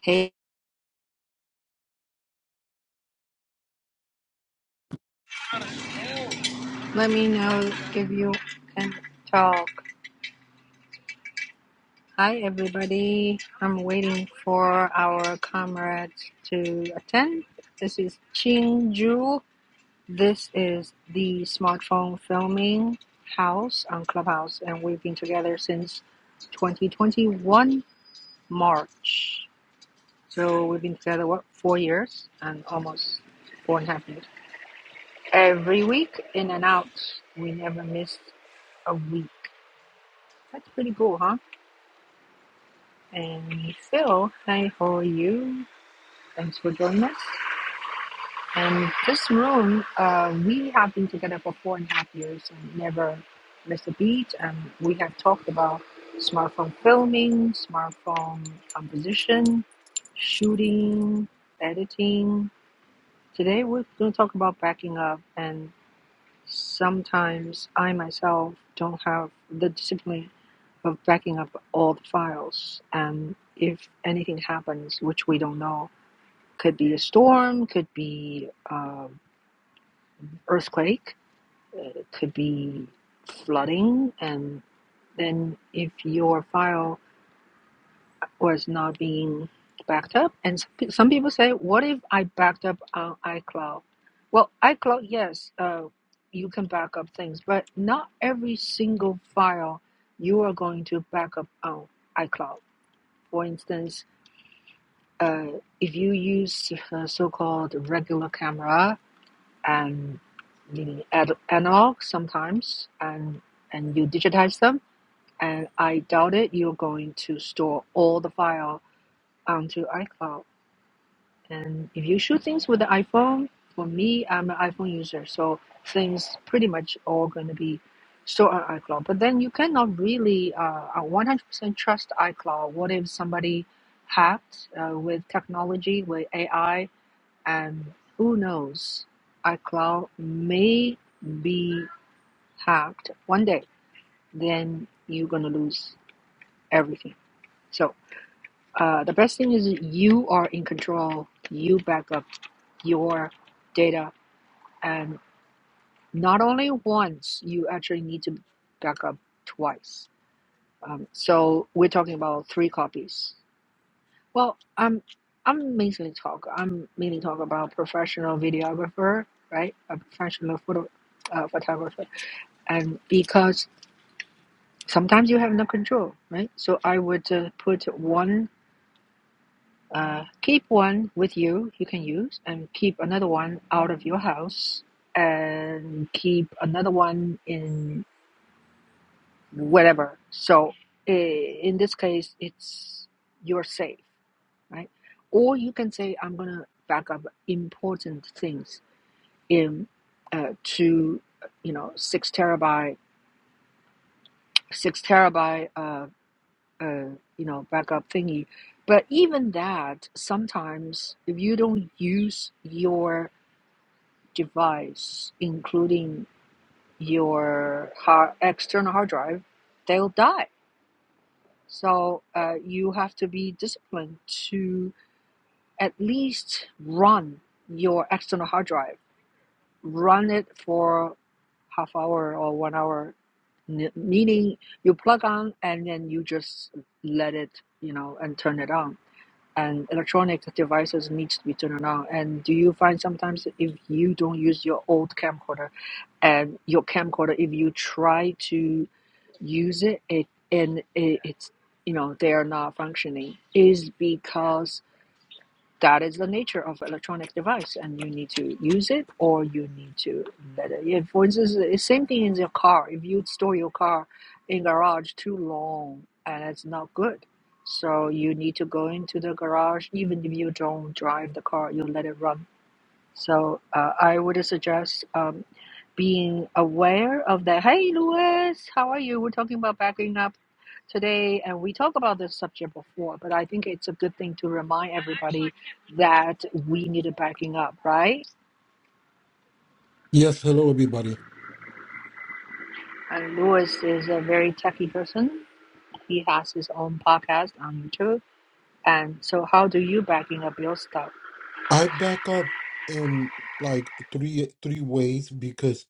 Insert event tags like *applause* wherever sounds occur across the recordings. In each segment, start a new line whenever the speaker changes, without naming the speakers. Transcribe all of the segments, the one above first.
Hey, let me know if you can talk. Hi, everybody. I'm waiting for our comrades to attend. This is Qing Ju. This is the smartphone filming house on Clubhouse, and we've been together since 2021 March. So we've been together, what, four years and almost four and a half years. Every week, in and out. We never missed a week. That's pretty cool, huh? And Phil, hi, how are you? Thanks for joining us. And this room, uh, we have been together for four and a half years and never missed a beat. And we have talked about smartphone filming, smartphone composition, shooting, editing. Today we're going to talk about backing up. and. Sometimes I myself don't have the discipline of backing up all the files. And if anything happens, which we don't know, could be a storm, could be um, earthquake, it could be flooding, and then if your file was not being backed up. And some some people say, what if I backed up on iCloud? Well, iCloud, yes, uh, you can back up things, but not every single file you are going to back up on iCloud. For instance, uh, if you use uh, so-called regular camera and the ad- analog sometimes, and and you digitize them, and I doubt it, you're going to store all the file onto iCloud And if you shoot things with the iPhone, for me, I'm an iPhone user, so things pretty much all going to be stored on iCloud. But then you cannot really uh, uh, 100% trust iCloud. What if somebody hacked uh, with technology, with AI, and who knows? iCloud may be hacked one day. Then you're going to lose everything. So uh, the best thing is you are in control. You backup your data and not only once you actually need to back up twice um, so we're talking about three copies well i'm i'm mainly talk i'm mainly talk about professional videographer right a professional photo uh, photographer and because sometimes you have no control right so i would uh, put one Uh, keep one with you, you can use, and keep another one out of your house, and keep another one in whatever. So in this case, it's you're safe, right? Or you can say, I'm gonna back up important things in uh, to you know six terabyte, six terabyte, uh, uh, you know backup thingy. But even that, sometimes if you don't use your device, including your hard, external hard drive, they'll die. So uh, you have to be disciplined to at least run your external hard drive. Run it for half hour or one hour, meaning you plug on and then you just let it, you know, and turn it on and electronic devices needs to be turned on and do you find sometimes if you don't use your old camcorder and your camcorder if you try to use it it and it, it's you know they are not functioning is because that is the nature of electronic device and you need to use it or you need to let it yeah, for instance the same thing in your car if you store your car in garage too long and it's not good so you need to go into the garage even if you don't drive the car you let it run so uh, I would suggest um, being aware of that. Hey, Louis, how are you? We're talking about backing up today, and we talked about this subject before, but I think it's a good thing to remind everybody that we need a backing up, right?
Yes, hello everybody.
And Louis is a very techie person. He has his own podcast on YouTube. And so, how do you backing up your stuff?
I back up in like three three ways because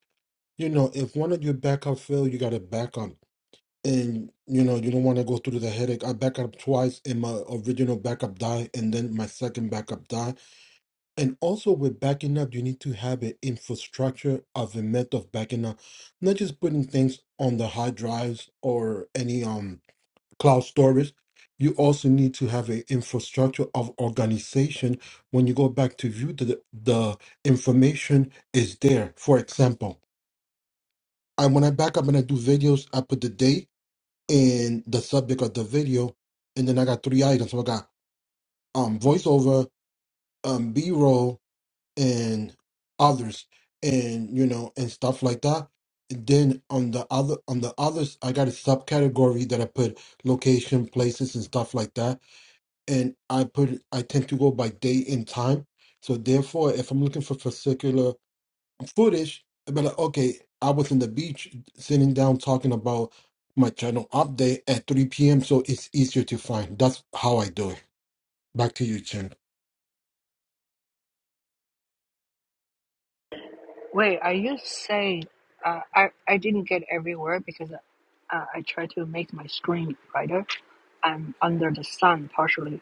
you know if one of your backup fail, you gotta back up, and you know you don't want to go through the headache. I back up twice, and my original backup die, and then my second backup die. And also with backing up, you need to have an infrastructure of a method of backing up, not just putting things on the hard drives or any um cloud storage. You also need to have an infrastructure of organization. When you go back to view, the, the information is there. For example, I when I back up and I do videos, I put the date and the subject of the video, and then I got three items. So I got um voiceover, um B roll, and others, and you know, and stuff like that. And then on the other on the others, I got a subcategory that I put location, places, and stuff like that and I put it- I tend to go by date and time. So therefore, if I'm looking for particular footage, I'd be like, okay, I was in the beach sitting down talking about my channel update at 3 p.m. So it's easier to find. That's how I do it. Back to you, Chen.
Wait, are you saying uh, I I didn't get every word because uh, I tried to make my screen brighter. I'm under the sun partially.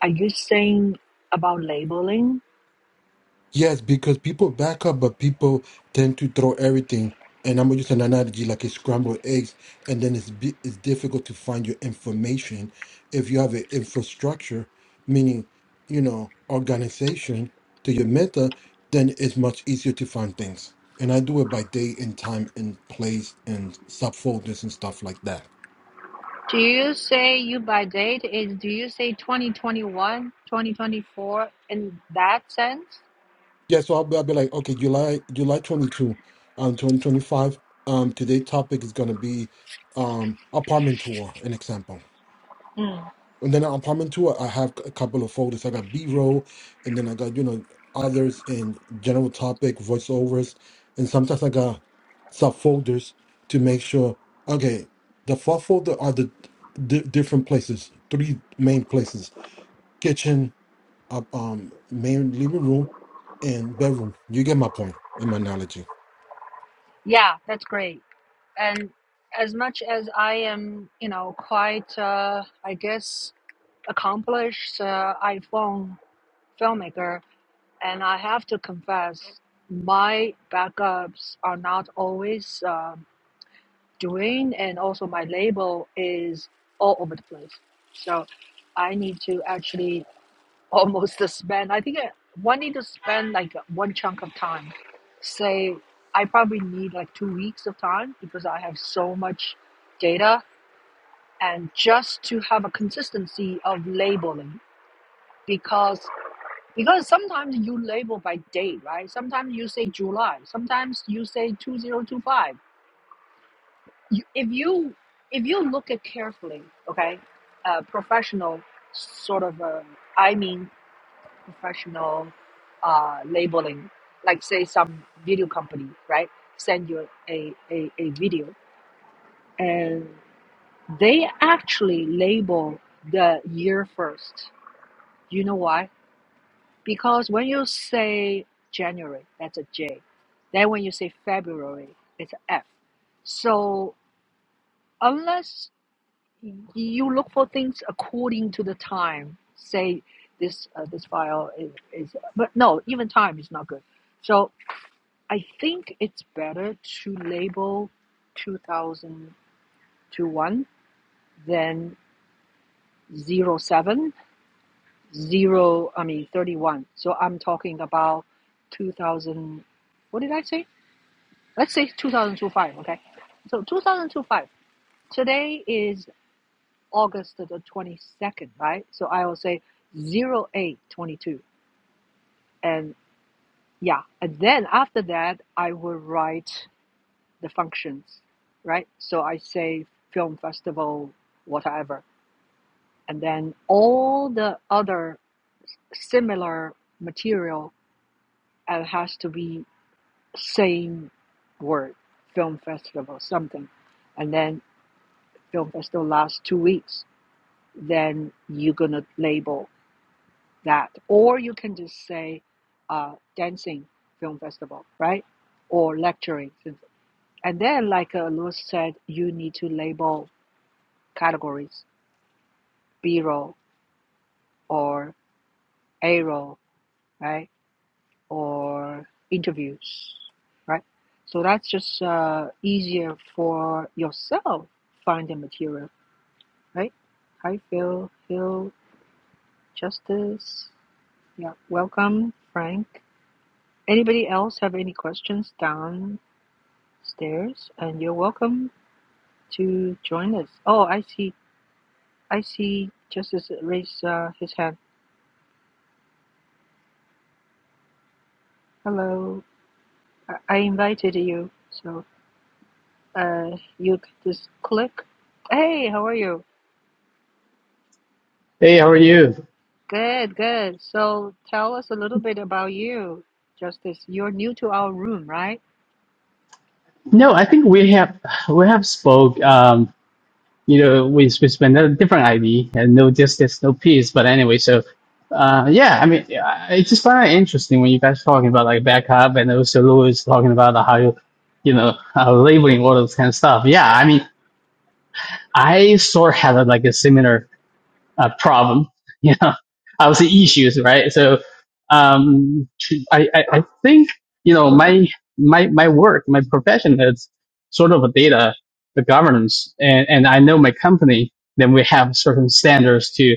Are you saying about labeling?
Yes, because people back up, but people tend to throw everything. And I'm gonna use an analogy like a scrambled eggs, and then it's bi- it's difficult to find your information if you have an infrastructure, meaning you know organization to your meta, then it's much easier to find things. And I do it by day and time and place and subfolders and stuff like that.
Do you say you by date is do you say 2021, 2024 in that sense?
Yeah, so I'll be, I'll be like, okay, July July 22, um, 2025. Um, today's topic is going to be um apartment tour, an example.
Mm.
And then an apartment tour, I have a couple of folders. I got B-roll, and then I got, you know, others in general topic, voiceovers, and sometimes I got subfolders to make sure, okay, the four folder are the d different places, three main places, kitchen uh, um, main living room and bedroom. You get my point in my analogy.
Yeah, that's great. And as much as I am, you know, quite uh I guess accomplished uh, iPhone filmmaker, And I have to confess, my backups are not always um doing, and also my label is all over the place. So I need to actually almost *laughs* spend, I think I- one need to spend like one chunk of time. Say, I probably need like two weeks of time because I have so much data, and just to have a consistency of labeling. Because because sometimes you label by date, right? Sometimes you say July. Sometimes you say 2025. You, if you if you look at carefully, okay, uh, professional sort of, uh, I mean, professional uh, labeling, like say some video company, right, send you a, a, a video and they actually label the year first. Do you know why? Because when you say January, that's a J. Then when you say February, it's an F. So unless you look for things according to the time, say this uh, this file is, is, but no, even time is not good. So I think it's better to label 2021 than zero seven zero. I mean 31. So I'm talking about 2000, what did I say? let's say 2025, okay? So 2025, today is August the 22nd, right? So I will say zero eight twenty two, And yeah, and then after that, I will write the functions, right? So I say film festival, whatever. And then all the other similar material uh, has to be same word, film festival, something. And then film festival lasts two weeks then you're gonna label that, or you can just say uh, dancing film festival, right? Or lecturing, and then like uh, Louis said, you need to label categories: B-roll or A-roll, right? Or interviews, right? So that's just uh, easier for yourself finding material, right? Hi, Phil, Phil, Justice, yeah, welcome, Frank. Anybody else have any questions downstairs? And you're welcome to join us. Oh, I see. I see. Justice raised uh, his hand. Hello. I, I invited you. So uh, you just click. Hey, how are you?
Hey, how are you?
Good, good. So tell us a little bit about you, Justice. You're new to our room, right?
No, I think we have we have spoke. Um, you know, we we spent a different ID and no distance, no peace. But anyway, so uh, yeah, I mean, I I just find it interesting when you guys talking about like backup and also Louis talking about how you, you know, uh, labeling all those kind of stuff. Yeah, I mean, I sort of had a, like a similar uh, problem, *laughs* you know, I would say issues, right? So, um, I, I, I think, you know, my, my, my work, my profession is sort of a data, the governance and, and I know my company, then we have certain standards to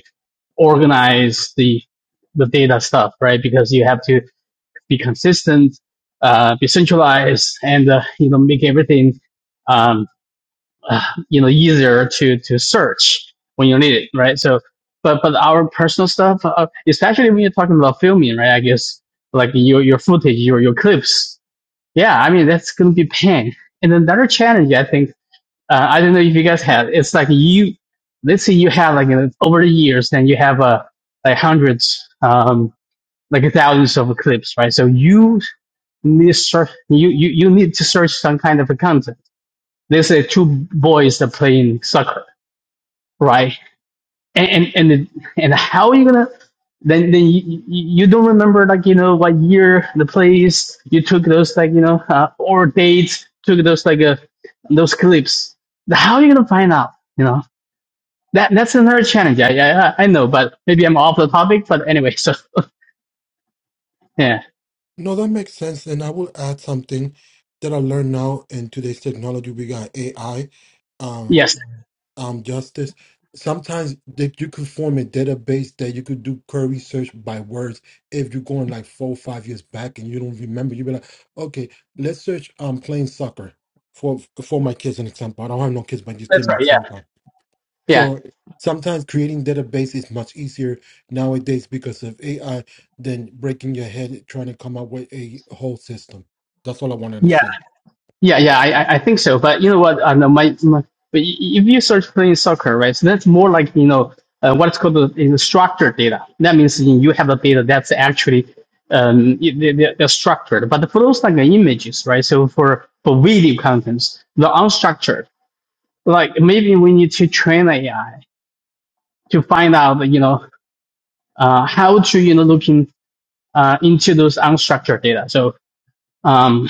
organize the, the data stuff, right? Because you have to be consistent, uh, be centralized and, uh, you know, make everything, um. *sighs* uh, you know easier to to search when you need it, right? So, but but our personal stuff, uh, especially when you're talking about filming, right? I guess like your your footage, your your clips, yeah. I mean that's gonna be pain. And another challenge, I think, uh, I don't know if you guys have. It's like you, let's say you have like you know, over the years, then you have uh, like hundreds, um, like thousands of clips, right? So you need search, you, you you need to search some kind of a content. Let's say two boys are playing soccer right? And and and, it- and how are you gonna? Then then you, you you don't remember like you know what year the place you took those like you know uh, or dates took those like uh, those clips. How are you gonna find out? You know that that's another challenge. I I, I know, but maybe I'm off the topic. But anyway, so *laughs* yeah,
No, that makes sense. And I will add something that I learned now in today's technology. We got AI, um,
yes,
um, justice. Sometimes that you could form a database that you could do query search by words. If you're going like four or five years back and you don't remember, you'll be like, okay, let's search um playing soccer for for my kids an example. I don't have no kids, but just give
that's
me an
right. Yeah,
example
yeah,
So sometimes creating database is much easier nowadays because of AI than breaking your head trying to come up with a whole system. That's all I wanted to
yeah.
say.
Yeah, yeah, I, I I think so. But you know what? I know my, my but y- if you search playing soccer, right? So that's more like you know uh, what's called the, in the structured data. That means you you have the data that's actually um y- they- they- they're structured. But for those like the images, right? So for for video contents, the unstructured, like maybe we need to train AI to find out you know uh how to you know looking uh into those unstructured data. So. Um,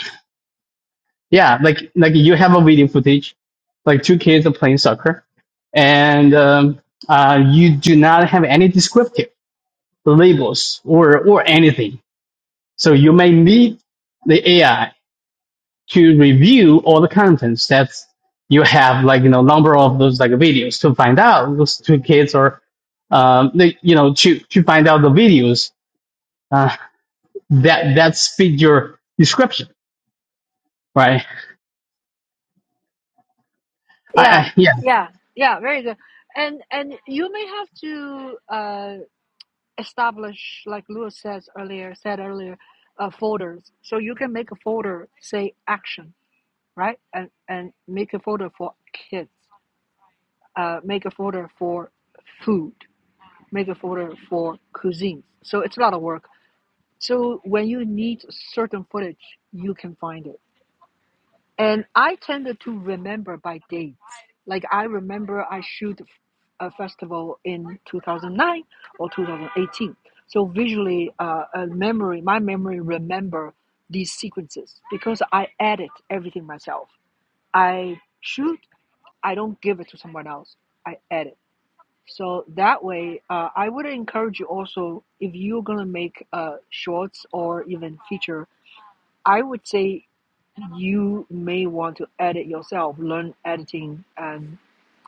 yeah, like like you have a video footage, like two kids are playing soccer, and um, uh, you do not have any descriptive labels or or anything. So you may need the AI to review all the contents that you have, like you know, number of those like videos to find out those two kids are, um, they, you know, to to find out the videos uh, that that fit your description, right? I,
Yeah,
I yeah.
yeah, yeah. Very good. And and you may have to. establish, like Lewis says earlier, said earlier, uh, folders. So you can make a folder say action, right? And and make a folder for kids. Uh, make a folder for food. Make a folder for cuisine. So it's a lot of work. So when you need certain footage, you can find it. And I tended to remember by dates. Like I remember I shoot a festival in 2009 or 2018. So visually, uh, a memory, my memory remember these sequences because I edit everything myself. I shoot. I don't give it to someone else. I edit. So that way, uh, I would encourage you also if you're gonna make uh, shorts or even feature. I would say you may want to edit yourself, learn editing, and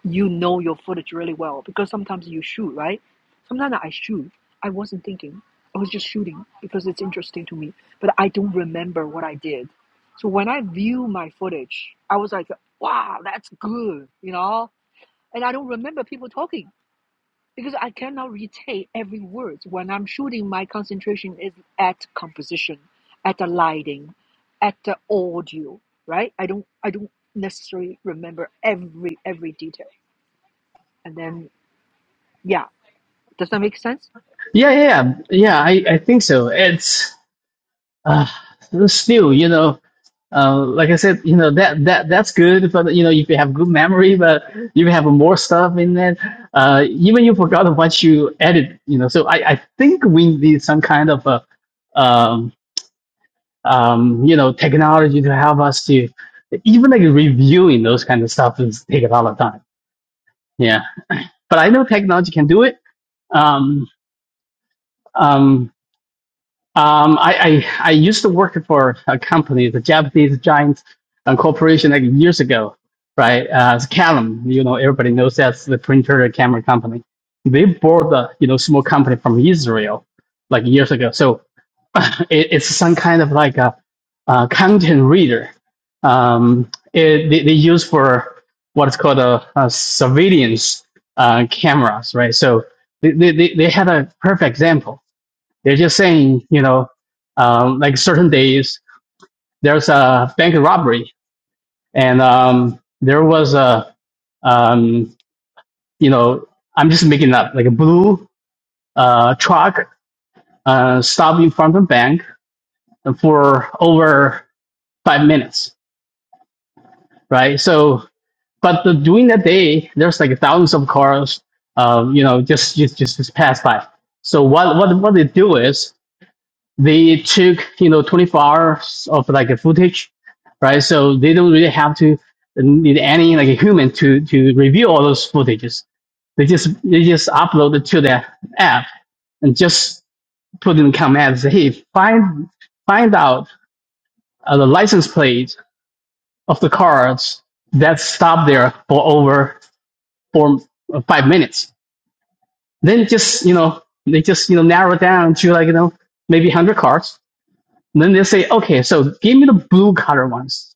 you know your footage really well because sometimes you shoot, right? Sometimes I shoot. I wasn't thinking. I was just shooting because it's interesting to me, but I don't remember what I did. So when I view my footage, I was like, wow, that's good, you know? And I don't remember people talking because I cannot retain every word. When I'm shooting, my concentration is at composition, at the lighting, at the audio, right? I don't I don't necessarily remember every every detail. And then yeah, does that make sense?
Yeah, yeah, yeah. yeah, I, I think so. It's uh, still, you know, uh, like I said, you know that that that's good. But you know, if you have good memory, but you have more stuff in it, uh, even you forgot what you added, you know. So I, I think we need some kind of a, um, um, you know, technology to help us to even like reviewing those kind of stuff is take a lot of time. Yeah, but I know technology can do it. Um, um, Um, I, I I used to work for a company, the Japanese giant uh, corporation, like years ago, right? Uh, it's Canon, you know, everybody knows that's the printer and camera company. They bought the you know small company from Israel, like years ago. So *laughs* it, it's some kind of like a, uh content reader. Um, it, they, they use for what's called a, a surveillance uh, cameras, right? So they, they, they they had a perfect example they're just saying, you know, um, like certain days there's a bank robbery, and um, there was a, um, you know, I'm just making up like a blue uh, truck uh, stopped in front of the bank for over five minutes, right? So, but the, during that day, there's like thousands of cars, uh, you know, just just just, just pass by. So what what what they do is they took you know 24 hours of like a footage right so they don't really have to need any like a human to to review all those footages they just they just upload it to their app and just put in command say hey find find out uh, the license plate of the cars that stopped there for over four uh, five minutes then just you know they just you know narrow down to like you know maybe 100 cars Then they say, okay, so give me the blue color ones.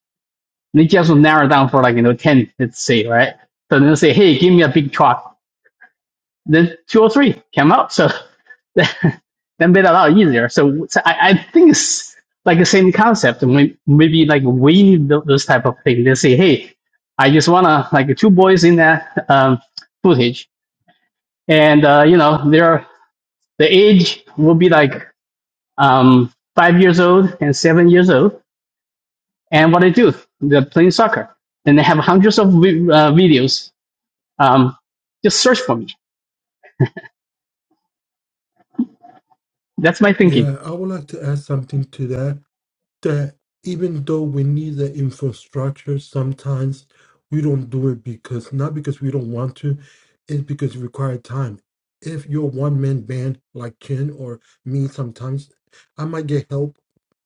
And they just narrow down for like, you know, 10, let's say, right? So then they say, hey, give me a big truck. Then two or three came out. So *laughs* that made it a lot easier. So, so I, I think it's like the same concept. May- Maybe like we need those type of things. They say, hey, I just want to like two boys in that um, footage. And, uh, you know, their, the age will be like um, five years old and seven years old And what they do, they're playing soccer. And they have hundreds of vi- uh, videos. Um, just search for me. That's my thinking.
Yeah, I would like to add something to that. That even though we need the infrastructure, sometimes we don't do it because not because we don't want to, it's because it requires time. If you're a one man band like Chen or me, sometimes I might get help.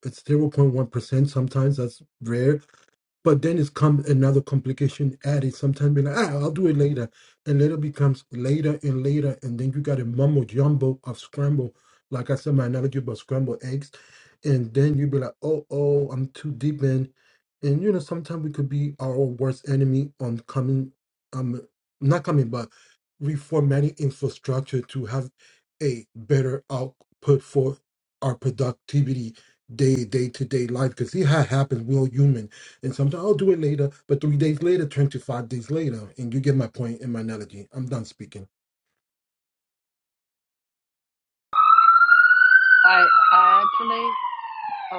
It's 0.1%. Sometimes that's rare. But then it's come another complication added. Sometimes be like, ah, I'll do it later, and later becomes later and later, and then you got a mumbo jumbo of scramble. Like I said, my analogy about scrambled eggs, and then you be like, oh, oh, I'm too deep in, and you know sometimes we could be our own worst enemy on coming, um, not coming, but reformatting infrastructure to have a better output for our productivity day day to day life because see how it happens. We're all human and sometimes I'll do it later, but three days later, 25 days later. And you get my point in my analogy. I'm done speaking.
I I actually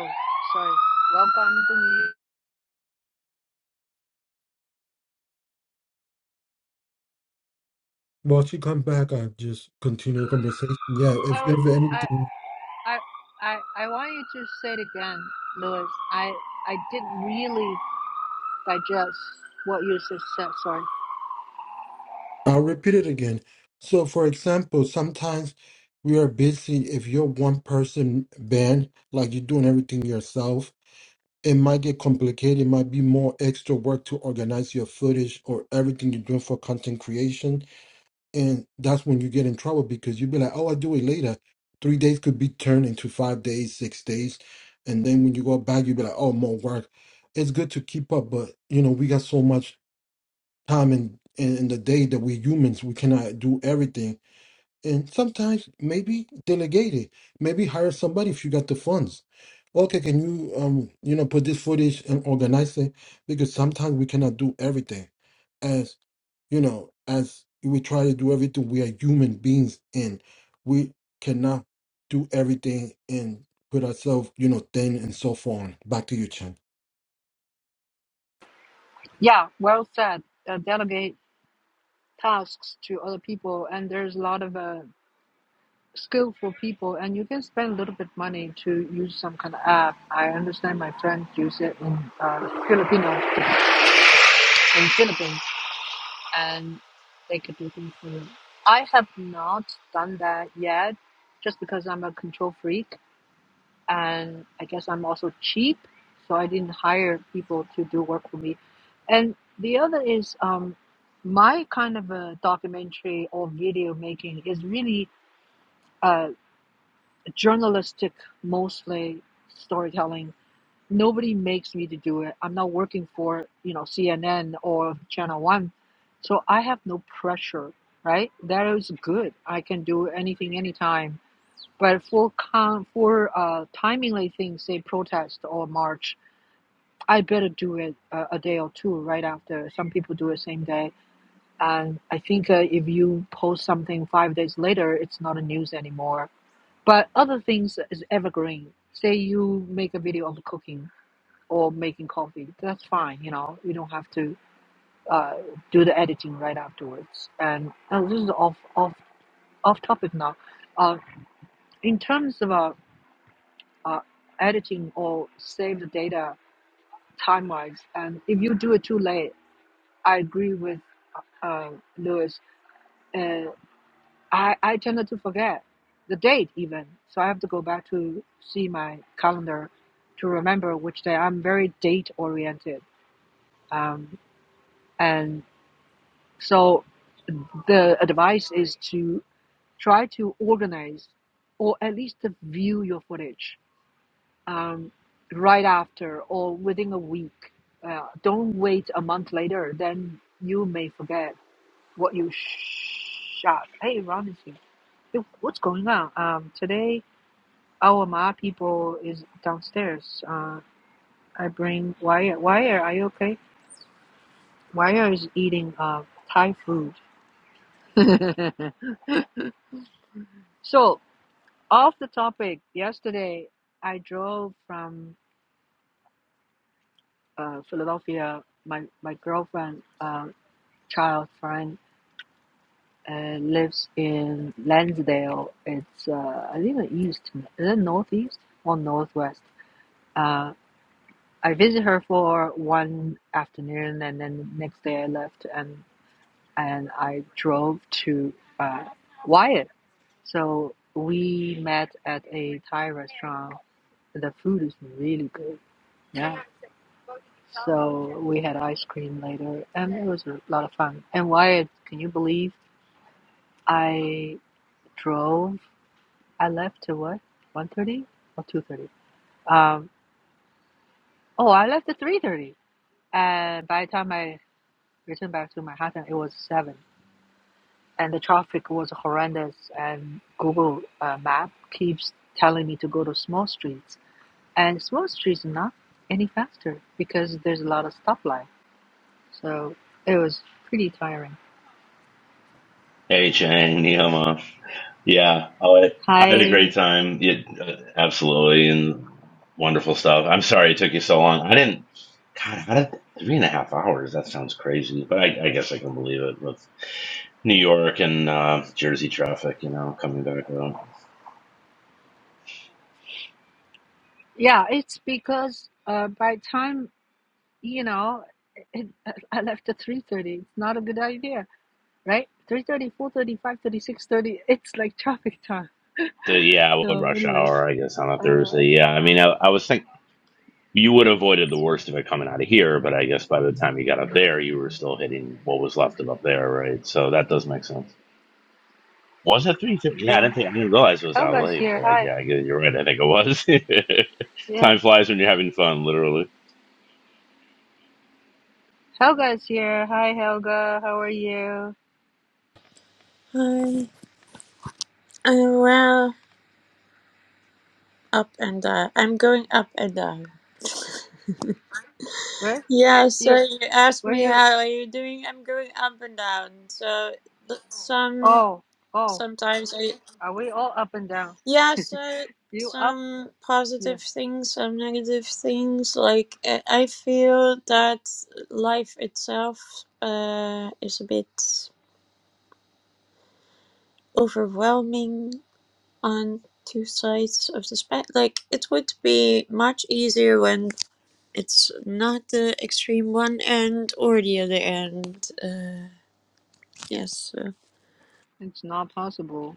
oh sorry. Welcome to me.
While she come back, I just continue the conversation. Yeah, if
I
you
was,
have
I
anything,
I I I want you to say it again, Louis. I I didn't really digest what you just said. Sorry.
I'll repeat it again. So, for example, sometimes we are busy. If you're one person band, like you're doing everything yourself, it might get complicated. It might be more extra work to organize your footage or everything you're doing for content creation And that's when you get in trouble because you'd be like, oh, I'll do it later. Three days could be turned into five days, six days. And then when you go back, you'd be like, oh, more work. It's good to keep up, but you know, we got so much time in, in, in the day that we humans, we cannot do everything and sometimes maybe delegate it. Maybe hire somebody if you got the funds. Okay, can you um you know put this footage and organize it? Because sometimes we cannot do everything. As you know, as we try to do everything, we are human beings and we cannot do everything and put ourselves, you know, thin and so on. Back to you, Chen.
Yeah, well said. Uh, delegate tasks to other people and there's a lot of uh, skillful people and you can spend a little bit money to use some kind of app i understand my friends use it in uh, filipino in philippines and they could do things for you i have not done that yet just because i'm a control freak and i guess i'm also cheap so i didn't hire people to do work for me and the other is um, my kind of a documentary or video making is really uh, journalistic, mostly storytelling. Nobody makes me to do it. I'm not working for you know CNN or Channel One, so I have no pressure. Right, that is good. I can do anything, anytime. But for con for uh, timely things, say protest or march, I better do it uh, a day or two right after. Some people do it same day, and I think uh, if you post something five days later, it's not a news anymore but other things is evergreen. Say you make a video on cooking or making coffee, that's fine. You know, you don't have to uh, do the editing right afterwards. And oh, this is off off off topic now. Uh, in terms of uh, uh, editing or save the data time wise, and if you do it too late, I agree with uh, Lewis. Uh, I, I tended to forget the date even. So I have to go back to see my calendar to remember which day. I'm very date oriented. Um, and so the advice is to try to organize or at least to view your footage um, right after or within a week. Uh, don't wait a month later, then you may forget what you sh- shot. Hey, Ron is here. Hey, what's going on? Um, today Our Ma people is downstairs. Uh, I bring Wire. Wire, are you okay? Wire is eating uh, Thai food. *laughs* so, off the topic, yesterday I drove from uh, Philadelphia. My, my girlfriend, uh, child friend, uh, lives in Lansdale. It's, uh, I think, the east. Is it northeast or northwest? Uh, I visit her for one afternoon, and then the next day I left, and and I drove to uh, Wyatt. So we met at a Thai restaurant. The food is really good. Yeah. So we had ice cream later, and it was a lot of fun. And Wyatt, can you believe I drove? I left at what? One thirty or two thirty? Um. Oh, I left at three thirty, and by the time I returned back to Manhattan, it was seven. and the traffic was horrendous and google uh, map keeps telling me to go to small streets and small streets not any faster because there's a lot of stoplight so it was pretty tiring
Hey Chang, ni hao ma. Yeah, oh, I, I had a great
i
time. It, uh, absolutely, and wonderful stuff. I'm sorry it took you so long. I didn't. God, how did three and a half hours? That sounds crazy, but I, I guess I can believe it with New York and uh, Jersey traffic. You know, coming back up.
yeah it's because uh, by time you know it, *laughs* i left at 3.30 it's not a good idea right Three thirty, four thirty, five thirty, six thirty. it's like traffic time
So yeah,
*laughs*
with
so
rush
anyway
hour, I guess on a
uh,
Thursday. Yeah, I mean, I, I was think you would have avoided the worst of it coming out of here, but I guess by the time you got up there, you were still hitting what was left of up there, right? So that does make sense. Was it three thirty? Yeah, I
yeah
didn't think I didn't realize it was
how
that
about
late,
here
but I,
hi
yeah, I guess you're right. I think it was. *laughs*
yeah.
Time flies when you're having fun, literally.
Helga's here. Hi, Helga. How are you?
Hi. I'm well up and down. I'm going up and down.
Where
Yeah, so
you?
you asked
Where
me
you?
how are you doing? I'm going up and down. So th- some
Oh, oh.
sometimes I
Are we all up and down?
yeah, so
You up?
some
Yes.
positive things, some negative things. Like I I feel that life itself uh, is a bit overwhelming on two sides of the spectrum. Like it would be much easier when It's not the extreme one end or the other end. Uh, yes. uh,
It's not possible.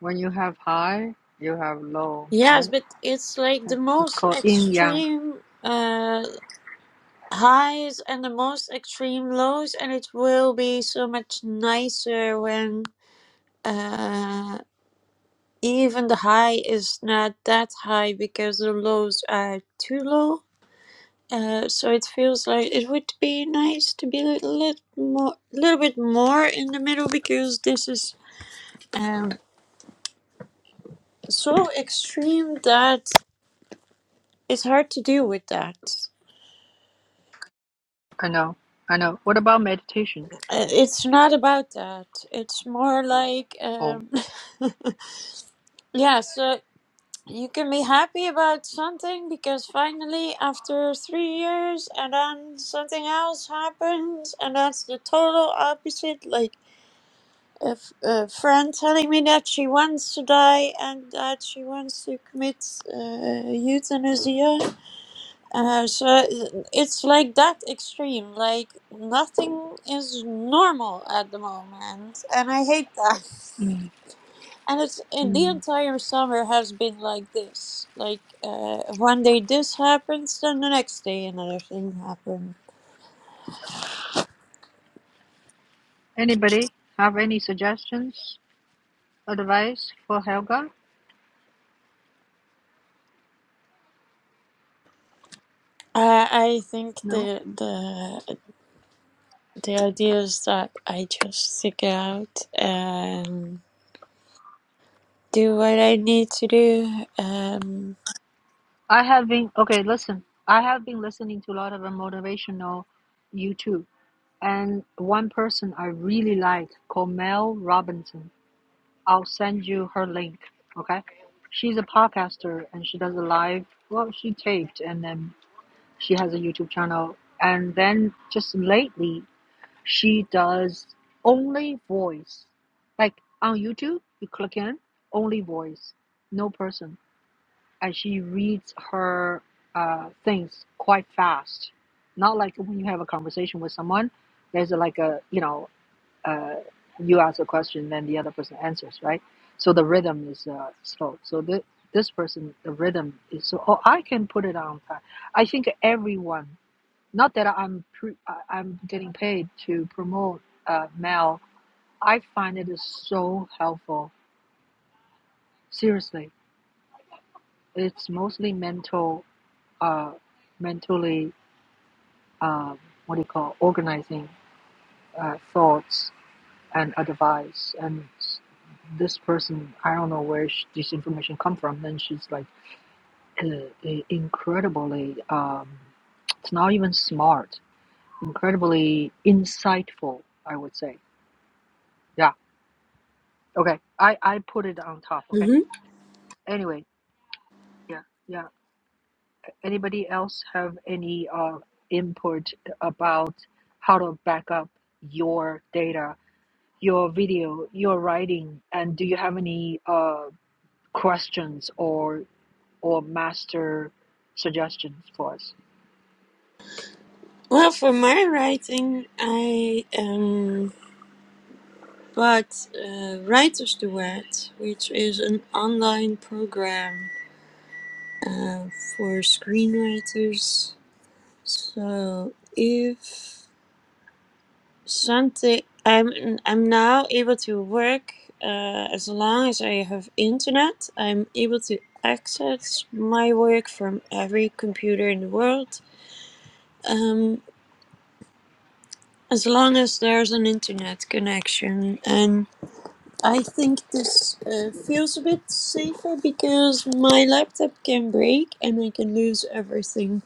When you have high, you have low,
yes,
right?
but it's like the
That- It's
most
called yin yang.
extreme uh, highs and the most extreme lows, and it will be so much nicer when uh, even the high is not that high because the lows are too low. Uh, so it feels like it would be nice to be a little, little more, little bit more in the middle because this is um, so extreme that it's hard to deal with that.
I know. I know. What about meditation?
Uh, It's not about that. It's more like,
Oh.
um, *laughs* yeah, so you can be happy about something because finally, after three years, and then something else happens, and that's the total opposite. Like a, f- a friend telling me that she wants to die and that she wants to commit uh, euthanasia Uh, so i- it's like that extreme. Like nothing is normal at the moment, and I hate that. *laughs*
mm
And it's and the
mm.
entire summer has been like this. Like uh, one day this happens, then the next day another thing happens.
Anybody have any suggestions, advice for Helga?
Uh, I think
No.
the the the idea is that I just stick it out and do what I need to do. Um,
I have been okay. Listen, I have been listening to a lot of uh, motivational YouTube And one person I really like called Mel Robinson. I'll send you her link. Okay. She's a podcaster and she does a live, well, she taped and then she has a YouTube channel. And then just lately, she does only voice. Like on YouTube, you click in, only voice, no person. And she reads her uh, things quite fast. Not like when you have a conversation with someone, there's like a, you know, uh, you ask a question, then the other person answers, right? So the rhythm is uh, slow. So the, this person, the rhythm is so. Oh, I can put it on time. I think everyone. Not that I'm pre, I- am getting paid to promote uh, Mel. I find it is so helpful. Seriously, it's mostly mental, uh, mentally. Um, what do you call organizing uh, thoughts and advice and this person i don't know where sh this information come from Then she's like uh, uh, incredibly um, it's not even smart incredibly insightful i would say yeah okay i i put it on top okay anyway yeah yeah anybody else have any uh, input about how to back up your data your video your writing and do you have any uh, questions or or master suggestions for us?
Well, for my writing, I um, bought uh, Writer's Duet, which is an online program uh, for screenwriters. So if something, I'm I'm now able to work uh, as long as I have internet. I'm able to access my work from every computer in the world. Um, as long as there's an internet connection and I think this uh, feels a bit safer because my laptop can break and I can lose everything,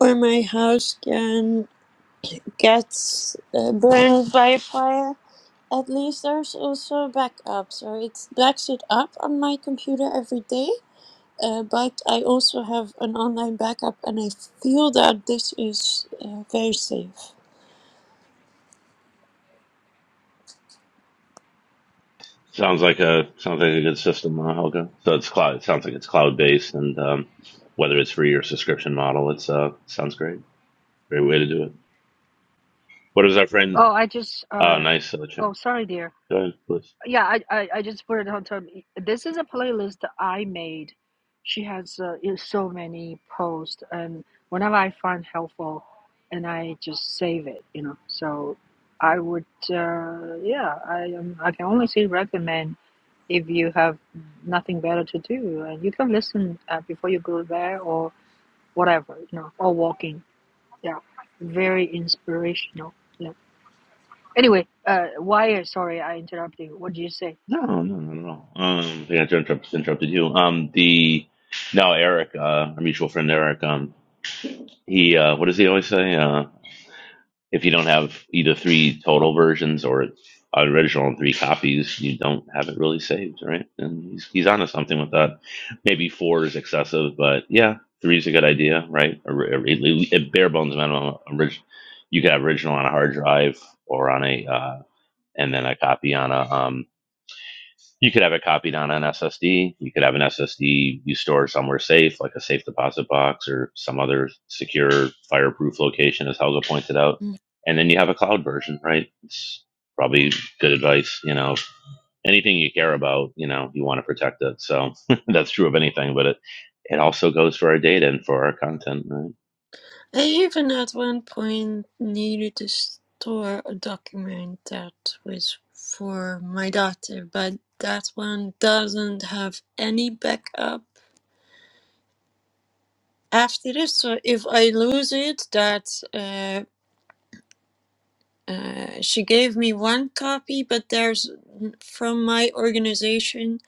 or my house can get uh, burned by a fire. At least there's also backup, so it backs it up on my computer every day. Uh, but I also have an online backup, and I feel that this is uh, very safe.
Sounds like a sounds like a good system, uh, Helga. So it's cloud. It sounds like it's cloud based, and um, whether it's free or subscription model, it's uh sounds great. Great way to do it. What is our friend?
Oh, I just
Uh,
uh
nice uh,
oh
chin.
sorry dear.
Go ahead, please.
Yeah, I I, I just put it on top. This is a playlist that I made. She has uh, is so many posts, and whenever I find helpful, and I just save it, you know. So I would uh yeah, I um, I can only say recommend if you have nothing better to do, and you can listen uh, before you go there or whatever, you know, or walking yeah very inspirational yeah anyway uh why sorry i interrupted you what did you say
No, no, not at all. Um, yeah, I interrupted, interrupted you. Um, the no, Eric, uh, our mutual friend Eric. Um, he uh, what does he always say? Uh, If you don't have either three total versions or an original and three copies, you don't have it really saved, right? And he's he's onto something with that. Maybe four is excessive, but yeah, three is a good idea, right? A, a, a- a bare bones minimum. Orig- you could have original on a hard drive or on a uh, and then a copy on a um, you could have it copied on an SSD. You could have an SSD you store somewhere safe, like a safe deposit box or some other secure, fireproof location, as Helga pointed out. And then you have a cloud version, right? It's probably good advice. You know, anything you care about, you know, you want to protect it. So *laughs* that's true of anything, but it, it also goes for our data and for our content, right?
I even at one point needed to store a document that was for my daughter, but that one doesn't have any backup after this. So if I lose it, that uh, uh, she gave me one copy, but there's from my organization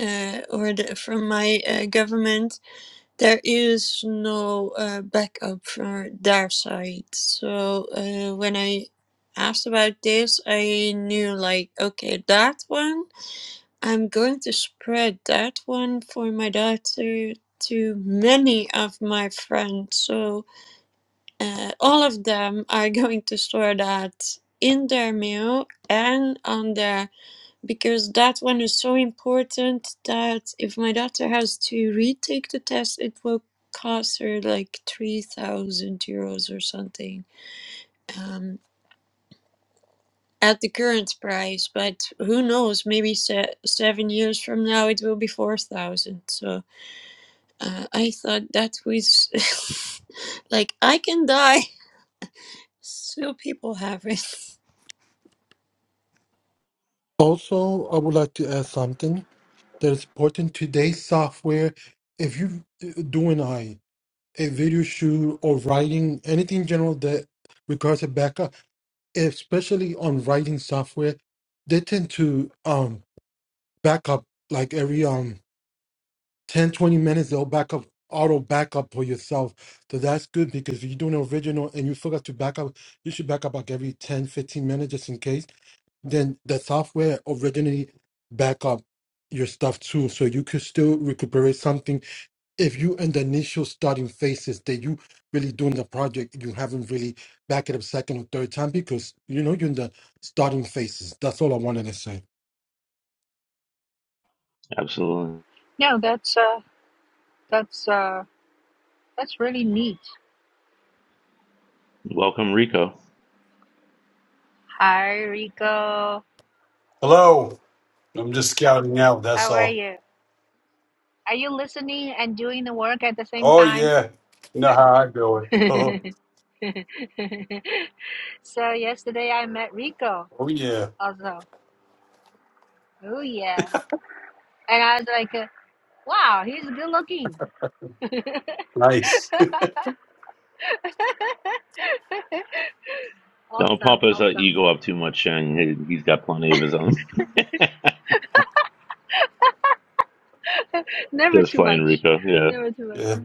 uh, or the, from my uh, government There is no uh, backup for their side. So uh, when I asked about this, I knew like, okay, that one, I'm going to spread that one for my daughter to many of my friends. So uh, all of them are *laughs* going to store that in their mail and on their because that one is so important that if my daughter has to retake the test, it will cost her like 3,000 euros or something um, at the current price. But who knows, maybe se- seven years from now it will be 4,000. So uh, I thought that was *laughs* like, I can die. *laughs* Still, people have it.
Also, I would like to add something that is important. Today's software, if you doing I a video shoot or writing anything in general that requires a backup, especially on writing software, they tend to um back up like every um 10 20 minutes they'll back up auto backup for yourself. So that's good because if you're doing an original and you forgot to back up, you should back up like every 10 15 minutes just in case. Then the software originally back up your stuff too. So you could still recuperate something if you in the initial starting phases that you really doing the project, you haven't really back it up second or third time because you know you're in the starting phases. That's all I wanted to say.
Absolutely.
no that's uh that's uh that's really neat
Welcome, Rico.
hi rico
Hello. I'm just scouting out. That's
how are
all.
you are you listening and doing the work at the same
Oh
time
yeah. You know how I do it.
*laughs*
*laughs*
so yesterday i met rico
Oh, yeah.
also oh yeah and i was like uh, wow he's good looking *laughs*
Nice. *laughs*
Don't pump
awesome
his uh,
awesome
ego up too much, Shang. He, has got plenty of his own.
*laughs*
*laughs*
Never
Just
too
playing
much.
Rico. Yeah.
Never too much.
Yeah.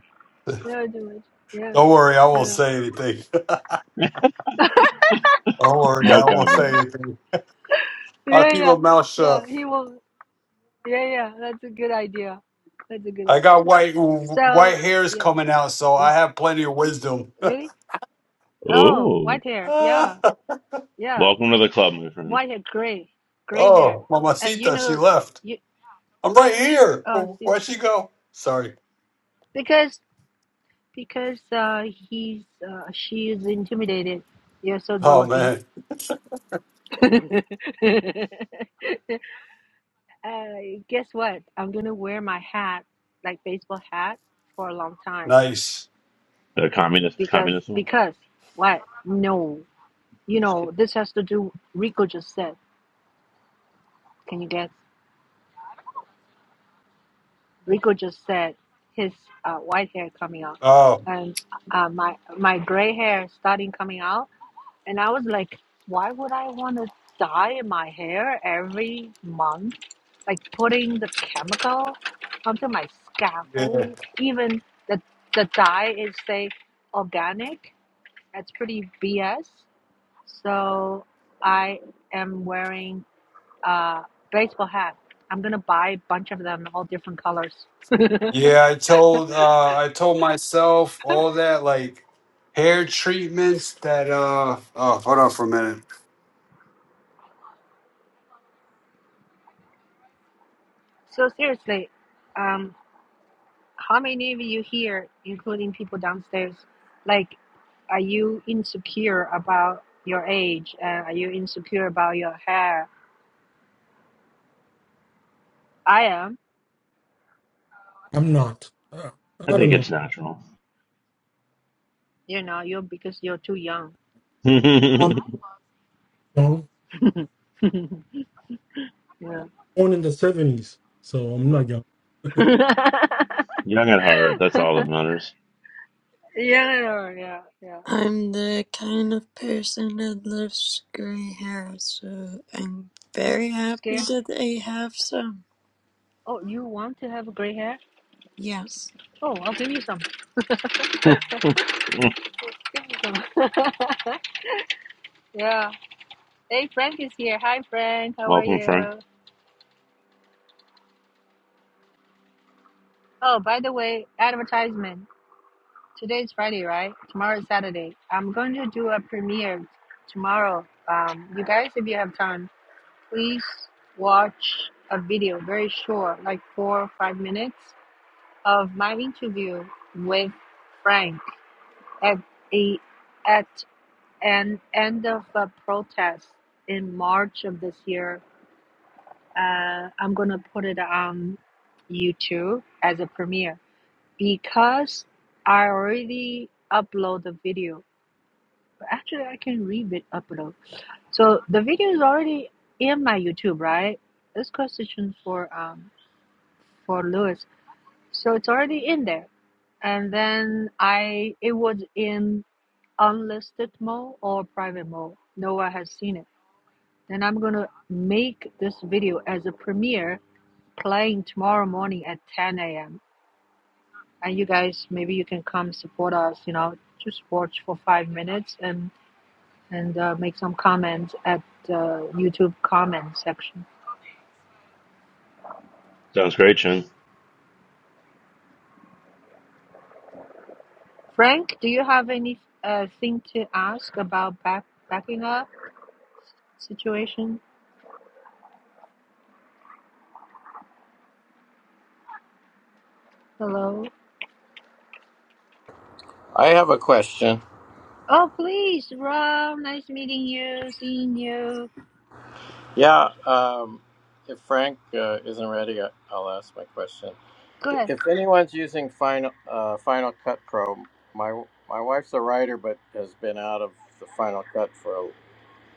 Don't
Never too much. Yeah.
worry. I won't
Yeah.
say anything. *laughs* Don't worry.
No
I won't
comment.
say anything. I'll
Yeah.
keep
Yeah.
my mouth shut.
Yeah. He will. Yeah. Yeah. That's a good idea. That's a good
I
idea.
got white white
So,
hairs
yeah.
coming out, so
Yeah.
I have plenty of wisdom. *laughs*
Really? Oh,
Oh,
white hair. Yeah.
oh,
Yeah.
welcome to the club, my friend.
White hair. Gray. Gray hair. And you
mamacita, she
know,
left.
you.
I'm right here.
Oh, see.
Where'd she go? Sorry.
Because, because, uh, he's, uh, she is intimidated. You're so good
Oh
looking.
man.
*laughs* Uh, guess what? I'm gonna wear my hat, like baseball hat, for a long time
Nice.
The communist,
because
communist one.
because what? No,
I'm
you
just
know
kidding.
this has to do. Rico just said. Can you guess? Rico just said his uh, white hair coming out,
Oh
and uh, my my gray hair starting coming out. And I was like, why would I want to dye my hair every month? Like putting the chemical onto my
yeah.
scalp. Even the the dye is say organic. That's pretty BS. So I am wearing a baseball hat. I'm gonna buy a bunch of them, all different colors.
Yeah, I told uh I told myself all that like hair treatments that uh oh hold on for a minute.
So seriously, um, how many of you here, including people downstairs, like? are you insecure about your age and are you insecure about your hair i am
I'm not. Uh,
I
I don't
think
know.
it's natural.
you know you're because you're too young
*laughs*
I'm
Young
young.
yeah
born in the seventies, so I'm not young.
*laughs* yeah
at heart. That's all that matters.
yeah yeah yeah.
I'm the kind of person that loves gray hair, so I'm
you
very happy
scared
that I have some.
oh you want to have gray hair
Yes.
oh i'll give you some,
*laughs*
give you some. *laughs* yeah hey frank is here hi frank how are
welcome, Frank.
you oh by the way advertisement today's friday right tomorrow is saturday i'm going to do a premiere tomorrow um you guys if you have time please watch a video, very short, like four or five minutes, of my interview with Frank at a at an end of a protest in March of this year. Uh, I'm gonna put it on YouTube as a premiere because I already upload the video. Actually, I can re upload. So the video is already in my YouTube, right? This question for um for Lewis. So it's already in there. And then I it was in unlisted mode or private mode. No one has seen it. Then I'm gonna make this video as a premiere playing tomorrow morning at 10 a.m. And you guys, maybe you can come support us. You know, just watch for five minutes and and uh, make some comments at uh, YouTube comment section.
Sounds great, Chen.
Frank, do you have any uh, thing to ask about back backing up situation? Hello.
I have a question.
Oh, please, Rob. Nice meeting you, seeing you.
Yeah, um, if Frank uh, isn't ready, I- I'll ask my question.
Go
D-
ahead.
If anyone's using Final uh, Final Cut Pro, my my wife's a writer, but has been out of the Final Cut for a,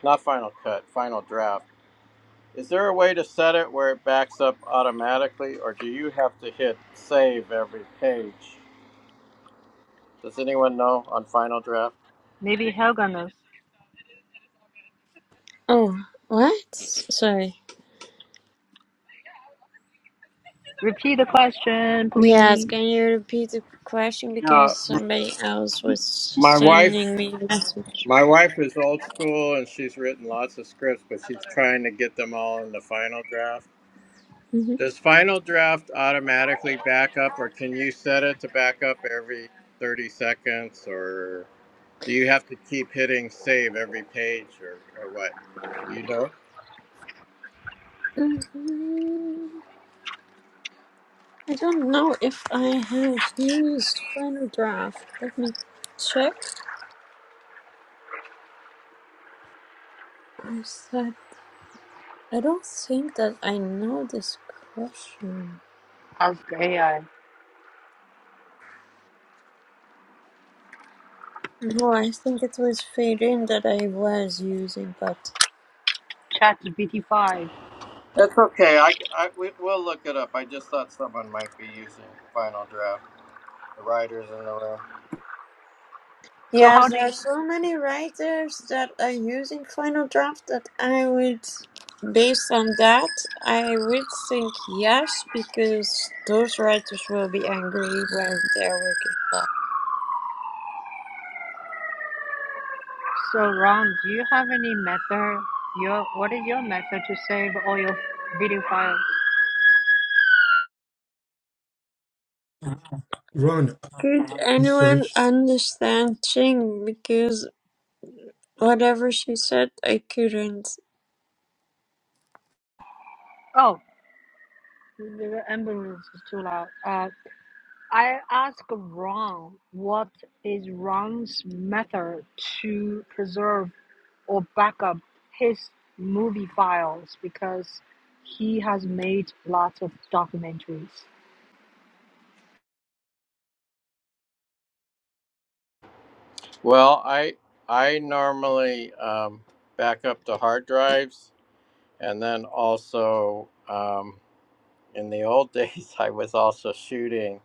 not Final Cut, Final Draft. Is there a way to set it where it backs up automatically, or do you have to hit save every page? Does anyone know on Final Draft?
Maybe Helga knows.
Oh, what? Sorry.
Repeat the question,
Yes,
please.
can you repeat the question
Yeah,
because somebody else was
My wife.
sending me a message.
My wife is old school and she's written lots of scripts, but she's trying to get them all in the final draft.
hmm
Does final draft automatically back up, or can you set it to back up every 30 seconds, or do you have to keep hitting save every page, or, or what? Do you know?
hmm I don't know if I have used Final Draft. Let me check. I said I don't think that I know this question.
Ask AI.
No, I think it was Fading that I was using, but
ChatGPT 5
That's okay. I, I, we, we'll look it up. I just thought someone might be using final draft, the writers in the room.
So how
yes,
do
there
you,
are so many writers that are using Final Draft that I would, based on that, I would think yes, because those writers will be angry when their work is done.
so Ron, do you have any method? Your what is your method to save all your video files?
Run
Could anyone
research.
understand Ching? Because whatever she said, I couldn't.
Oh, the ambulance is too loud. Uh, I ask Ron what is Ron's method to preserve or back up his movie files because he has made lots of documentaries.
Well, I, I normally um, back up to hard drives And then also, um, in the old *laughs* days, I was also shooting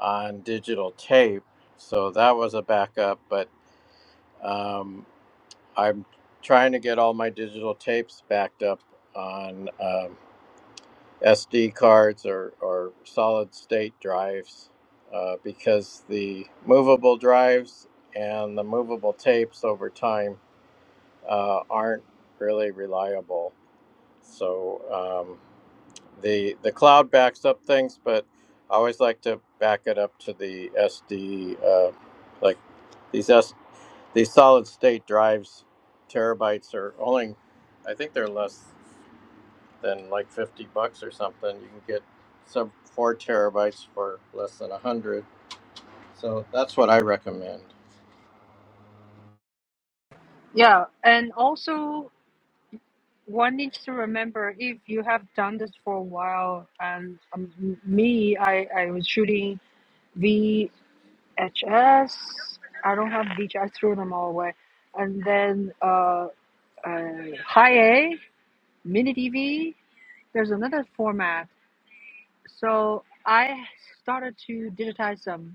on digital tape. So that was a backup, but um, I'm trying to get all my digital tapes backed up on um, SD cards or, or solid state drives uh, because the movable drives and the movable tapes over time uh, aren't really reliable. So, um, the the cloud backs up things, but I always like to back it up to the SD, uh, like these S these solid state drives. Terabytes are only, I think they're less than like fifty bucks or something. You can get some four terabytes for less than a hundred so that's what I recommend.
Yeah, and also one needs to remember if you have done this for a while, and um, me, I, I was shooting VHS. I don't have VHS, I threw them all away. And then uh, uh, high A, mini DV, there's another format. So I started to digitize them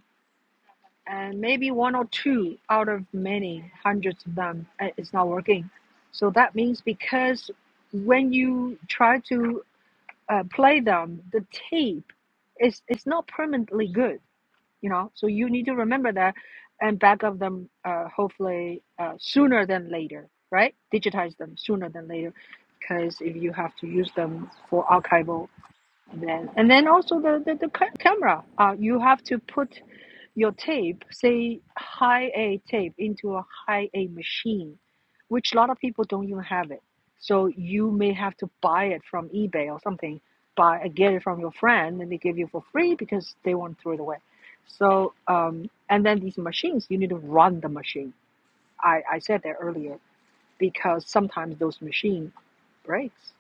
and maybe one or two out of many hundreds of them uh, it's not working so that means because when you try to uh, play them the tape is it's not permanently good you know so you need to remember that and back up them uh, hopefully uh, sooner than later right digitize them sooner than later because if you have to use them for archival then and then also the the, the camera uh, you have to put your tape, say high A tape into a high A machine, which a lot of people don't even have it. So you may have to buy it from eBay or something, buy get it from your friend, and they give you for free because they won't throw it away. So um, and then these machines, you need to run the machine. I, I said that earlier because sometimes those machine breaks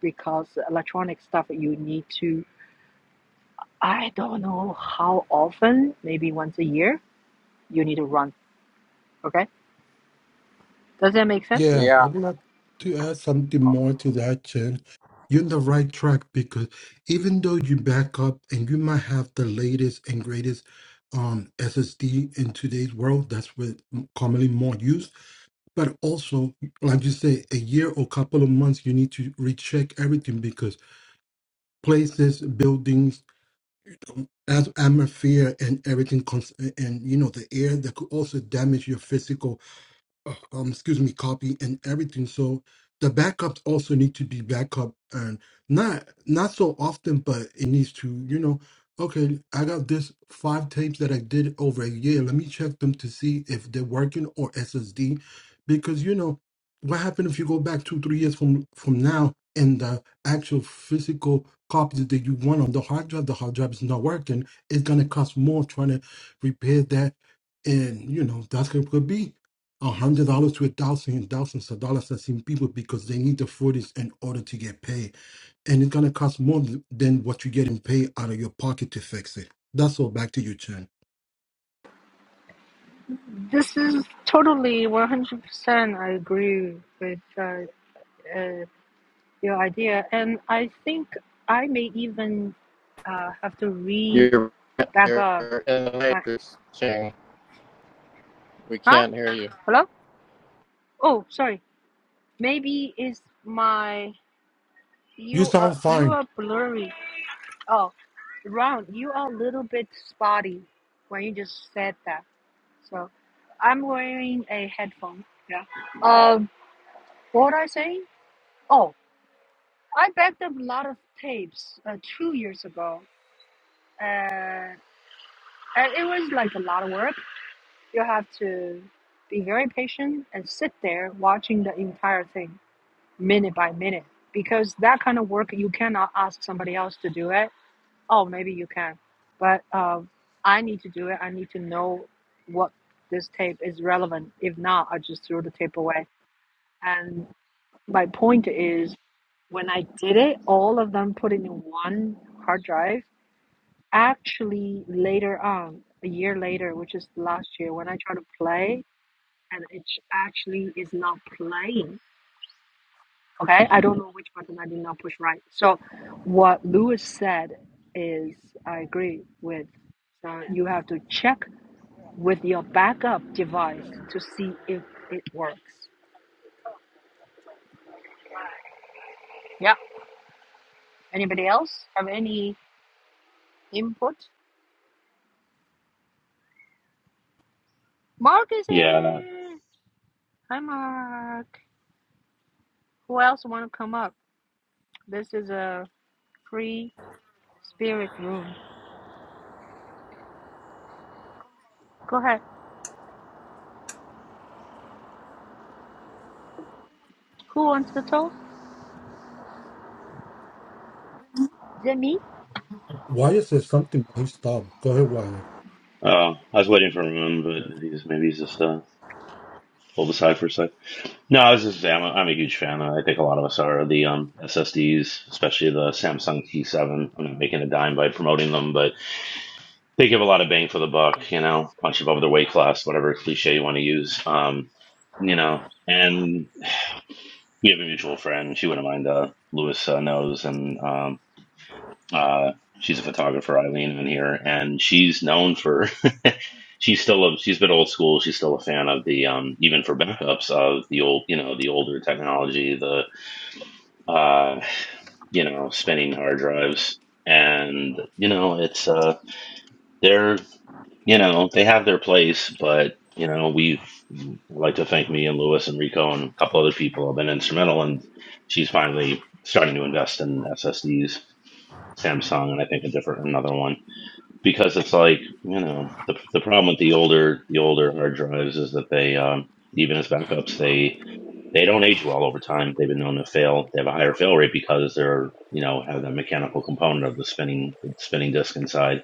because electronic stuff you need to. I don't know how often, maybe once a year, you need to run Okay. Does that make sense?
Yeah,
Yeah.
I would like to add something more to that, Chen. You're on the right track because even though you back up and you might have the latest and greatest um, SSD in today's world, that's what commonly more used. But also, like you say, a year or couple of months, you need to recheck everything because places, buildings, as atmosphere and everything, cons- and you know the air that could also damage your physical uh, um excuse me copy and everything so the backups also need to be backup and not not so often but it needs to you know okay i got this five tapes that i did over a year let me check them to see if they're working or ssd because you know what happened if you go back two three years from from now and the actual physical copies that you want on the hard drive the hard drive is not working it's going to cost more trying to repair that and you know that's going to be a hundred dollars to a thousand and thousands of dollars I've seen people because they need the footage in order to get paid. And it's gonna cost more th- than what you get in pay out of your pocket to fix it. That's all back to you, Chen.
This is totally 100% I agree with uh, uh, your idea. And I think I may even uh, have to re
You're,
back
you're
up
in the
my.
matrix, Ching. We
Huh?
can't hear you.
Hello? Oh, sorry. Maybe it's my.
You
You are,
sound
you
fine.
are blurry. Oh, Ron, you are a little bit spotty when you just said that. So I'm wearing a headphone. Yeah. Um, what was I saying? Oh, I backed up a lot of tapes uh, two years ago, and, and it was like a lot of work. You have to be very patient and sit there watching the entire thing minute by minute because that kind of work you cannot ask somebody else to do it. Oh, maybe you can, but um, I need to do it. I need to know what this tape is relevant. If not, I just throw the tape away. And my point is, when I did it, all of them put it in one hard drive Actually, later on, a year later, which is last year, when I try to play and it sh- actually is not playing. Okay, I don't know which button I did not push right. So, what Lewis said is I agree with. Uh, you have to check with your backup device to see if it works. Anybody have any input? Mark is
Yeah.
here. Hi, Mark. Who else want to come up? This is a free spirit room. Go ahead. Who wants to talk? Is it me?
Wyatt said something, but he stopped. Go ahead, Wyatt.
Uh, I was waiting for him, but he's maybe he's just uh, pulled aside for a sec. No, I was just I'm a, I'm a huge fan. I think a lot of us are the um, SSDs, especially the Samsung T7. I'm not making a dime by promoting them, but They give a lot of bang for the buck, you know, punch above their weight class, whatever cliche you want to use. Um, you know, and we have a mutual friend. She wouldn't mind. Uh, Lewis uh, knows, and um, uh, she's a photographer, Eileen, in here, and she's known for. *laughs* she's still a, she's been old school. She's still a fan of the um, even for backups of the old, you know, the older technology, the uh, you know, spinning hard drives, and you know, it's uh, they're. you know, they have their place, but you know, we've I'd like to thank me and Lewis and Rico and a couple other people have been instrumental And she's finally starting to invest in SSDs, Samsung and I think a different another one. Because it's like, you know, the the problem with the older the older hard drives is that they um even as backups they they don't age well over time. They've been known to fail. They have a higher fail rate because they're, you know, have the mechanical component of the spinning, the spinning disc inside.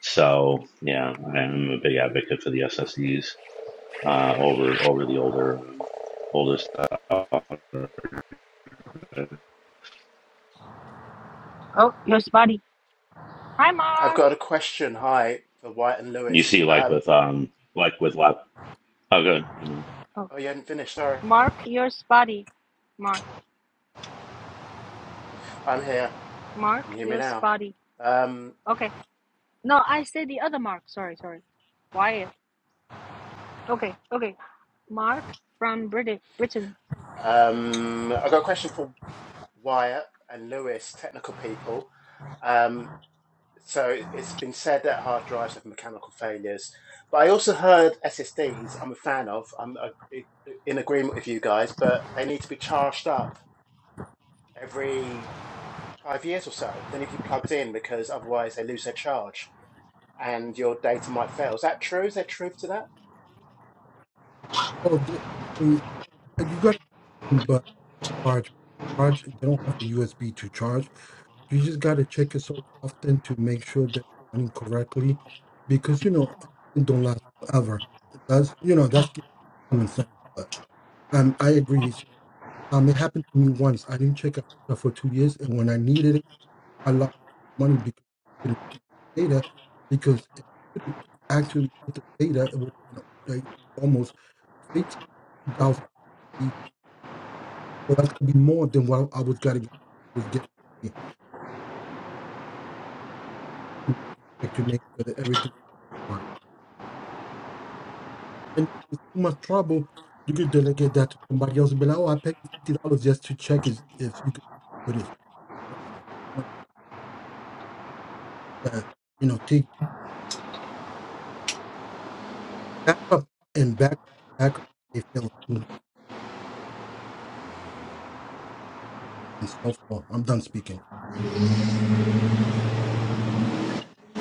So yeah, I'm a big advocate for the SSDs uh, over over the older uh, older stuff.
Oh, your spotty. Hi,
I've
Mark.
got a question. Hi, for White and
You see,
Lewis.
like
Um,
with um, like with lap, oh, good.
Oh,
oh, you hadn't finished. Sorry,
Mark, your spotty. Mark,
I'm here. Can
Mark,
you hear me
your
now?
spotty.
Um,
Okay. No, I said the other Mark. Sorry, sorry. Wyatt. Okay, okay. Mark from Brit- Britain.
um, I've got a question for Wyatt and Lewis, technical people. Um, so it's been said that hard drives have mechanical failures, but I also heard SSDs. I'm a fan of. I'm uh, in agreement with you guys, but they need to be charged up every five years or so. They need to be plugged in because otherwise they lose their charge. and your data might fail. Is that true? Is there truth to that?
Oh, the, I mean, you gotta but charge charge they don't have a USB to charge. You just gotta check it so often to make sure that it's running correctly because you know it don't last forever. That's you know, that's common sense. Um, I agree. So, Um, it happened to me once. I didn't check out for two years, and when I needed it, I lost money because of the data. Because if I could actually get the data, it would you know, like almost fifteen thousand. So that's gonna be more than what I was getting was getting in order to make sure that everything was fine. And it's too much trouble. You could delegate that to somebody else. But like, oh, I paid you fifty dollars just to check is if you could put it. Or, uh, You know, take. back up and back back up they feel and so forth. I'm done speaking.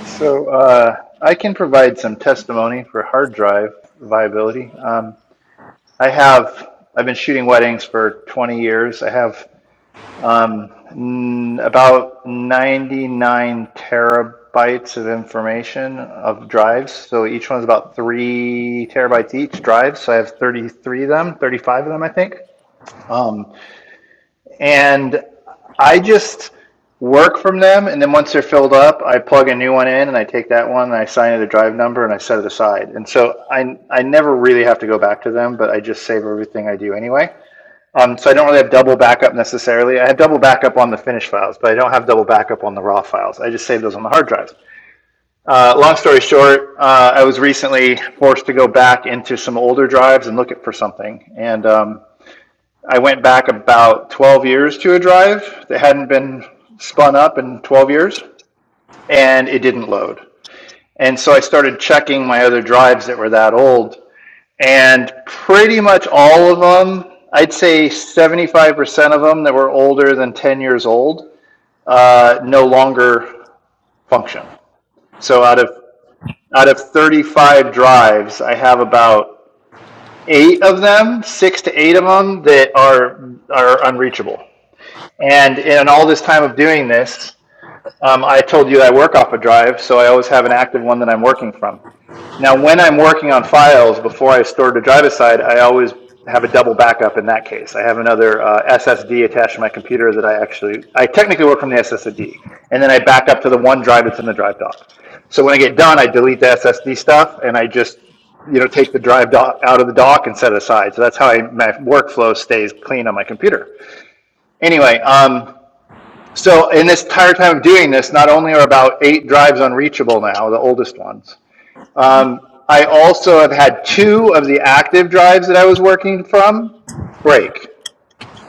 So uh, I can provide some testimony for hard drive viability. Um, I have I've been shooting weddings for 20 years. I have um, n- about 99 terabytes of information of drives. So each one's about three terabytes each drive. So I have 33 of them, 35 of them, I think. Um, and I just work from them. And then once they're filled up, I plug a new one in and I take that one and I assign it a drive number and I set it aside. And so I, I never really have to go back to them, but I just save everything I do anyway. Um, so I don't really have double backup necessarily. I have double backup on the finished files, but I don't have double backup on the raw files. I just save those on the hard drives. Uh, long story short, uh, I was recently forced to go back into some older drives and look at for something. And um, I went back about 12 years to a drive that hadn't been spun up in 12 years and it didn't load. And so I started checking my other drives that were that old and pretty much all of them, I'd say 75% of them that were older than 10 years old, uh, no longer function. So out of out of 35 drives, I have about eight of them, six to eight of them that are are unreachable. And in all this time of doing this, um, I told you I work off a drive, so I always have an active one that I'm working from. Now, when I'm working on files before I store to drive aside, I always have a double backup in that case. I have another uh, SSD attached to my computer that I actually, I technically work from the SSD, and then I back up to the one drive that's in the drive dock. So when I get done, I delete the SSD stuff and I just, you know, take the drive dock out of the dock and set it aside. So that's how I, my workflow stays clean on my computer. Anyway, um, so in this entire time of doing this, not only are about eight drives unreachable now, the oldest ones, um, I also have had two of the active drives that I was working from break.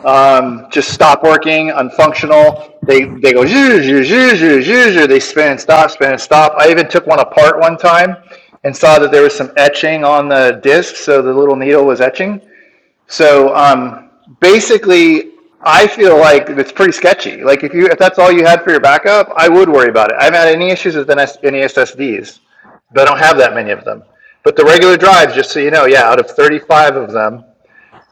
Um, just stop working, unfunctional. They they go zhoo, zhoo, zhoo, zhoo, zhoo, zhoo. They spin and stop, spin and stop. I even took one apart one time and saw that there was some etching on the disk, so the little needle was etching. So um, basically, I feel like it's pretty sketchy. Like if you if that's all you had for your backup, I would worry about it. I haven't had any issues with NS, NES SSDs, but I don't have that many of them. But the regular drives, just so you know, yeah, out of 35 of them,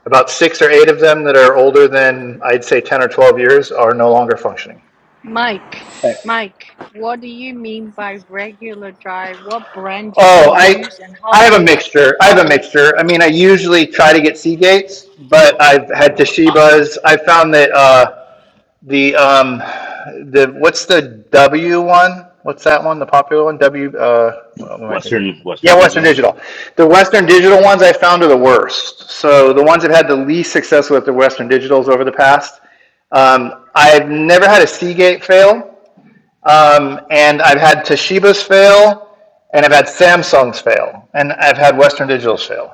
about six or eight of them that are older than I'd say 10 or 12 years are no longer functioning.
Mike,
Thanks.
Mike, what do you mean by regular drive? What brand do you
Oh, I
use and how
I have a
big?
mixture. I
How
have a
big?
mixture. I mean, I usually try to get Seagates, but I've had Toshiba's. I found that. Uh, The, um, the, what's the W one? What's that one? The popular one? W, uh, what am I thinking?
Western Western
Yeah, Western
Digital.
Yeah.
Digital. The Western Digital ones I found are the worst. So the ones that had the least success with the Western Digitals over the past. Um, I've never had a Seagate fail, um, and I've had Toshiba's fail, and I've had Samsung's fail, and I've had Western Digital's fail.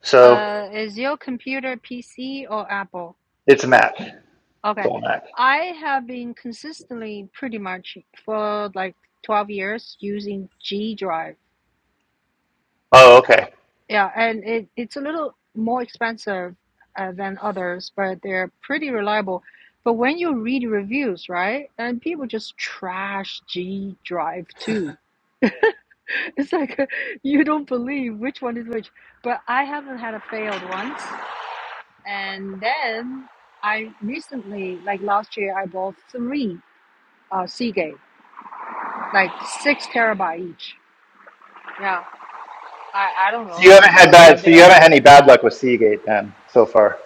So
Uh, is your computer PC or Apple?
it's a Mac. It's
Okay.
all Mac.
I have been consistently pretty much for like 12 years using G Drive.
Oh, okay.
Yeah, and it, it's a little more expensive uh, than others, but they're pretty reliable. But when you read reviews, right, and people just trash G Drive too. *laughs* It's like uh, you don't believe which one is which. But I haven't had a failed once. And then I recently, like last year, I bought three uh, Seagate like six terabyte each. Yeah, I, I don't
So you
know if,
haven't had bad.
if
So
they
you
are
haven't had
s-
any bad luck with Seagate then so far.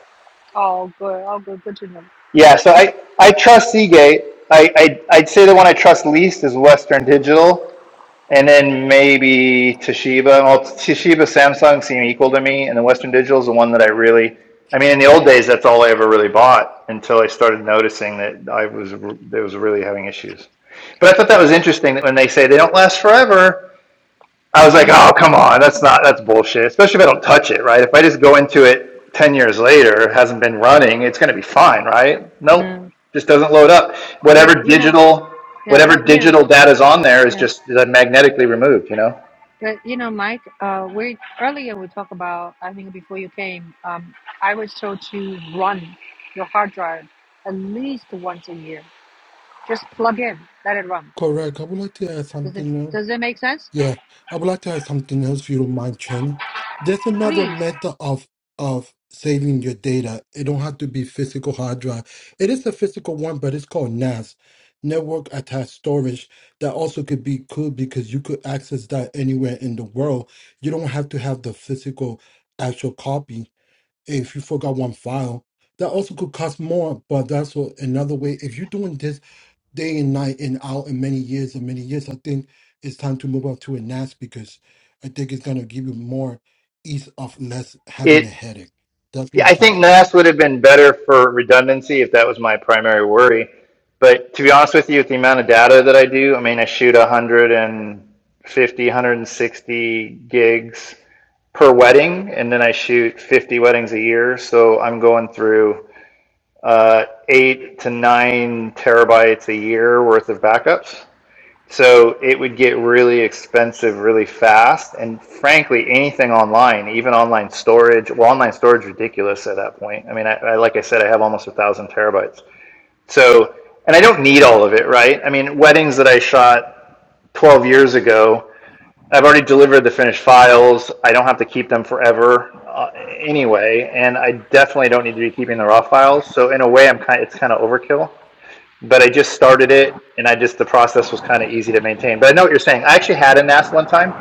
all good, all good, good to know.
Yeah. So I I trust Seagate. I, I I'd say the one I trust least is Western Digital, and then maybe Toshiba. Well, Toshiba, Samsung seem equal to me, and then Western Digital is the one that I really. I mean, in the old days, that's all I ever really bought until I started noticing that I was that was really having issues. But I thought that was interesting that when they say they don't last forever, I was like,
Mm,
oh, come on, that's not, that's bullshit. Especially if I don't touch it, right? If I just go into it 10 years later, it hasn't been running, it's going to be fine, right? Nope,
mm.
just doesn't load up. Whatever
But you know,
digital,
yeah,
whatever
but you know,
digital data is on there is
yeah,
just magnetically removed, you know?
but you know, Mike, uh, we earlier we talked about, I think before you came, um, I was told to run your hard drive at least once a year. Just plug in, let it run.
Correct. I would like to add
Does it
something now.
does it make sense?
Yeah, I would like to add something else if you don't mind, Chen. There's another
Please,
method of of saving your data. It don't have to be physical hard drive. It is a physical one, but it's called NAS, network attached storage. That also could be cool because you could access that anywhere in the world. You don't have to have the physical actual copy. If you forgot one file, that also could cost more, but that's what, another way. If you're doing this day and night and out and many years and many years. I think it's time to move up to a NAS because I think it's gonna give you more ease of less having a
It,
headache. That's
yeah,
my
I think
thing.
NAS would have been better for redundancy if that was my primary worry. But to be honest with you, with the amount of data that I do, I mean, I shoot 150, 160 gigs per wedding, and then I shoot 50 weddings a year. So I'm going through uh, eight to nine terabytes a year worth of backups. So it would get really expensive really fast. And frankly, anything online, even online storage, well, online storage is ridiculous at that point. I mean, I, I like I said, I have almost a thousand terabytes. So, and I don't need all of it, right? I mean, weddings that I shot 12 years ago, I've already delivered the finished files. I don't have to keep them forever uh, anyway, and I definitely don't need to be keeping the raw files. So in a way, I'm kind. of, It's kind of overkill. But I just started it, and I just the process was kind of easy to maintain. But I know what you're saying. I actually had a NAS one time.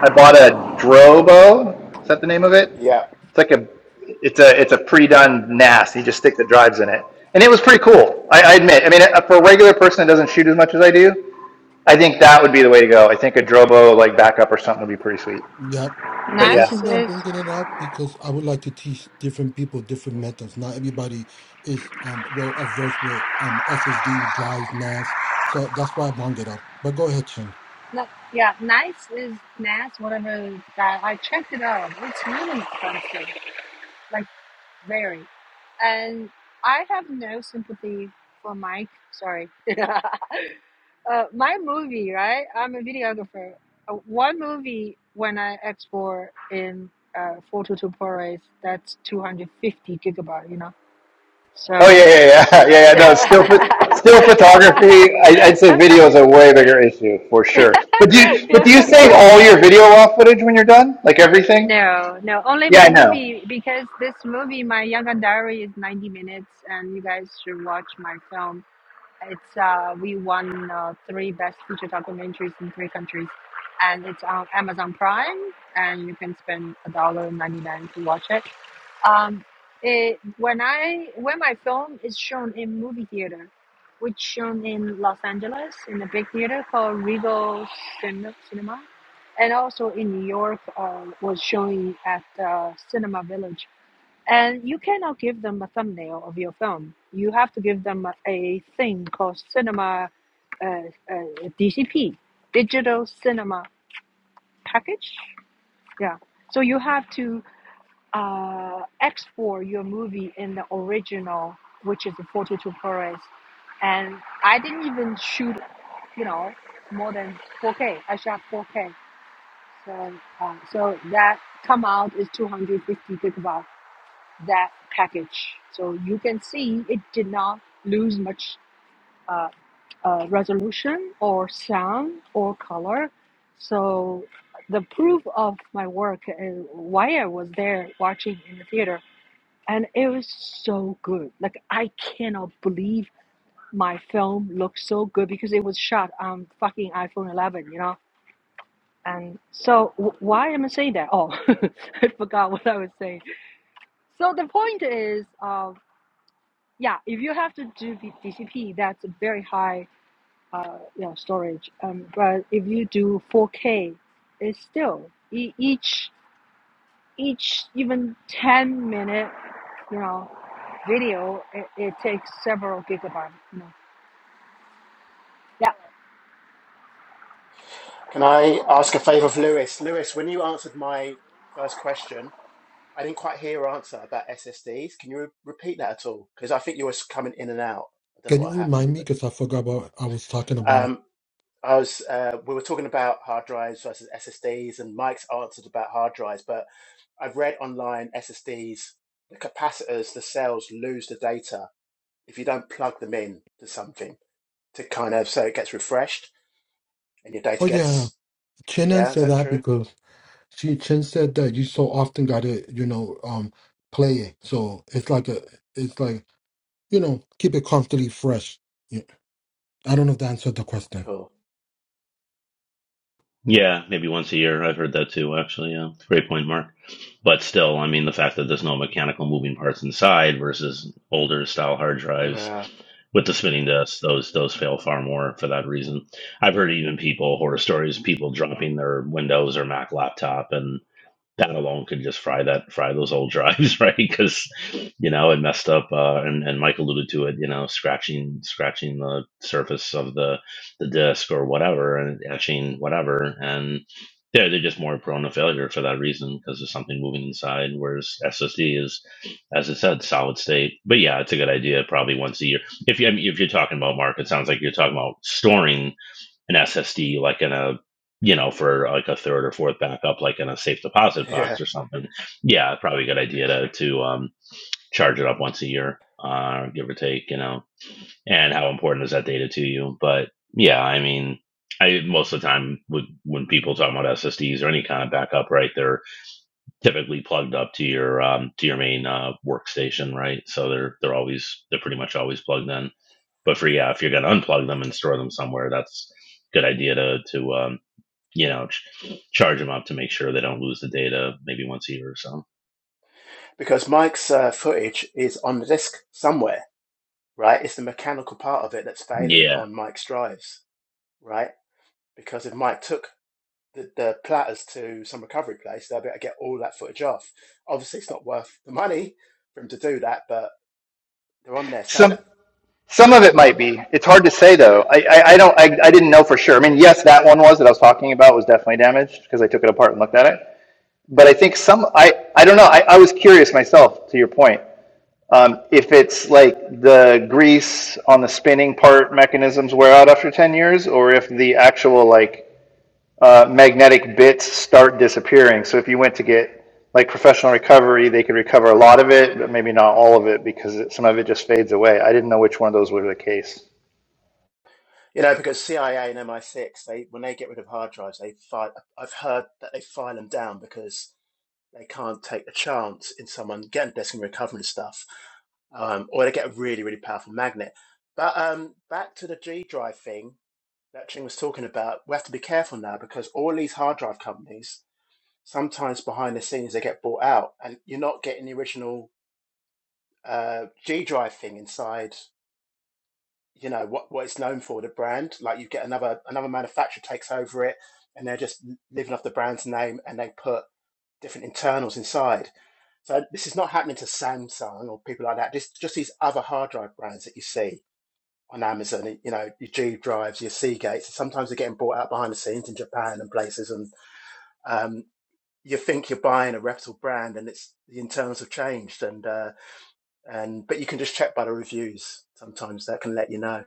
I bought a Drobo. Is that the name of it?
Yeah.
It's like a. It's a it's a pre-done NAS. You just stick the drives in it, and it was pretty cool. I, I admit. I mean, uh, for a regular person that doesn't shoot as much as I do, I think that would be the way to go. I think a Drobo like backup or something would be pretty sweet.
Yep.
But
The
NAS
yeah.
reason that I'm
is
bringing it up because I would like to teach different people different methods. Not everybody is um well averse with um SSD drives NAS, so that's why I brought it up. But go ahead, Chin.
No, yeah, Nice is Nas, one of those guys. I checked it out. It's really expensive, like very. And I have no sympathy for Mike. Sorry. *laughs* uh, my movie, right? I'm a videographer. Uh, One movie when I export in uh, 422 ProRes, that's 250 gigabyte, you know?
Oh yeah,
So,
yeah, yeah, *laughs* yeah, yeah. No, still, still photography.
*laughs*
I, I'd say video is a way bigger issue for sure. But do you, but do
yeah.
you
*laughs*
save all your video raw footage when you're done, like everything?
No, no, only
Yeah,
my
I know.
movie because this movie, my Yagandari, is 90 minutes, and you guys should watch my film. It's uh, we won uh, three best feature documentaries in three countries, and it's on Amazon Prime, and you can spend a dollar ninety nine to watch it. Um, it when I when my film is shown in movie theater, which shown in Los Angeles in a big theater called Regal Cin- Cinema, and also in New York uh, was showing at uh, Cinema Village and you cannot give them a thumbnail of your film. You have to give them a, a thing called cinema, uh, uh, DCP, digital cinema package. Yeah. So you have to uh, export your movie in the original, which is the 42 ProRes. And I didn't even shoot, you know, more than 4K. I shot 4K. So, uh, so that come out is 250 gigabytes that package. So you can see it did not lose much uh, uh, resolution or sound or color. So the proof of my work is why I was there watching in the theater. And it was so good. Like, I cannot believe my film looked so good because it was shot on fucking iPhone 11, you know? And so, w- why am I saying that? Oh, *laughs* I forgot what I was saying. So the point is, uh, yeah, if you have to do the DCP, that's a very high uh, you know, storage. Um, but if you do 4K, it's still e- each each even 10 minute you know video it, it takes several gigabytes. You know. Yeah,
Can I ask a favor of Lewis? Lewis, when you answered my first question, I didn't quite hear your answer about SSDs. Can you re- repeat that at all? Because I think you were coming in and out. I don't know
Can you
what happened,
remind me
but
because I forgot what I was talking about?
um, I was. Uh, we were talking about hard drives versus SSDs, and Mike's answered about hard drives. But I've read online SSDs, the capacitors, the cells lose the data if you don't plug them in to something to kind of so it gets refreshed. and your
Oh
data
yeah,
gets
Chin
yeah is
answered
that
that
true
because. She Chen said that you so often gotta, you know, um, play it. So it's like a, it's like you know, keep it constantly fresh. Yeah. I don't know if that answered the question.
cool
Yeah, maybe once a year. I've heard that too, actually. Yeah, It's a great point, Mark. But still, I mean, the fact that there's no mechanical moving parts inside versus older style hard drives
yeah
with the spinning disks, those those fail far more for that reason. I've heard even people horror stories, people dropping their Windows or Mac laptop, and that alone could just fry that fry those old drives, *laughs* right? Because you know it messed up, uh, and and Mike alluded to it, you know, scratching scratching the surface of the the disc or whatever, and etching whatever, and they're they're just more prone to failure for that reason because there's something moving inside. Whereas SSD is, as I said, solid state. But yeah, it's a good idea. Probably once a year. If you I mean, if you're talking about Mark, it sounds like you're talking about storing an SSD like in a you know for like a third or fourth backup like in a safe
*laughs*
deposit
yeah
box or something. Yeah, probably a good idea to to um, charge it up once a year, uh, give or take. You know, and how important is that data to you? But yeah, I mean. I, most of the time, would, when people talk about SSDs or any kind of backup, right, they're typically plugged up to your um, to your main uh, workstation, right? So they're they're always they're pretty much always plugged in. But for yeah, if you're gonna unplug them and store them somewhere, that's a good idea to to um, you know, ch- charge them up to make sure they don't lose the data maybe once a year or so.
because mike's uh, footage is on the disk somewhere right it's the mechanical part of it that's failing
Yeah.
on mike's drives right because if mike took the, the platters to some recovery place they'll be able to get all that footage off obviously it's not worth the money for him to do that but they're on there so
Some
that,
some of it might be. It's hard to say though. I I, I don't. I, I didn't know for sure. I mean, yes, that one was that I was talking about was definitely damaged because I took it apart and looked at it. But I think some. I I don't know. I, I was curious myself. To your point, Um, if it's like the grease on the spinning part mechanisms wear out after 10 years, or if the actual like uh, magnetic bits start disappearing. So if you went to get like professional recovery, they could recover a lot of it, but maybe not all of it because it, some of it just fades away. I didn't know which one of those were the case.
you know because cia and mi6 they when they get rid of hard drives they file i've heard that they file them down because They can't take a chance in someone getting desk and recovering stuff, um, or they get a really, really powerful magnet. But um, back to the G drive thing that Ching was talking about, we have to be careful now because all these hard drive companies, sometimes behind the scenes, they get bought out and you're not getting the original uh, G drive thing inside, you know, what, what it's known for, the brand. Like you get another another manufacturer takes over it and they're just living off the brand's name and they put different internals inside. So this is not happening to Samsung or people like that. Just just these other hard drive brands that you see on Amazon, you know, your G drives, your Seagates. Sometimes they're getting bought out behind the scenes in Japan and places, and um, you think you're buying a reputable brand, and it's the internals have changed, and uh, and but you can just check by the reviews. Sometimes that can let you know.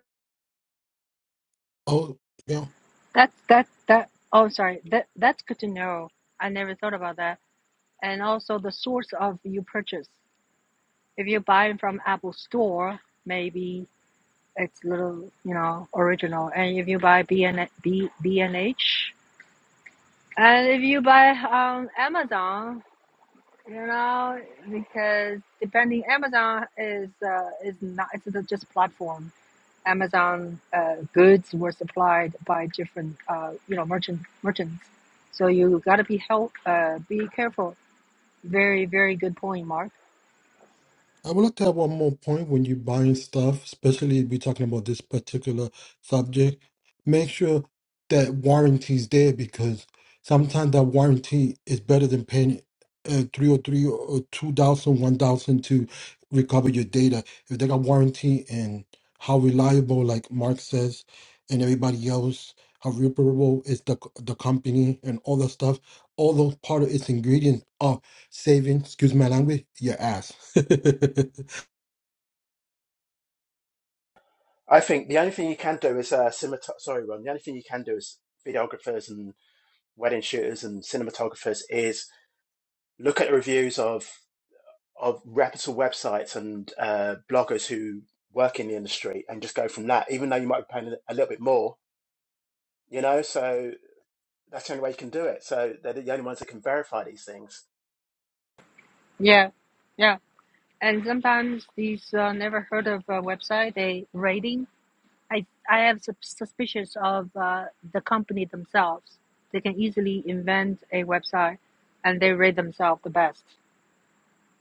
Oh, yeah.
that's that that. Oh, sorry. That that's good to know. I never thought about that. And also the source of you purchase. If you buy it from Apple Store, maybe it's little you know original and if you buy b and b b and h and if you buy um amazon you know because depending amazon is uh, is not it's the- just platform amazon uh, goods were supplied by different uh, you know merchant merchants so you got to be help uh, be careful very very good point mark
I would like to have one more point when you're buying stuff, especially if we're talking about this particular subject. Make sure that warranty's there because sometimes that warranty is better than paying uh, three or three or two thousand, one thousand to recover your data. If they got warranty and how reliable, like Mark says, and everybody else, how reparable is the the company and all that stuff. All those part of its ingredients are saving, excuse my language, your ass. *laughs*
I think the only thing you can do is uh, cinemat- Sorry, Ron. The only thing you can do is videographers and wedding shooters and cinematographers is look at the reviews of of reputable websites and uh, bloggers who work in the industry and just go from that, even though you might be paying a little bit more, you know. So that's the only way you can do it. So they're the only ones that can verify these things.
yeah yeah and sometimes these uh, never heard of uh, website they rating I I have sus- suspicions of uh, the company themselves. They can easily invent a website, and they rate themselves the best,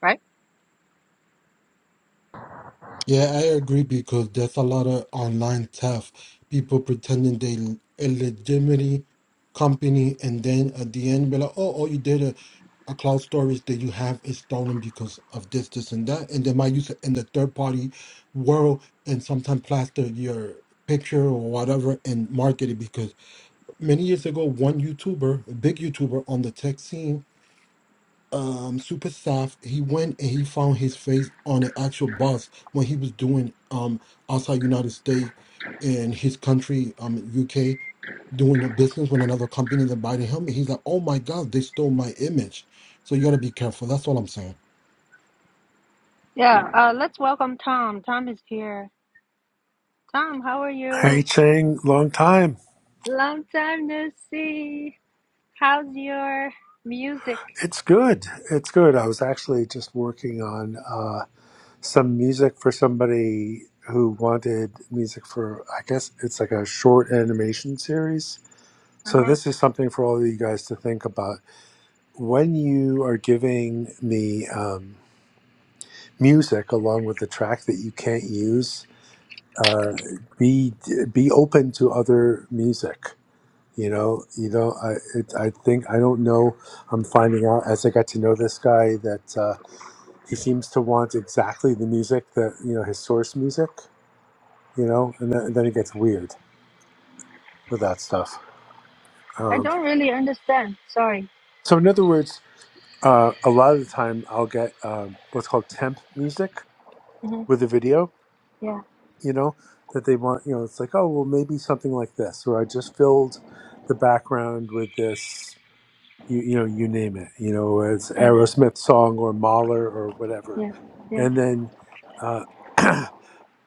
right?
yeah, I agree because there's a lot of online theft. People pretending they l- a legitimate company, and then at the end, be like, oh, all you did a, a cloud storage that you have is stolen because of this, this, and that, and they might use it in the third party world, and sometimes plaster your picture or whatever and market it because many years ago one youtuber a big youtuber on the tech scene um super staff he went and he found his face on an actual bus when he was doing um outside united states in his country um uk doing a business with another company that bought him he's like oh my god they stole my image so you got to be careful that's all i'm saying
Yeah. Uh, let's welcome Tom. Tom is here. Tom, how are
Hey
you?
Chang, long time.
Long time no see. How's your music?
It's good. It's good. I was actually just working on uh, some music for somebody who wanted music for, I guess it's like a short animation series. So
Uh-huh.
this is something for all of you guys to think about. When you are giving me um, music along with the track that you can't use, uh, be be open to other music You know, you know, I it, I think I don't know. I'm finding out as I got to know this guy that uh, he seems to want exactly the music that you know his source music. You know, and then, and then it gets weird with that stuff.
I
Um,
don't really understand. Sorry.
so in other words, uh, a lot of the time I'll get um, what's called temp music
Uh-huh.
with a video.
Yeah.
You know that they want. You know, it's like oh well maybe something like this, or I just filled the background with this you you know you name it you know it's
Uh,
Aerosmith song or Mahler or whatever
yeah. Yeah.
and then uh, *clears throat*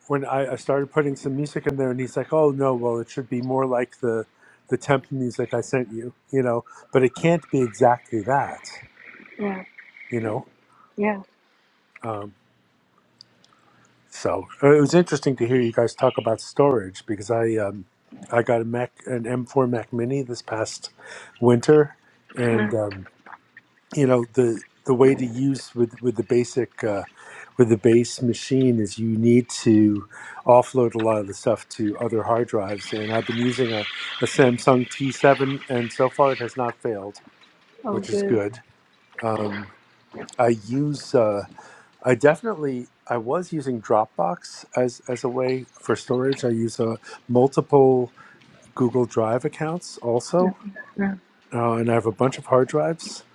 when I, I started putting some music in there and he's like oh no well it should be more like the the temp music I sent you you know but it can't be exactly that
Yeah.
you know
Yeah.
um, so uh, it was interesting to hear you guys talk about storage because I um, I got a Mac an M4 Mac Mini this past winter and um, you know the the way to use with with the basic uh, with the base machine is you need to offload a lot of the stuff to other hard drives and i've been using a, a samsung t7 and so far it has not failed which is good um, i use uh, i definitely i was using dropbox as as a way for storage i use uh, multiple google drive accounts also
Yeah.
uh, and i have a bunch of hard drives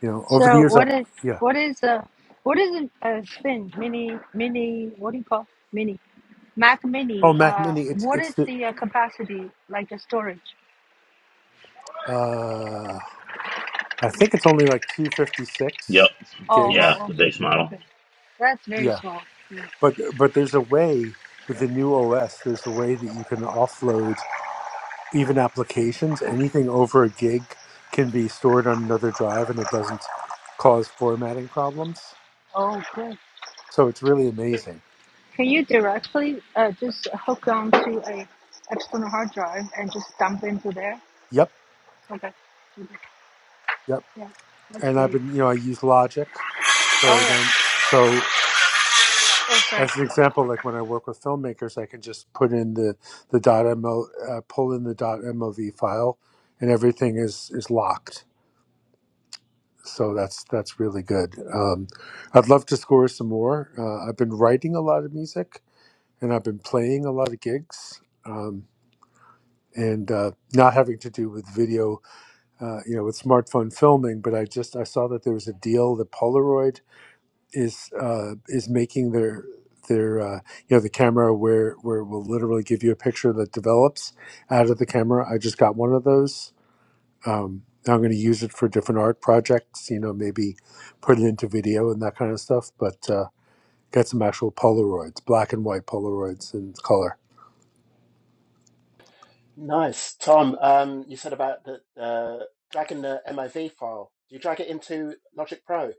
you know over the
So
years i
what is
yeah
what is a what is a, a spin mini mini what do you call mini Mac
Oh,
mini?
Mac
Uh,
Mini, it's
what is
it's the
the uh, capacity like the storage?
uh, I think it's only like two fifty
Yep.
six
Oh
Yeah.
gigs.
oh
The
okay
base model.
okay that's very
Yeah,
small. Yeah.
but but there's a way with the new OS. There's a way that you can offload even applications. Anything over a gig can be stored on another drive, and it doesn't cause formatting problems.
Oh good.
So it's really amazing.
Can you directly uh, just hook onto a external hard drive and just dump into there?
Yep,
Okay.
yep.
Yeah, that's
And I've
great.
been, you know, I use Logic.
All
So
right.
then, so
Okay.
as an example, like when I work with filmmakers, I can just put in the the dot mo uh, pull in the dot mov file, and everything is is locked. So that's that's really good. Um, I'd love to score some more. Uh, I've been writing a lot of music, and I've been playing a lot of gigs, um, and uh, not having to do with video, uh, you know, with smartphone filming. But I just I saw that there was a deal that Polaroid is uh, is making their their uh, you know the camera where where it will literally give you a picture that develops out of the camera. I just got one of those. Um, I'm going to use it for different art projects. You know, maybe put it into video and that kind of stuff. But uh, got some actual Polaroids, black and white Polaroids in color.
Nice, Tom. Um, you said about the uh, dragging the MOV file. Do you drag it into Logic Pro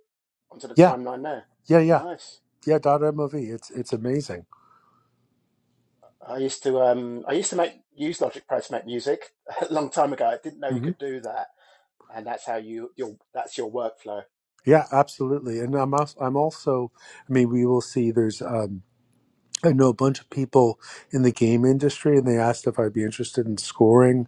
onto the
Yeah,
timeline there?
yeah, yeah,
Nice.
yeah. Dot MOV. It's it's amazing.
I used to um, I used to make use Logic Pro to make music *laughs* a long time ago. I didn't know you
hmm
could do that, and that's how you your that's your workflow
Yeah, absolutely. And I'm also, I'm also. I mean, we will see. There's. Um, I know a bunch of people in the game industry, and they asked if I'd be interested in scoring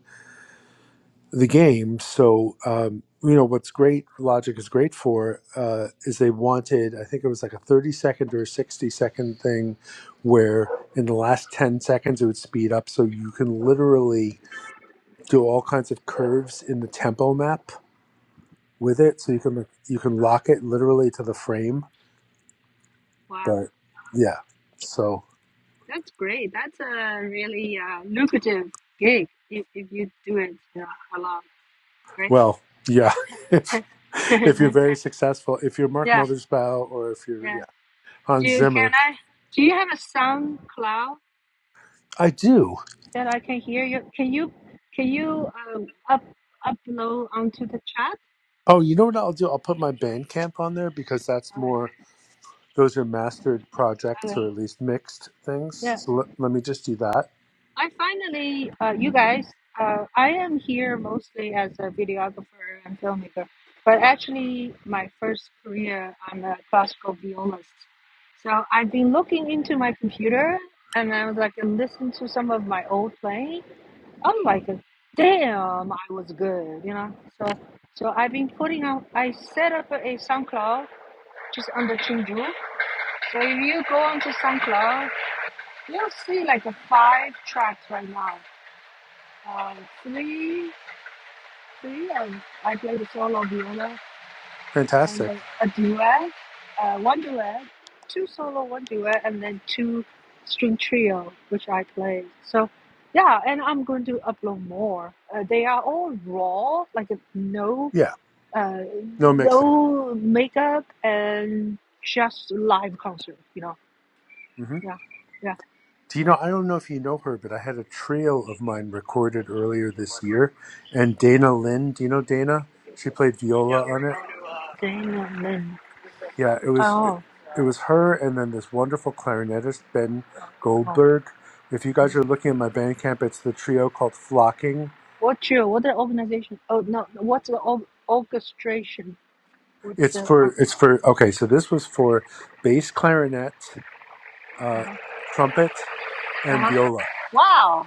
the game. So, um, you know, what's great, Logic is great for, uh, is they wanted, I think it was like a 30 second or a 60 second thing where in the last 10 seconds it would speed up. So you can literally do all kinds of curves in the tempo map with it. So you can, you can lock it literally to the frame.
Wow.
But yeah, so.
That's great. That's a really uh, lucrative gig if, if you do it uh, a lot, right?
Well, yeah. *laughs* If
*laughs*
if you're very successful, if you're Mark
yeah,
Mothersbaugh or if you're
yeah.
yeah,
Do
Hans
you, can
Zimmer,
I? Do you have a SoundCloud
I do.
that I can hear you? Can you can you um, up upload onto the chat?
Oh, you know what I'll do? I'll put my Bandcamp on there because that's
Uh,
more. Those are mastered projects
uh,
or at least mixed things.
yeah.
So let, let me just do that.
I finally, uh, you guys, uh, I am here mostly as a videographer and filmmaker, but actually, my first career, I'm a classical violist. So I've been looking into my computer and I was like, and listen to some of my old playing. I'm like, damn, I was good, you know? So, so I've been putting out, I set up a SoundCloud just under Chinju. So if you go onto SoundCloud, you'll see like a five tracks right now. Um, three, three. Um, I played the solo viola and
Fantastic.
a, a duet, uh, one duet, two solo, one duet, and then two string trio, which I played. So, yeah, and I'm going to upload more. Uh, they are all raw, like no,
Yeah,
uh,
no mixing.
no makeup and just live concert. You know,
hmm
yeah, yeah.
Do you know? I don't know if you know her, but I had a trio of mine recorded earlier this year, and Dana Lynn. Do you know Dana? She played viola on it.
Dana Lynn.
Yeah, it was it,
Oh,
was her and then this wonderful clarinetist Ben
oh.
Goldberg. If you guys are looking at my Bandcamp, it's the trio called Flocking.
What's your what the organization? Oh no, what's the or- orchestration? What's
It's
the uh,
for it's for okay, so this was for bass clarinet, uh
uh-huh,
trumpet and
uh-huh.
viola.
wow?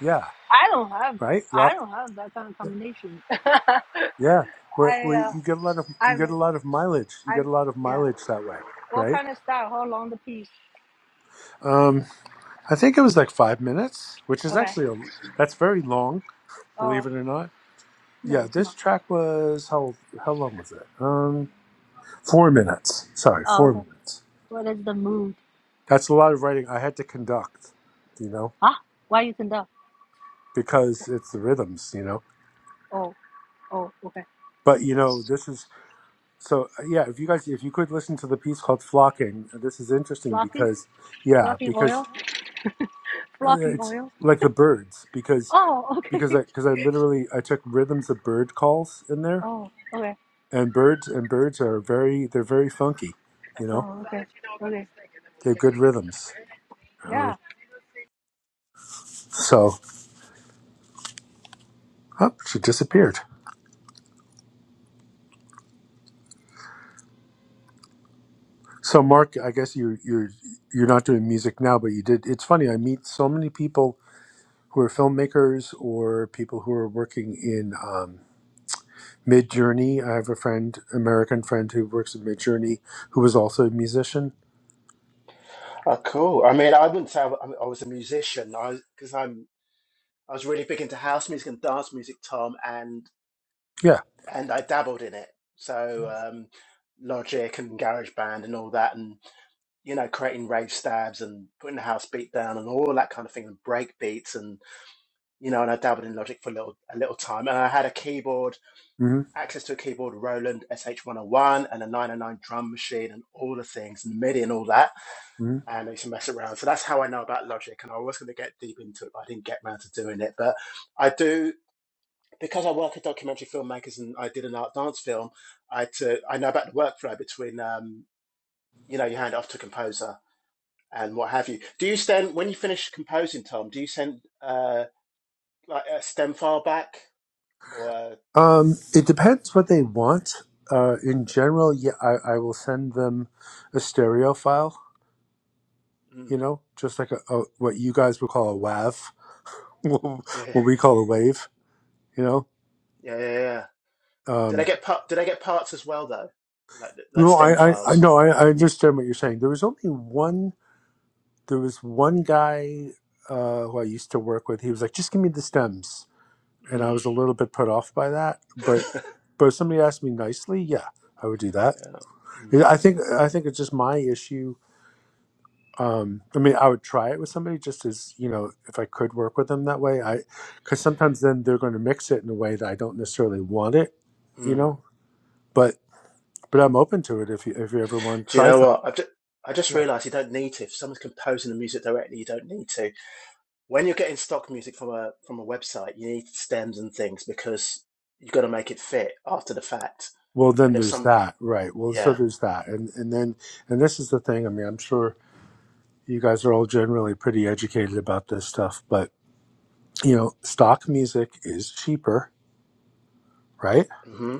Yeah,
I don't have
right?
I
Lot
don't have that kind of combination. *laughs*
yeah. We,
I
we,
uh,
you get a lot of you
I'm
get a lot of mileage. You get
I'm
a lot of
yeah.
mileage that way,
What
right?
kind of style? How long the piece?
Um, I think it was like five minutes, which is
Okay.
actually a, that's very long,
Oh
believe it or not
no,
Yeah,
it's not.
this track was how how long was it? Um, four minutes. Sorry,
Oh
four
okay.
minutes.
What is the mood?
That's a lot of writing I had to conduct, you know,
Huh? Why you can up?
because it's the rhythms, you know.
Oh oh okay.
But you know,
S-
this is so yeah. If you guys, if you could listen to the piece called "Flocking," this is interesting
Flocking
because yeah,
flocking
because
oil flocking
it's
oil.
like the birds because
Oh okay.
because I because I literally I took rhythms of bird calls in
*laughs*
there
Oh okay.
and birds and birds are very they're very funky, you know.
Oh okay. Okay.
They have good rhythms. Um,
Yeah.
So, oh, she disappeared. So, Mark, I guess you you're you're not doing music now, but you did. It's funny. I meet so many people who are filmmakers or people who are working in um, Mid Journey. I have a friend, American friend, who works in Mid Journey, who was also a musician.
Oh, cool. I mean, I wouldn't say I, wa- I was a musician. I because I'm I was really big into house music and dance music, Tom, and
Yeah.
and I dabbled in it. So um, Logic and Garage Band and all that, and you know, creating rave stabs and putting the house beat down and all that kind of thing, and break beats, and you know, and I dabbled in Logic for a little a little time, and I had a keyboard,
hmm
access to a keyboard, Roland SH101, and a 909 drum machine, and all the things, and MIDI and all that
hmm
and I used to mess around. So that's how I know about logic. And I was going to get deep into it, but I didn't get round to doing it. But I do, because I work at documentary filmmakers and I did an art dance film, I, to, I know about the workflow between, um, you know, you hand it off to a composer and what have you. Do you send, when you finish composing, Tom, do you send uh, like a stem file back or, uh,
Um, it depends what they want. Uh, in general, yeah, I, I will send them a stereo file.
mm,
You know, just like a, a what you guys would call a WAV, *laughs* what
yeah, yeah,
we call a wave you know
yeah, yeah. yeah. Did I
um
get part, did I get parts as well though? Like, like
no
stem
i i i
files.
no i, I understand what you're saying there was only one there was one guy uh who i used to work with he was like just give me the stems and i
Mm.
was a little bit put off by that
*laughs*
but but if somebody asked me nicely yeah i would do that
yeah. Mm.
Yeah, i think i think it's just my issue um i mean i would try it with somebody just as you know if i could work with them that way i because sometimes then they're going to mix it in a way that i don't necessarily want it you
Mm.
know but but i'm open to it if you if you ever want to
Do you
try
know
something
what? I've just, I just realised you don't need to. If someone's composing the music directly, you don't need to. When you're getting stock music from a from a website, you need stems and things because you've got to make it fit after the fact.
Well, then
And if
there's
some,
that, right? Well, so
yeah,
there's that, and and then and this is the thing. I mean, I'm sure you guys are all generally pretty educated about this stuff, but you know, stock music is cheaper, right?
hmm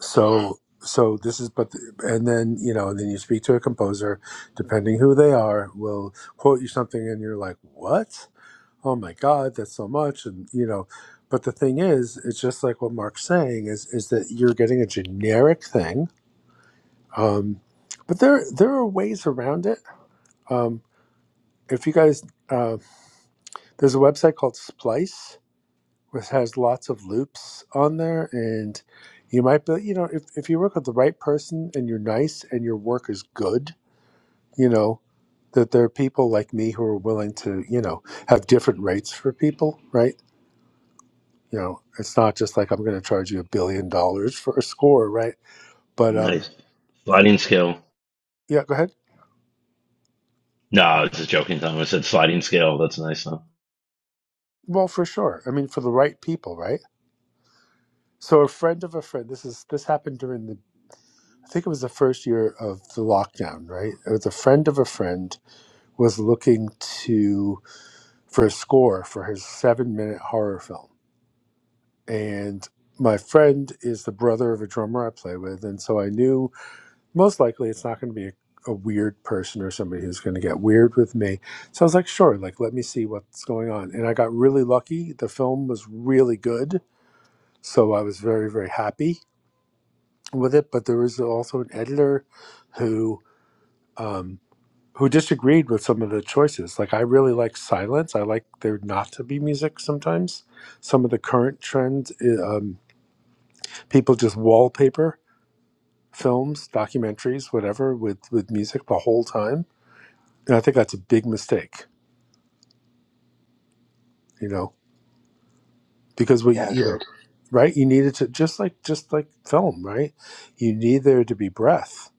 So so this is but and then you know and then you speak to a composer depending who they are will quote you something and you're like what oh my god that's so much and you know but the thing is it's just like what mark's saying is is that you're getting a generic thing Um, but there there are ways around it. Um, if you guys, uh, there's a website called Splice, which has lots of loops on there, and you might be, you know, if, if you work with the right person and you're nice and your work is good, you know, that there are people like me who are willing to, you know, have different rates for people, right? You know, it's not just like I'm going to charge you a billion dollars for a score, right? But um,
Nice. Sliding scale.
yeah, go ahead.
No, I was just joking, Tom. I said sliding scale. That's nice, though.
Well, for sure. I mean, for the right people, right? So a friend of a friend. This is this happened during the. I think it was the first year of the lockdown, right? It was a friend of a friend was looking to for a score for his seven-minute horror film, and my friend is the brother of a drummer I play with, and so I knew most likely it's not going to be a, a weird person or somebody who's going to get weird with me. So I was like, sure, like let me see what's going on, and I got really lucky. The film was really good, so I was very very happy with it, but there was also an editor who um, who disagreed with some of the choices. Like I really like silence. I like there not to be music sometimes. Some of the current trends, i- um, people just wallpaper films, documentaries, whatever, with with music the whole time. And I think that's a big mistake. You know, because we,
yeah,
you know,
agreed.
right? You needed to just like just like film, right? You need there to be breath.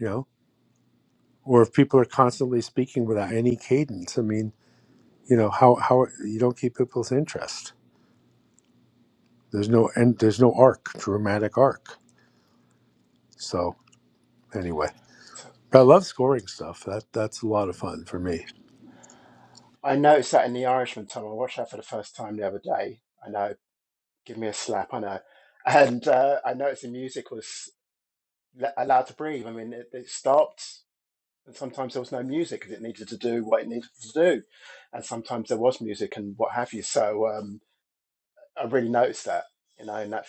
You know, or if people are constantly speaking without any cadence, I mean you know how how you don't keep people's interest there's no and there's no arc dramatic arc so anyway but i love scoring stuff that that's a lot of fun for me
I noticed that in The Irishman, Tom. I watched that for the first time the other day. I know, give me a slap, I know. *laughs* And uh, I noticed the music was allowed to breathe. I mean, it, it stopped. And sometimes there was no music because it needed to do what it needed to do. And sometimes there was music and what have you. So um, I really noticed that, you know, in that.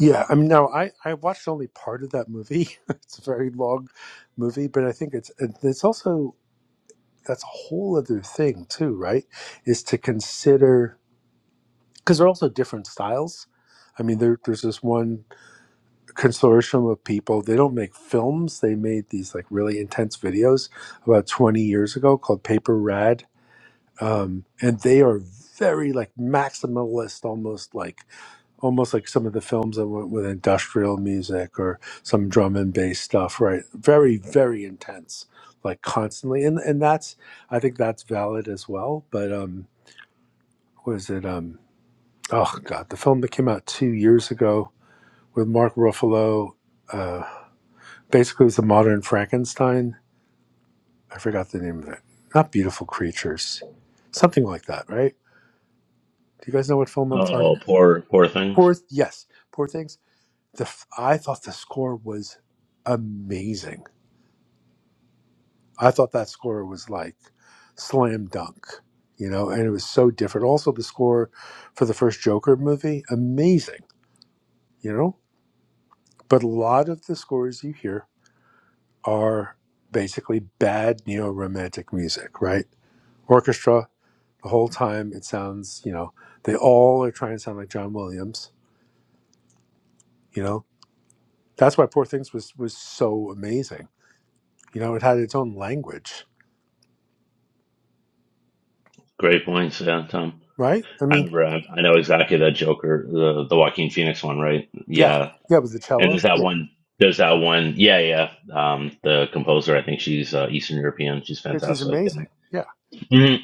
yeah i mean now i i watched only part of that movie *laughs* it's a very long movie but i think it's and it's also that's a whole other thing too right is to consider because they're also different styles i mean there, there's this one consortium of people. They don't make films. They made these like really intense videos about 20 years ago called Paper Rad. Um, and they are very like maximalist, almost like almost like some of the films that went with industrial music or some drum and bass stuff, right? Very, very intense, like constantly. And and that's I think that's valid as well. But um was it um oh god, the film that came out two years ago with Mark Ruffalo. uh Basically, it's a modern Frankenstein. I forgot the name of it. Not Beautiful Creatures, something like that, right? Do you guys know what film I'm talking?
Oh, poor, poor things.
Poor, yes, Poor Things. The f- I thought the score was amazing. I thought that score was like slam dunk, you know, and it was so different. Also, the score for the first Joker movie, amazing, you know. But a lot of the scores you hear are basically bad neo romantic music, right? Orchestra the whole time it sounds you know they all are trying to sound like john williams you know that's why poor things was was so amazing you know it had its own language
Great points. Yeah, Tom.
right i
I
mean
remember, I, I know exactly that Joker, the, the Joaquin Phoenix one, right?
yeah
Yeah.
yeah with the
And
cello
there's that
yeah
one, there's that one. Yeah, yeah. Um, the composer, I think she's uh, Eastern European. She's
yeah she's
fantastic. And
amazing yeah
hmm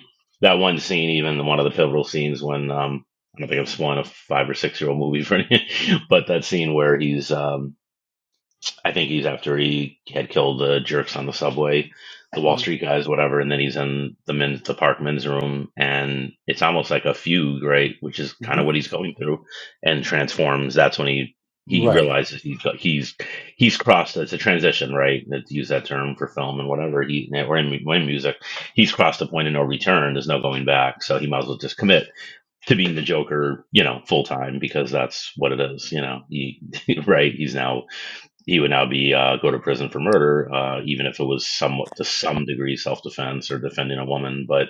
That one scene, even one of the pivotal scenes when um, I don't think I'm spoiling a five or six year old movie for any, *laughs* but that scene where he's um, I think he's after he had killed the jerks on the subway, the Wall Street guys, whatever, and then he's in the men's the park men's room, and it's almost like a fugue, right? Which is kind
mm-hmm.
of what he's going through, and transforms. That's when he he
right
realizes he's he's he's crossed. It's a transition, right? Let's use that term for film and whatever he or in, or in music, he's crossed the point of no return. There's no going back, so he might as well just commit to being the Joker, you know, full time because that's what it is, you know. He *laughs* right, he's now he would now be uh, go to prison for murder, uh, even if it was somewhat to some degree self defense or defending a woman. But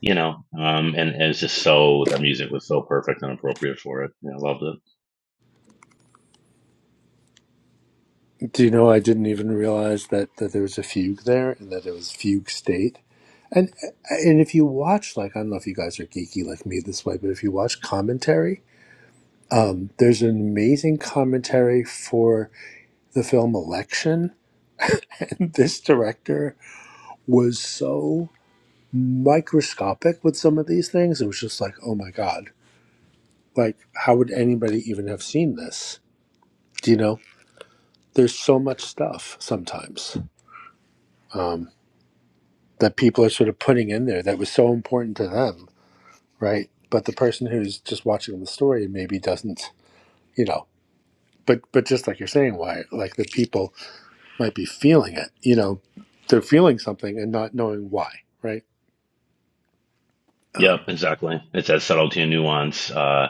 you know, um, and, and it's just so that music was so perfect and appropriate for it. Yeah, I loved it.
do you know i didn't even realize that that there was a fugue there and that it was fugue state and and if you watch like i don't know if you guys are geeky like me this way but if you watch commentary there's an amazing commentary for the film Election. And *laughs* this director was so microscopic with some of these things. It was just like, oh my God, like, how would anybody even have seen this? Do you know? There's so much stuff sometimes um, that people are sort of putting in there that was so important to them, right? But the person who's just watching the story maybe doesn't, you know. But but just like you're saying, why? Like the people might be feeling it, you know, they're feeling something and not knowing why, right?
Yep, exactly. It's that subtlety and nuance uh,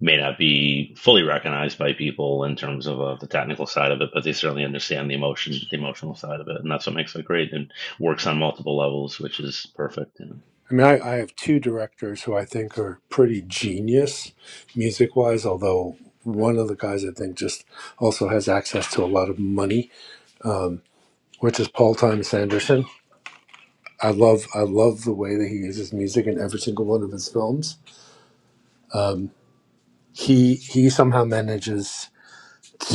may not be fully recognized by people in terms of uh, the technical side of it, but they certainly understand the emotion, the emotional side of it, and that's what makes it great and works on multiple levels, which is perfect. You know.
I mean, I, I have two directors who I think are pretty genius music wise, although one of the guys I think just also has access to a lot of money, which is Paul Thomas Anderson. I love I love the way that he uses music in every single one of his films. He he somehow manages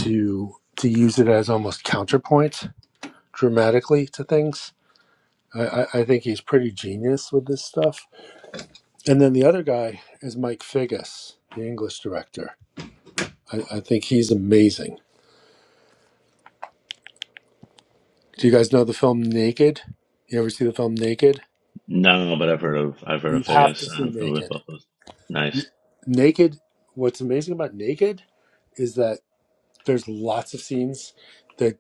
to to use it as almost counterpoint dramatically to things. I, I I think he's pretty genius with this stuff. And then the other guy is Mike Figgis, the English director I, I think he's amazing. Do you guys know the film Naked? You ever see the film Naked?
No, but I've heard of I've heard
You
of
have to
Vegas.
see
I'm familiar with
Naked.
both those. Nice.
Naked, what's amazing about Naked is that there's lots of scenes that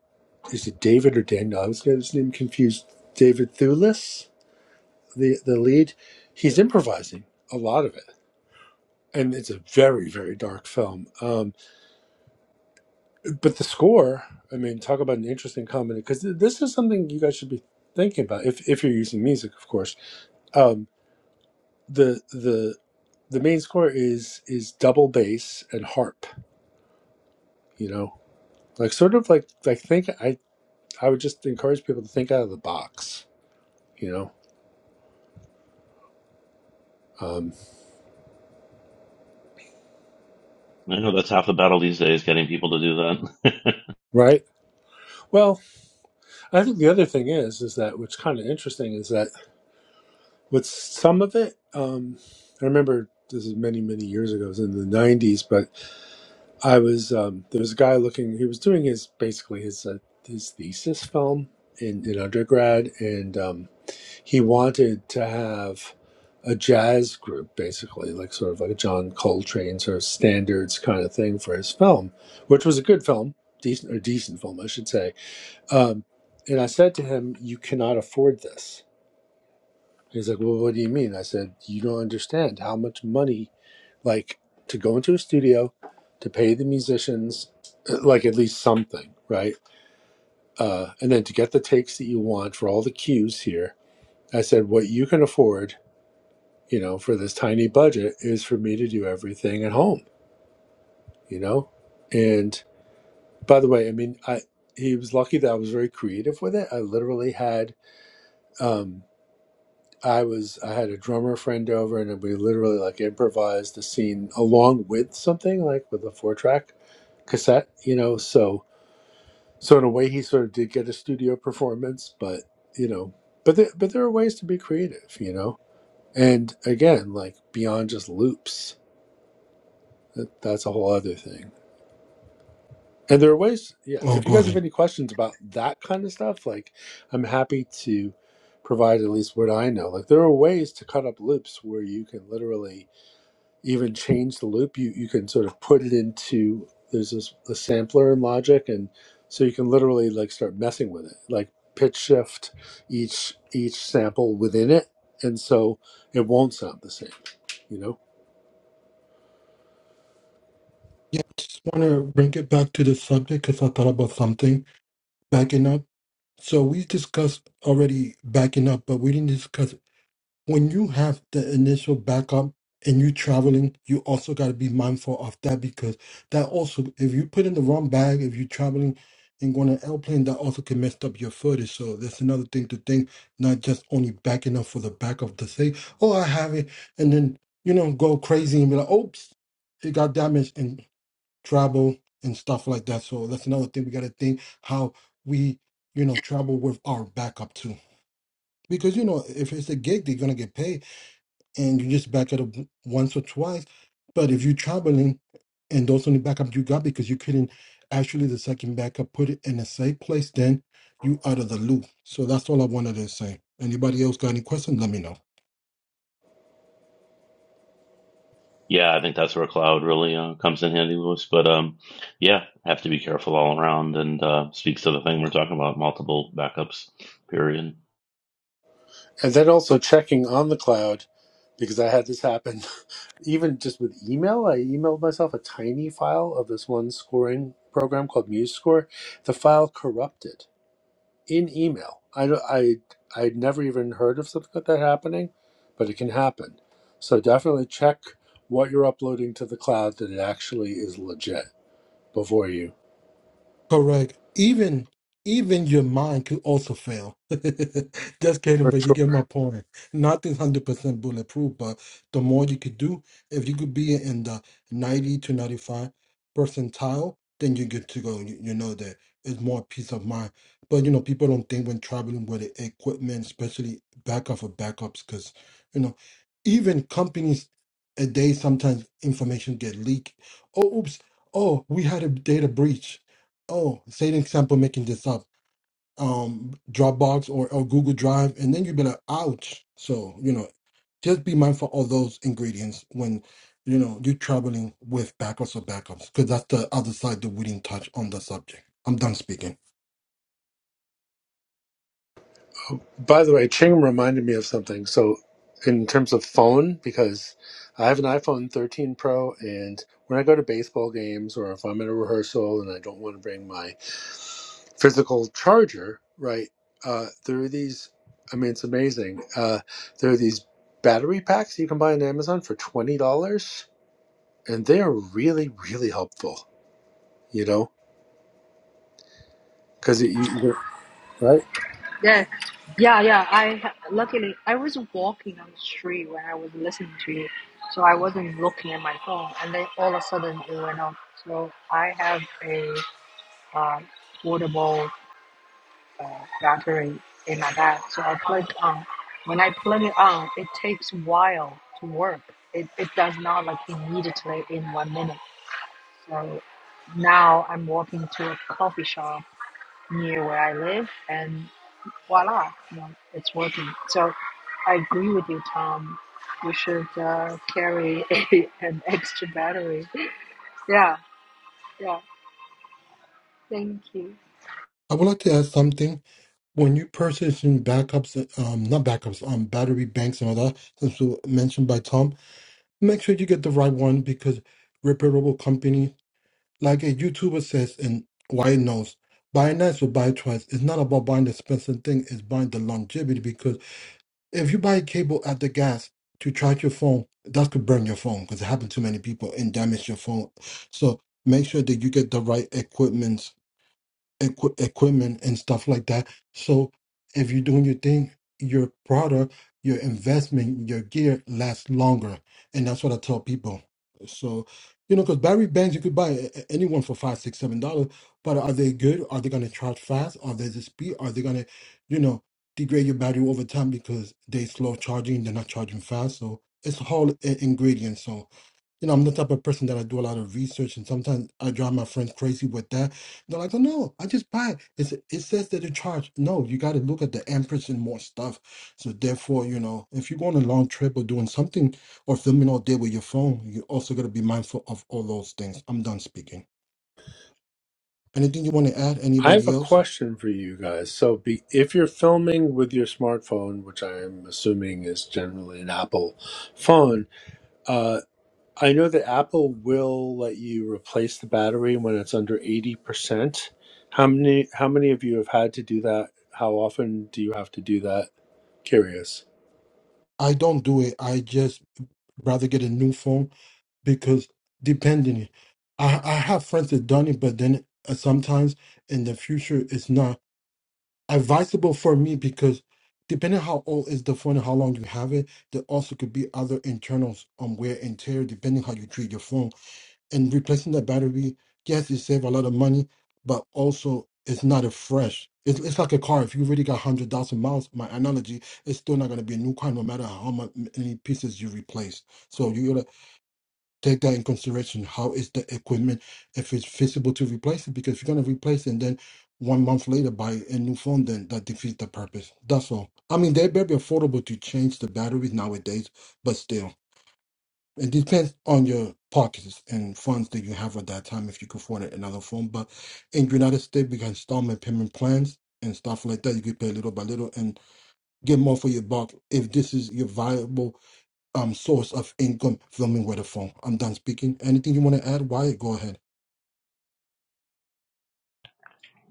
is it David or Daniel? I was getting his name confused. David Thewlis, the, the lead, he's improvising a lot of it. And it's a very, very dark film. Um, but the score, I mean, talk about an interesting combination, because this is something you guys should be thinking about if, if you're using music, of course Um, the the the main score is is double bass and harp you know like sort of like like think i i would just encourage people to think out of the box you know um
I know that's half the battle these days, getting people to do that.
right well i think the other thing is is that what's kind of interesting is that with some of it um i remember this is many many years ago it was in the 90s but i was um there was a guy looking he was doing his basically his uh, his thesis film in in undergrad and um he wanted to have a jazz group, basically, like sort of like a John Coltrane sort of standards kind of thing for his film, which was a good film, decent or decent film, I should say. Um, and I said to him, "You cannot afford this." He's like, "Well, what do you mean?" I said, "You don't understand how much money, like, to go into a studio, to pay the musicians, uh, like at least something, right? Uh, and then to get the takes that you want for all the cues here." I said, "What you can afford." you know, for this tiny budget is for me to do everything at home, you know? And by the way, I mean, I, he was lucky that I was very creative with it. I literally had, um, I was, I had a drummer friend over and we literally like improvised a scene along with something like with a four track cassette, you know? So, so in a way he sort of did get a studio performance, but you know, but there, but there are ways to be creative, you know? And again, like beyond just loops, that, that's a whole other thing And there are ways, yeah.
oh
If you
go
guys have
ahead
any questions about that kind of stuff, like I'm happy to provide at least what I know. Like there are ways to cut up loops where you can literally even change the loop. You you can sort of put it into there's this a sampler in Logic, and so you can literally like start messing with it, like pitch shift each each sample within it, and so it won't sound the same, you know.
yeah I just want to bring it back to the subject because i thought about something backing up so we discussed already backing up but we didn't discuss when you have the initial backup and you traveling, you also got to be mindful of that because that also, if you put in the wrong bag, if you're traveling and going on an airplane, that also can mess up your footage. So that's another thing to think, not just only backing up for the back of the thing. Oh, I have it. And then, you know, go crazy and be like, oops, it got damaged and travel and stuff like that. So that's another thing we got to think how we, you know, travel with our backup too. Because, you know, if it's a gig, they're going to get paid and you just back it up once or twice. But if you're traveling and those only backup you got because you couldn't actually the second backup put it in a safe place, then you out of the loop. So that's all I wanted to say. Anybody else got any questions? Let me know.
*laughs* yeah, I think that's where cloud really uh, comes in handy, Lewis. But um, yeah, have to be careful all around, and uh, speaks to the thing we're talking about: multiple backups. Period.
And then also checking on the cloud because I had this happen even just with email, I emailed myself a tiny file of this one scoring program called MuseScore. The file corrupted in email. I don't- I I'd never even heard of something like that happening, but it can happen. So definitely check what you're uploading to the cloud that it actually is legit before you.
Correct. Even even your mind could also fail. *laughs* Just kidding,
For
but you
sure.
get my point. Nothing's hundred percent bulletproof, but the more you could do, if you could be in the ninety to ninety-five percentile, then you're good to go. You, you know that it's more peace of mind. But you know, people don't think when traveling with the equipment, especially backup for backups, because you know, even companies a day sometimes information get leaked. Oh, oops! Oh, we had a data breach oh, say an example, making this up, um, Dropbox or, or Google Drive, and then you'd be like, ouch. So, you know, just be mindful of those ingredients when, you know, you're traveling with backups or backups, because that's the other side that we didn't touch on the subject. I'm done speaking.
By the way, Ching reminded me of something. So, in terms of phone, because I have an iPhone 13 Pro, and when I go to baseball games or if I'm at a rehearsal and I don't want to bring my physical charger, right? Uh, there are these. I mean, it's amazing. Uh, there are these battery packs you can buy on Amazon for twenty dollars, and they are really, really helpful. You know, because you, you right?
Yeah, yeah. I ha- luckily I was walking on the street when I was listening to you, so I wasn't looking at my phone, and then all of a sudden it went off. So I have a uh, portable battery, and I plug on so to work. It it does immediately in one minute. So now I'm walking to a coffee shop near where I live, and voila, you know, it's working. So I agree with you, Tom. We should uh, carry *laughs* a, an extra battery. Yeah, yeah. Thank you.
I would like to add something. When you purchasing backups, um, not backups, um, battery banks and all that, since was mentioned by Tom, make sure you get the right one because repairable company like a YouTuber says in Why Knows, buy once or buy twice. It's not about buying the expensive thing, it's buying the longevity because if you buy a cable at the gas to charge your phone, that could burn your phone because it happened to many people and damage your phone. So make sure that you get the right equipment equi- equipment and stuff like that. So if you're doing your thing, your product, your investment, your gear lasts longer, and that's what I tell people. So you know, because battery banks you could buy a- a- anyone for five, six, seven dollars, but are they good? Are they going to charge fast? Are they the speed? Are they going to, you know, degrade your battery over time because they slow charging, they're not charging fast. So it's a whole i- ingredient. So, you know, I'm the type of person that I do a lot of research, and sometimes I drive my friends crazy with that. They're like, "Oh no, I just buy it. It's, it says that it charged." No, you got to look at the amperage and more stuff. So therefore, you know, if you're going on a long trip or doing something or filming all day with your phone, you also got to be mindful of all those things. I'm done speaking. Anything you want to add?
I have
Anybody
a
else?
question for you guys. So, be, if you're filming with your smartphone, which I am assuming is generally an Apple phone, uh, I know that Apple will let you replace the battery when it's under eighty percent. How many? How many of you have had to do that? How often do you have to do that? Curious.
I don't do it. I just rather get a new phone because depending, I I have friends that done it, but then uh, sometimes in the future it's not. advisable for me because depending how old is the phone and how long you have it, there also could be other internals on wear and tear depending how you treat your phone. And replacing the battery, yes, you save a lot of money, but also it's not a fresh. It's, it's like a car. If you already got one hundred thousand miles, my analogy, it's still not gonna be a new car no matter how mu- many pieces you replace. So you take that in consideration. How is the equipment? If it's feasible to replace it, because if you're gonna replace it, and then one month later buy a new phone, then that defeats the purpose. That's all. I mean, they better be affordable to change the batteries nowadays, but still, it depends on your pockets and funds that you have at that time if you can afford another phone. But in United States, we got installment payment plans and stuff like that. You can pay little by little and get more for your buck if this is your viable um source of income filming with a phone. I'm done speaking. Anything you want to add? Wyatt, go ahead.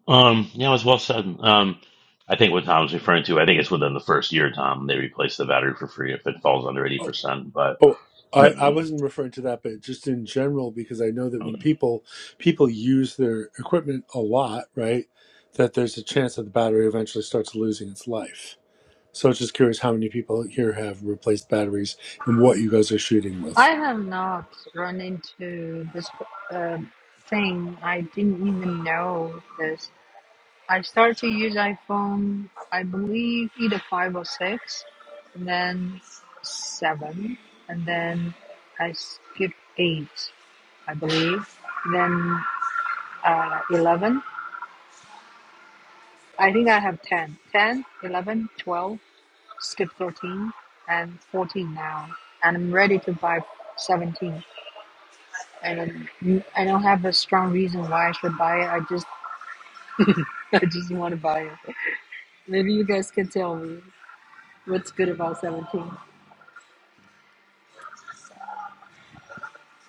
Um, yeah, it was well said. Um, I think what Tom's referring to, I think it's within the first year, Tom, they replace the battery for free if it falls under eighty percent. But
Oh,
Right.
I, I
mm,
wasn't referring to that, but just in general, because I know that when people people use their equipment a lot, right, that there's a chance that the battery eventually starts losing its life. So I was just curious how many people here have replaced batteries and what you guys are shooting
I
with.
have not run into this uh, thing. I didn't even know this. I started to use iPhone, I believe, either five or six, and then seven, and then I skipped eight, I believe, then uh, eleven. I think I have 10, 10, eleven, twelve, skip 13 and 14 now, and I'm ready to buy 17. And I'm- I don't have a strong reason why I should buy it. I just *laughs* I just want to buy it. Maybe you guys can tell me what's good about 17.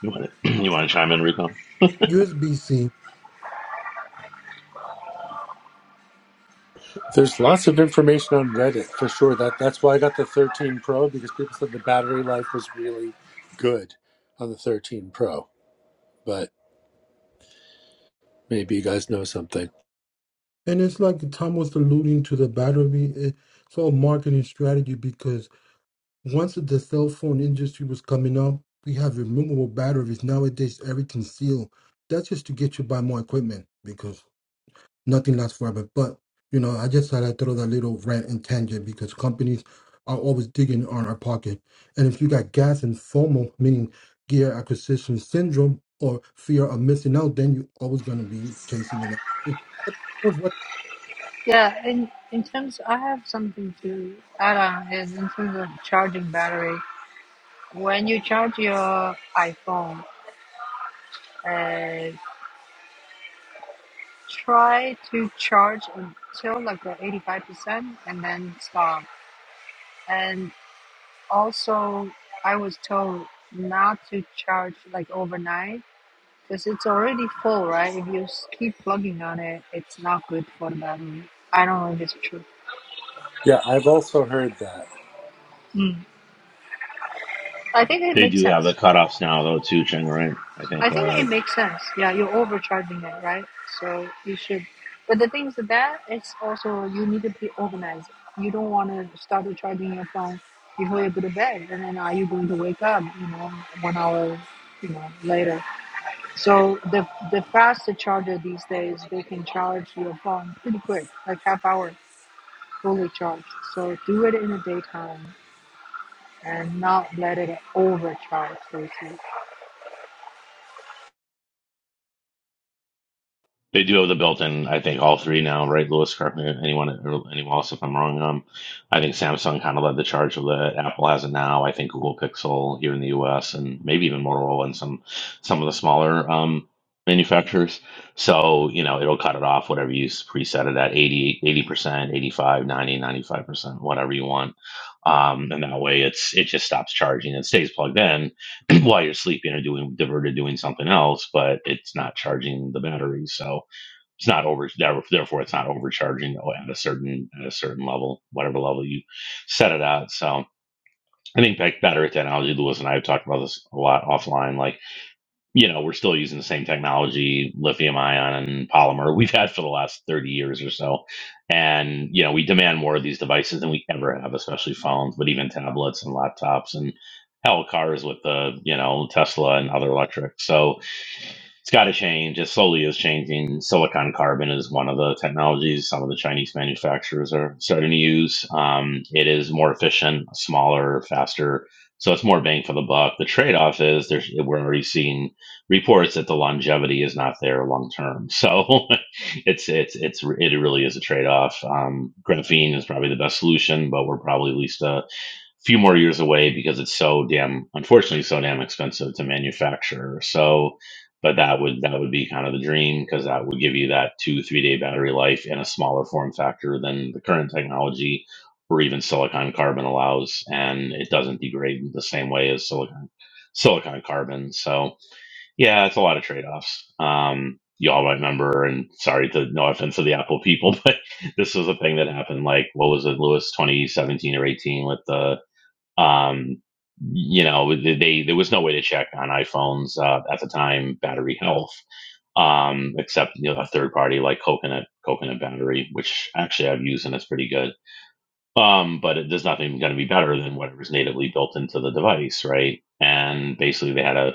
you want to *clears throat* you want to chime in, Rico?
USB C,
There's lots of information on Reddit for sure. That that's why I got the 13 Pro because people said the battery life was really good on the 13 Pro. But maybe you guys know something.
and it's like Tom was alluding to the battery. It's all marketing strategy because once the cell phone industry was coming up, we have removable batteries. Nowadays, everything's sealed. That's just to get you to buy more equipment because. nothing lasts forever. But you know, I just thought I'd throw that little rant and tangent because companies are always digging on our pocket. And if you got gas and FOMO, meaning gear acquisition syndrome or fear of missing out, then you're always gonna be chasing the next thing. But what's what
Yeah, in in terms, I have something to add on is in terms of charging battery. When you charge your iPhone, uh, try to charge until like 85% and then stop. And Also, I was told not to charge like overnight because it's already full, right? If you s- keep plugging on it, it's not good for the battery. I don't know if it's true.
Yeah, I've also heard that.
Mm. I think it
They
makes
do have the
sense.
cutoffs now, though, too, Cheng. Right? I
I
think.
think
uh,
it makes sense. Yeah, you're overcharging it, right? So you should. But the thing is that it's also you need to be organized. You don't want to start charging your phone before you go to bed, and then are you going to wake up? You know, one hour, you know, later. So the the faster charger these days, they can charge your phone pretty quick, like half hour fully charged. So do it in the daytime and not let it overcharge basically.
They do have the built-in, I think, all three now, right? Lewis, correct me, anyone, or anyone else, if I'm wrong. Um, I think Samsung kind of led the charge with it. Apple has it now. I think Google Pixel here in the U.S. and maybe even Motorola and some some of the smaller um, manufacturers. So you know, it'll cut it off whatever you s- preset it at eighty, eighty percent, 85, 90, 95 percent, whatever you want. Um, and that way, it's it just stops charging. It stays plugged in *clears throat* while you're sleeping or doing diverted doing something else, but it's not charging the battery. So it's not over. Therefore, it's not overcharging at a certain at a certain level, whatever level you set it at. So I think back better at that analogy. Lewis and I have talked about this a lot offline. Like you know, we're still using the same technology, lithium ion polymer we've had for the last 30 years or so. And, you know, we demand more of these devices than we ever have, especially phones, but even tablets and laptops and hell cars with the, you know, Tesla and other electric. So it's got to change. It slowly is changing. Silicon carbon is one of the technologies some of the Chinese manufacturers are starting to use. Um, it is more efficient, smaller, faster. So it's more bang for the buck. The trade off is there's, we're already seeing reports that the longevity is not there long term. So *laughs* it's it's it's it really is a trade off. Um, graphene is probably the best solution, but we're probably at least a few more years away because it's so damn unfortunately so damn expensive to manufacture. So. But that would that would be kind of the dream because that would give you that two three day battery life in a smaller form factor than the current technology or even silicon carbon allows, and it doesn't degrade the same way as silicon silicon carbon. So yeah, it's a lot of trade offs. Um, y'all might remember, and sorry to no offense to the Apple people, *laughs* but this was a thing that happened. Like, what was it, Lewis, twenty seventeen or eighteen, with the um, you know, they, they there was no way to check on iPhones uh, at the time battery health, um, except you know a third party like Coconut Coconut battery, which actually I've used and it's pretty good. Um, but it, there's nothing going to be better than whatever's natively built into the device, right? And basically, they had a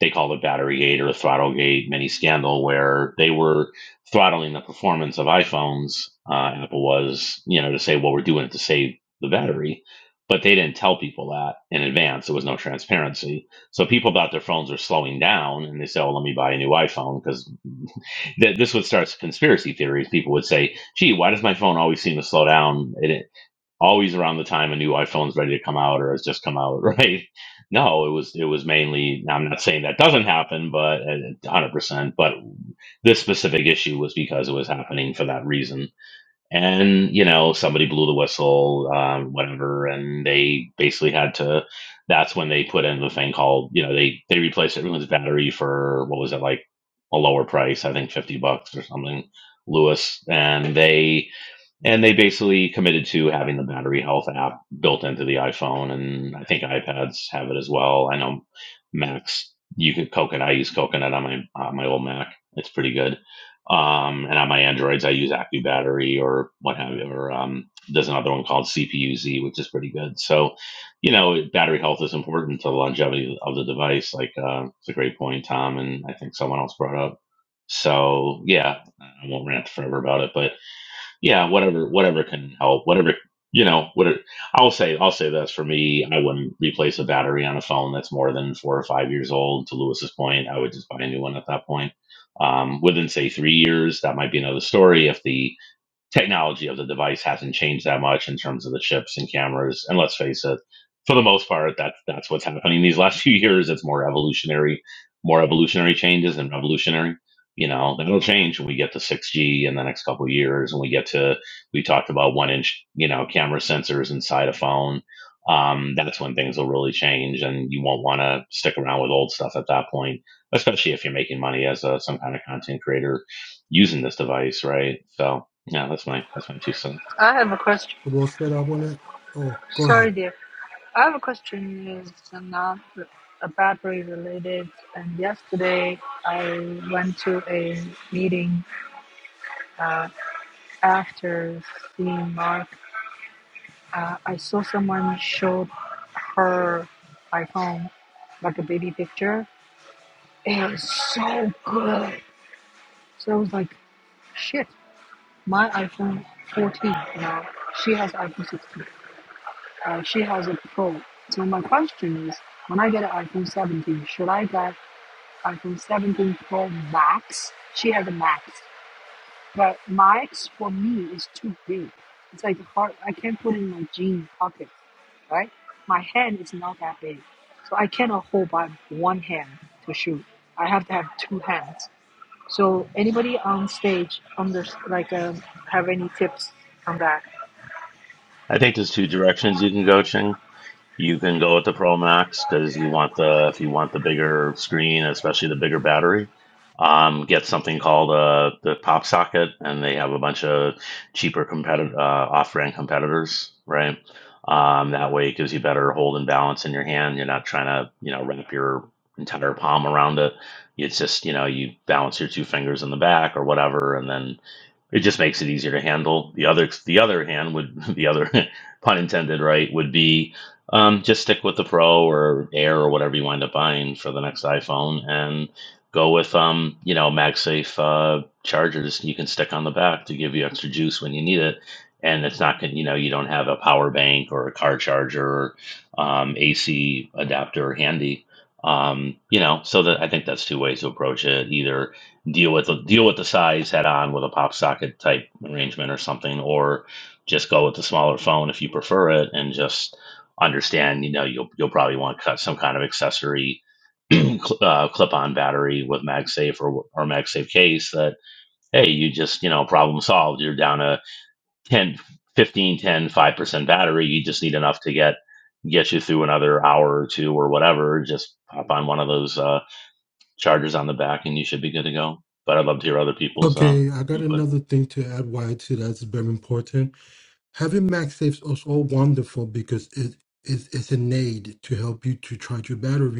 they called it battery gate or throttle gate mini scandal, where they were throttling the performance of iPhones. Uh, Apple was, you know, to say, well, we're doing it to save the battery, but they didn't tell people that in advance. There was no transparency, so people thought their phones were slowing down, and they said, "Oh, let me buy a new iPhone," because th- this would start conspiracy theories. People would say, "Gee, why does my phone always seem to slow down? It, always around the time a new iPhone's ready to come out or has just come out, *laughs* right? No, it was it was mainly. Now I'm not saying that doesn't happen, but uh, 100%. But this specific issue was because it was happening for that reason, and you know somebody blew the whistle, um, whatever, and they basically had to. That's when they put in the thing called you know they they replaced everyone's battery for what was it like a lower price, I think 50 bucks or something, Lewis, and they and they basically committed to having the battery health app built into the iPhone, and I think iPads have it as well. I know Macs, you could Coconut. I use Coconut on my on my old Mac. It's pretty good. Um, and on my Androids, I use AccuBattery or what have you. Or um, there's another one called CPUZ, which is pretty good. So, you know, battery health is important to the longevity of the device. Like uh, it's a great point, Tom, and I think someone else brought up. So yeah, I won't rant forever about it, but yeah, whatever, whatever can help, whatever, you know, whatever. I'll say, I'll say this for me, I wouldn't replace a battery on a phone that's more than four or five years old. To Lewis's point, I would just buy a new one at that point. Um, within say three years, that might be another story. If the technology of the device hasn't changed that much in terms of the chips and cameras. And let's face it, for the most part, that's that's what's happening these *laughs* last few years. It's more evolutionary, more evolutionary changes than revolutionary. You know, that'll change when we get to 6G in the next couple of years, and we get to we talked about one inch, you know, camera sensors inside a phone. Um, that's when things will really change, and you won't want to stick around with old stuff at that point, especially if you're making money as a, some kind of content creator using this device, right? So, yeah, that's my that's my two cents.
I have a question.
we'll set up on that? Oh, go
Sorry,
ahead.
dear. I have a question. Is not a battery related. And yesterday I went to a meeting after seeing Mark. Uh, I saw someone showed her iPhone, like a baby picture It was so good. So I was like, shit, my iPhone 14 now, she has iPhone 16. Uh, she has a Pro. So my question is, when I get an iPhone 17, should I get iPhone 17 Pro Max? She has a Max. But Max for me is too big. It's like hard, I can't put it in my jean pocket, right? My hand is not that big. So I cannot hold by one hand to shoot. I have to have two hands. So anybody on stage on this like um, have any tips on that?
I think there's two directions you can go, Ching. You can go with the Pro Max because you want the if you want the bigger screen, especially the bigger battery. Um, get something called uh, the Pop Socket, and they have a bunch of cheaper competitor uh, off-brand competitors, right? Um, that way, it gives you better hold and balance in your hand. You're not trying to you know wrap your entire palm around it. It's just you know you balance your two fingers in the back or whatever, and then It just makes it easier to handle. The other the other hand would the other *laughs* pun intended, right? Would be um, just stick with the Pro or Air or whatever you wind up buying for the next iPhone and go with um, you know MagSafe uh, chargers you can stick on the back to give you extra juice when you need it. And it's not going you know you don't have a power bank or a car charger or um, AC adapter handy um, you know, so that I think that's two ways to approach it. Either deal with the deal with the size head on with a pop socket type arrangement or something, or just go with the smaller phone if you prefer it, and just understand you know you'll you'll probably want to cut some kind of accessory *clears throat* cl- uh, clip on battery with MagSafe or or MagSafe case that hey you just you know problem solved you're down a ten, fifteen, ten, five percent battery you just need enough to get get you through another hour or two or whatever just pop on one of those uh, Chargers on the back, and you should be good to go. But I'd love to hear other people's uh,
Okay, I got
input.
another thing to add why to that's very important. Having MagSafe is also wonderful because it is it's an aid to help you to charge your battery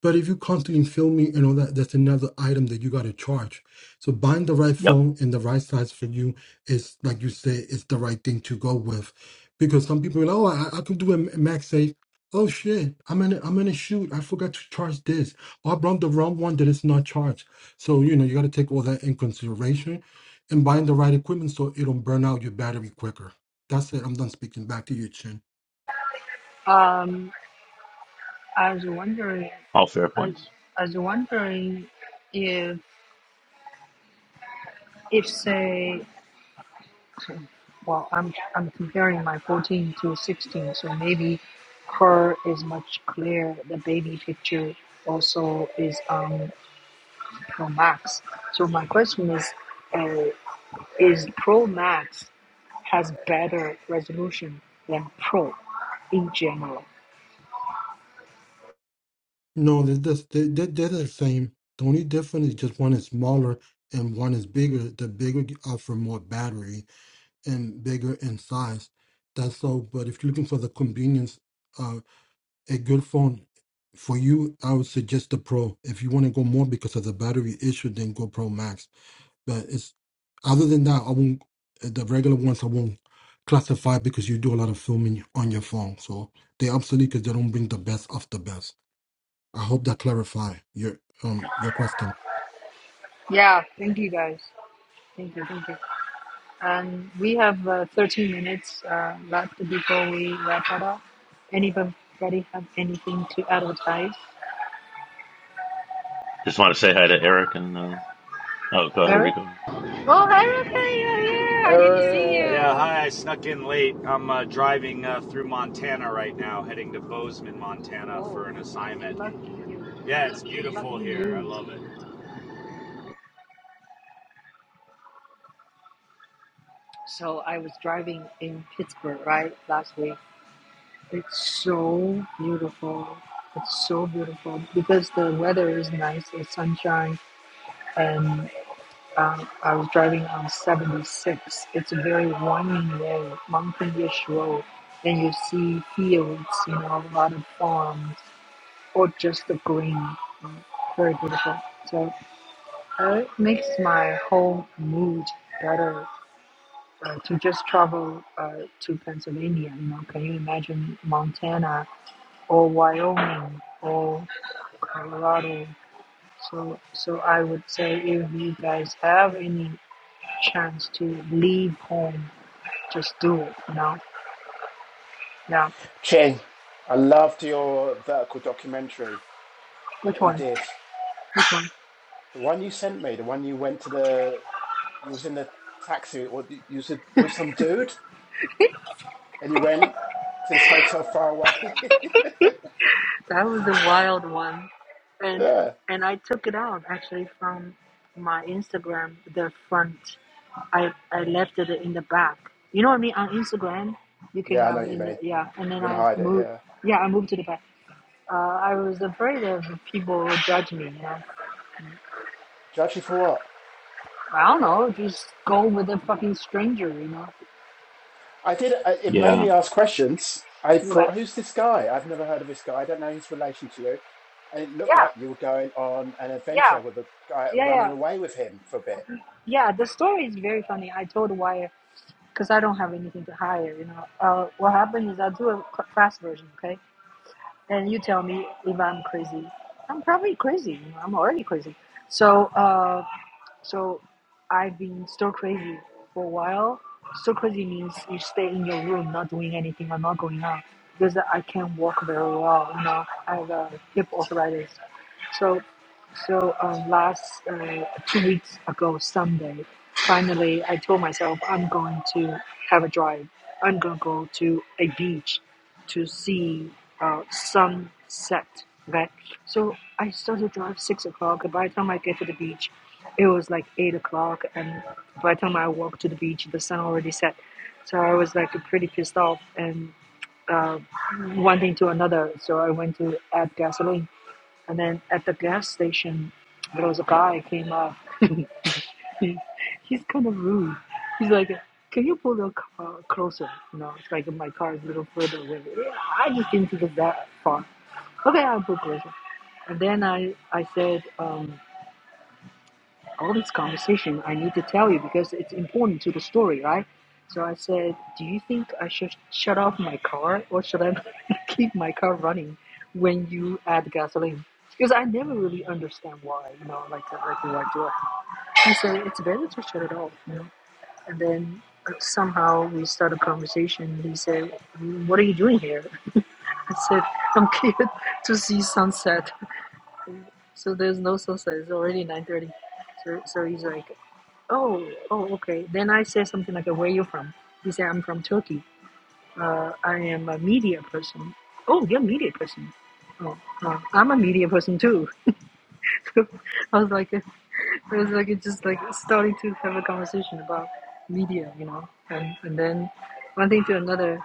But if you constantly film me and all that, that's another item that you got to charge. So buying the right
Yep,
phone and the right size for you is, like you say, is the right thing to go with, because some people are like, oh, I, I could do a max safe. Oh shit, I'm in, a, I'm in a shoot. I forgot to charge this. Or I brought the wrong one that is not charged. So you know you got to take all that in consideration, and buying the right equipment so it don't burn out your battery quicker. That's it. I'm done speaking. Back to you, Chin.
Um, I was wondering,
all fair
I,
points.
I was wondering if if say, well, I'm I'm comparing my 14 to 16, so maybe her is much clearer. The baby picture also is um Pro Max. So my question is. uh. is Pro Max has better resolution than Pro in general.
No, they're, just- they they they're the same. The only difference is just one is smaller and one is bigger. The bigger you offer more battery and bigger in size. That's all. But if you're looking for the convenience, uh, a good phone for you, I would suggest the Pro. If you want to go more because of the battery issue, then go Pro Max. But it's other than that, I won't. uh, The regular ones I won't classify because you do a lot of filming on your phone, so they're obsolete because they don't bring the best of the best. I hope that clarify your um your question.
Yeah, thank you guys. Thank you, thank you. And we have uh, 13 minutes uh, left before we wrap it up. Anybody have anything to advertise?
Just want to say hi to Eric and uh, oh, go ahead,
Eric?
Rico.
Oh, Erica, you're here. I didn't see
Eric,
Yeah,
you.
hi. I snuck in late. I'm uh, driving uh, through Montana right now, heading to Bozeman, Montana
Whoa,
for an assignment.
lucky you.
Yeah, it's beautiful
Lucky
here. I
you
love it.
driving in Pittsburgh last week. It's so beautiful. It's so beautiful because the weather is nice, it's sunshine, and um, I was driving on 76. It's a very winding road, mountainous road, and you see fields, you know, a lot of farms, or just the green. um, Very beautiful. So uh, it makes my whole mood better. Uh, to just travel uh, to Pennsylvania, you know, can you imagine Montana or Wyoming or Colorado. So so I would say if you guys have any chance to leave home, just do it. You know? Yeah.
Chin. I loved your vertical documentary
Which
that you
one?
did.
Which one?
The one you sent me, the one you went to the, you was in the taxi or you you was with some dude and you went to this hotel far away.
That was the wild one,
*laughs*
and
yeah.
and I took it out actually from my Instagram. The front, I I left it in the back. You know what I mean? On Instagram, you can
Yeah, I know
have
what you
in the
mean.
yeah, and then
You're going to
I
hide it,
moved.
yeah.
Yeah, I moved to the back. Uh, I was afraid of people would judge me. You know?
Judge you for what?
I don't know, just go with a fucking stranger, you know?
I did. I- It made
Yeah,
me ask questions. I
You're like,
thought, who's this guy? I've never heard of this guy. I don't know his relation to you. And it looked
yeah,
like you were going on an
yeah,
adventure with a guy
yeah,
running
yeah.
away with him for a bit.
Yeah, the story is very funny. I told Wyatt, because I don't have anything to hire, you know? Uh, what happened is I'll do a fast version, okay? And you tell me if I'm crazy. I'm probably crazy, you know? I'm already crazy. So, uh, So I've been so crazy for a while. So crazy means you stay in your room, not doing anything or not going out. Because I can't walk very well, you know, I have uh, hip arthritis. So, so um, last uh, two weeks ago, Sunday, finally I told myself I'm going to have a drive. I'm going to go to a beach to see uh, sunset right so i started to drive six o'clock by the time i get to the beach it was like eight o'clock and by the time i walked to the beach the sun already set so i was like pretty pissed off and uh, one thing to another so i went to add gasoline and then at the gas station there was a guy came up *laughs* He, He's kind of rude. He's like, can you pull the car closer? You know, it's like my car is a little further away. Yeah, I just didn't think it's that far. Okay, I'll pull closer. And then I, I said, um, all this conversation I need to tell you because it's important to the story, right? So I said, do you think I should shut off my car or should I *laughs* keep my car running when you add gasoline? Because I never really understand why, you know, like, like why do I? He said, it's better to shut it off. you know. And then somehow we started a conversation. He said, "What are you doing here?" *laughs* I said, "I'm here to see sunset." So there's no sunset. It's already 9:30. So so he's like, "Oh, oh, okay." Then I said something like, "Where are you from?" He said, "I'm from Turkey. Uh, I am a media person." Oh, you're a media person. Oh, uh, I'm a media person too. *laughs* I was like, It was like it's just like starting to have a conversation about media, you know, and and then one thing to another.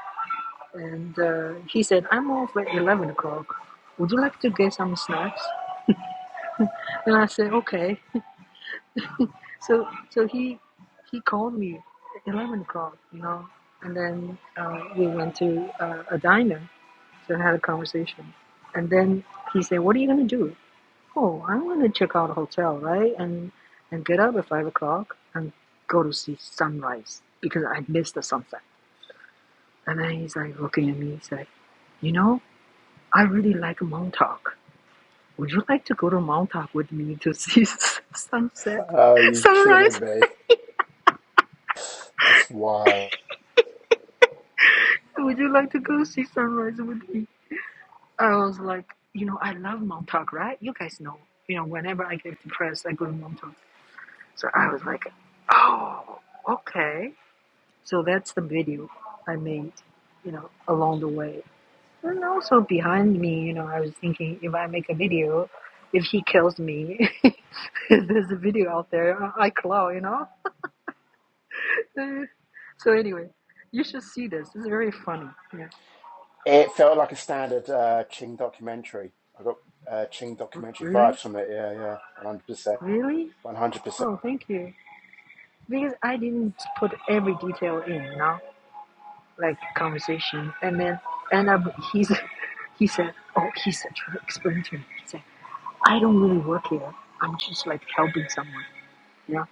And uh, he said, "I'm off at eleven o'clock. Would you like to get some snacks?" And I said, "Okay." So so he he called me at eleven o'clock, you know, and then uh, we went to uh, a diner to have a conversation. And then he said, "What are you gonna do?" Oh, I'm gonna check out a hotel, right? And and get up at five o'clock and go to see sunrise because I missed the sunset. And then he's like looking at me, he's like, you know, I really like Montauk. Would you like to go to Montauk with me to *laughs* see sunset,
Oh, you kidding
sunrise?
me? That's wild.
Would you like to go see sunrise with me? I was like, you know, I love Montauk, right? You guys know, you know, whenever I get depressed, I go to Montauk. So I was like, oh, okay So that's the video I made, you know, along the way. And also behind me, you know, I was thinking if I make a video, if he kills me, *laughs* there's a video out there I claw, you know. *laughs* so anyway, you should see this. It's very funny. Yeah.
It felt like a standard uh, Ching documentary. I got uh, Ching documentary
really?
vibes from it. Yeah, yeah, one hundred percent,
Really?
one hundred percent.
Oh, thank you. Because I didn't put every detail in, you know, like conversation, and then and up he's *laughs* he said, oh, he's such an expert. He said. I don't really work here. I'm just like helping someone, you know.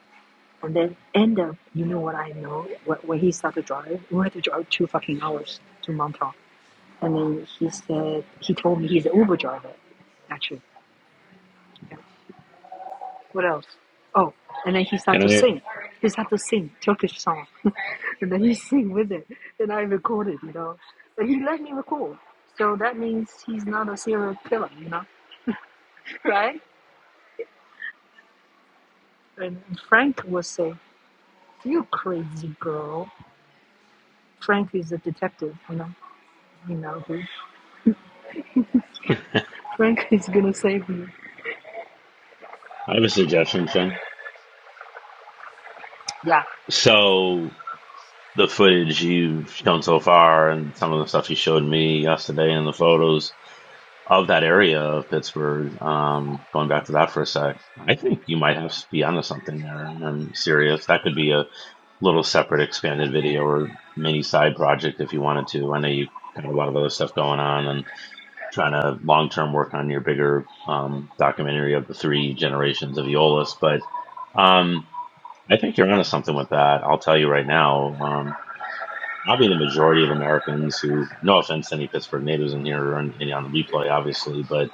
And then end up, you know what I know? What when he started driving, we had to drive two fucking hours to Montauk. And then he said he told me he's an Uber driver, actually. Yeah. What else? Oh, and then he
can
started to
I?
sing. He started to sing Turkish song, *laughs* and then he sing with it, and I recorded, you know. But he let me record, so that means he's not a serial killer, you know, *laughs* right? And Frank was saying, "You crazy girl." Frank is a detective, you know. You know, dude. Frank *laughs* is gonna save me.
I have a suggestion, Shane. So the footage you've shown so far, and some of the stuff you showed me yesterday, and the photos of that area of Pittsburgh. Um, going back to that for a sec, I think you might have to be onto something there, and I'm serious. That could be a little separate expanded video or mini side project if you wanted to. I know you got a lot of other stuff going on and trying to long term work on your bigger um, documentary of the three generations of Eolus. But um, I think you're onto something with that. I'll tell you right now. Um, Probably the majority of Americans who, no offense to any Pittsburgh natives in here or any on the replay, obviously, but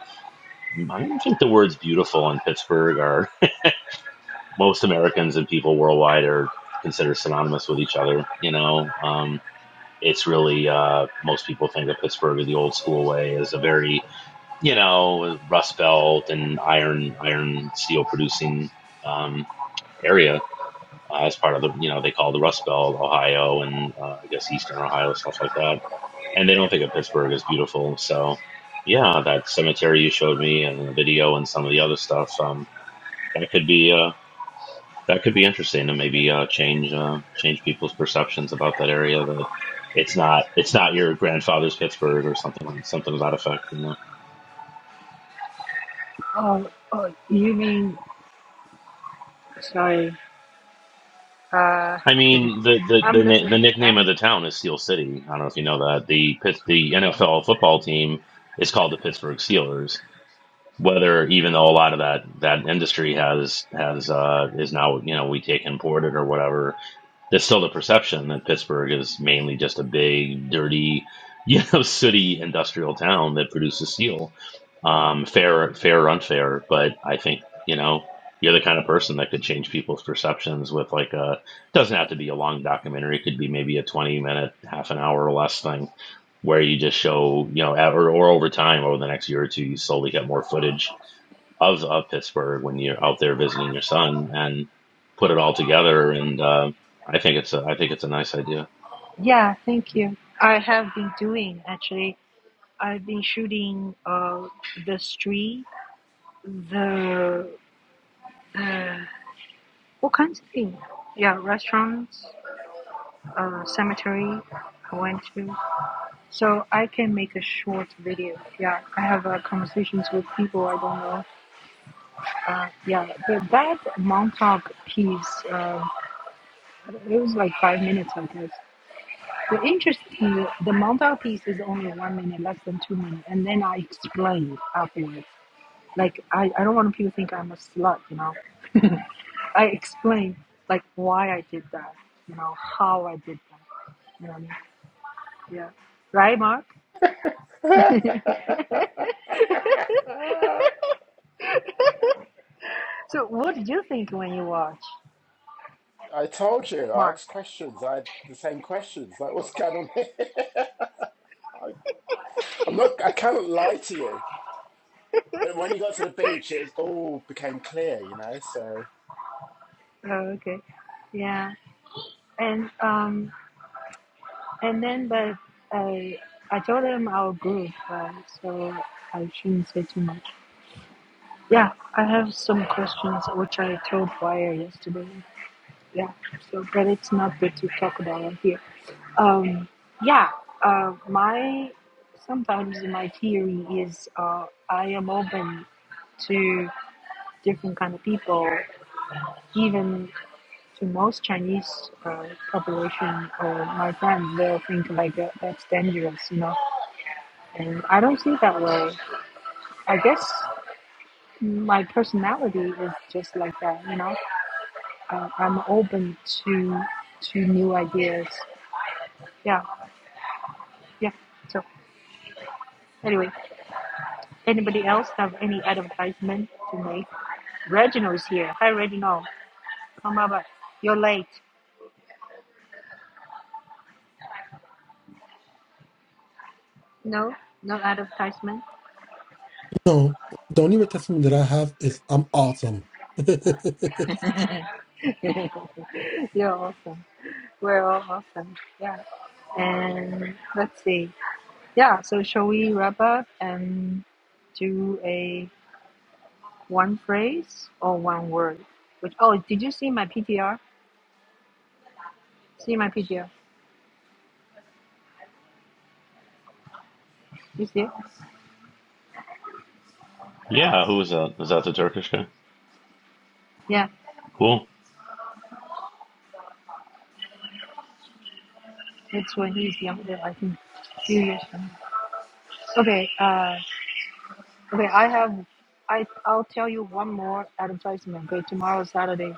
I don't think the words beautiful in Pittsburgh are most Americans and people worldwide are considered synonymous with each other, you know. Um, It's really uh, most people think of Pittsburgh the old school way as a very you know Rust Belt and iron iron steel producing um, area uh, as part of the you know they call the Rust Belt Ohio and uh, I guess Eastern Ohio stuff like that. And they don't think of Pittsburgh as beautiful. So yeah, that cemetery you showed me and the video and some of the other stuff. Um, that could be uh, that could be interesting to maybe uh, change uh, change people's perceptions about that area. That it's not it's not your grandfather's Pittsburgh or something like something to that effect. You know,
Oh, oh, you mean? Sorry. Uh,
I mean the
*laughs*
the
I'm
the, na- the
listening.
nickname
I'm
of the
listening.
town is Steel City. I don't know if you know that the Pitts the NFL football team is called the Pittsburgh Steelers. Whether even though a lot of that that industry has has uh, is now you know we take imported or whatever there's still the perception that Pittsburgh is mainly just a big, dirty, you know, *laughs* sooty industrial town that produces steel. Um, fair, fair or unfair, but I think you know you're the kind of person that could change people's perceptions with like a doesn't have to be a long documentary. It could be maybe a 20 minute, half an hour or less thing where you just show you know or, or over time over the next year or two you slowly get more footage of of Pittsburgh when you're out there visiting your son and put it all together. And uh, I think it's a I think it's a nice idea.
Yeah, thank you. I have been doing actually. I've been shooting uh the street, the uh, all kinds of things. Yeah, restaurants, uh, cemetery. I went to, so I can make a short video. Yeah, I have uh, conversations with people I don't know Uh, yeah, the, that Montauk piece, uh, it was like five minutes, I guess. The interesting, the Montauk piece is only one minute, less than two minutes, and then I explained afterwards. Like, I, I don't want people to think I'm a slut, you know. I explained, like, why I did that, you know, how I did that, you know what I mean? Yeah. Right, Mark?
*laughs*
*laughs*
I
so what did you think when you watch,
told you. I
Mark?
asked questions. I had the same questions. Like, what's going on here? *laughs* I, I'm not. I cannot lie to you. But when you got to the beach, it was, all became clear. You know, so.
Oh, okay. Yeah. And, um. And then, but I I told him our group, right? So I shouldn't say too much. Yeah, I have some questions which I told Wire yesterday. Yeah, so but it's not good to talk about it here. Um, yeah, uh, my sometimes my theory is uh, I am open to different kind of people, even to most Chinese uh, population or my friends. They'll think like that, that's dangerous, you know And I don't see it that way. I guess my personality is just like that, you know. Uh, I'm open to to new ideas. Yeah, yeah. So anyway, anybody else have any advertisement to make? Reginald's here. Hi, Reginald. Come up. You're late. No, no advertisement.
No, the only real testimony that I have is I'm awesome. *laughs*
You're awesome. We're all awesome. Yeah. And let's see. Yeah. So shall we wrap up and do a One phrase or one word? Which oh, did you see my PTR? See my PTR? You see? it?
Yeah, who was that? Was that the Turkish guy?
Yeah,
Cool.
that's when he's younger. I think a few years from now. Okay. Uh, okay. I have. I I'll tell you one more advertisement. Okay, tomorrow Saturday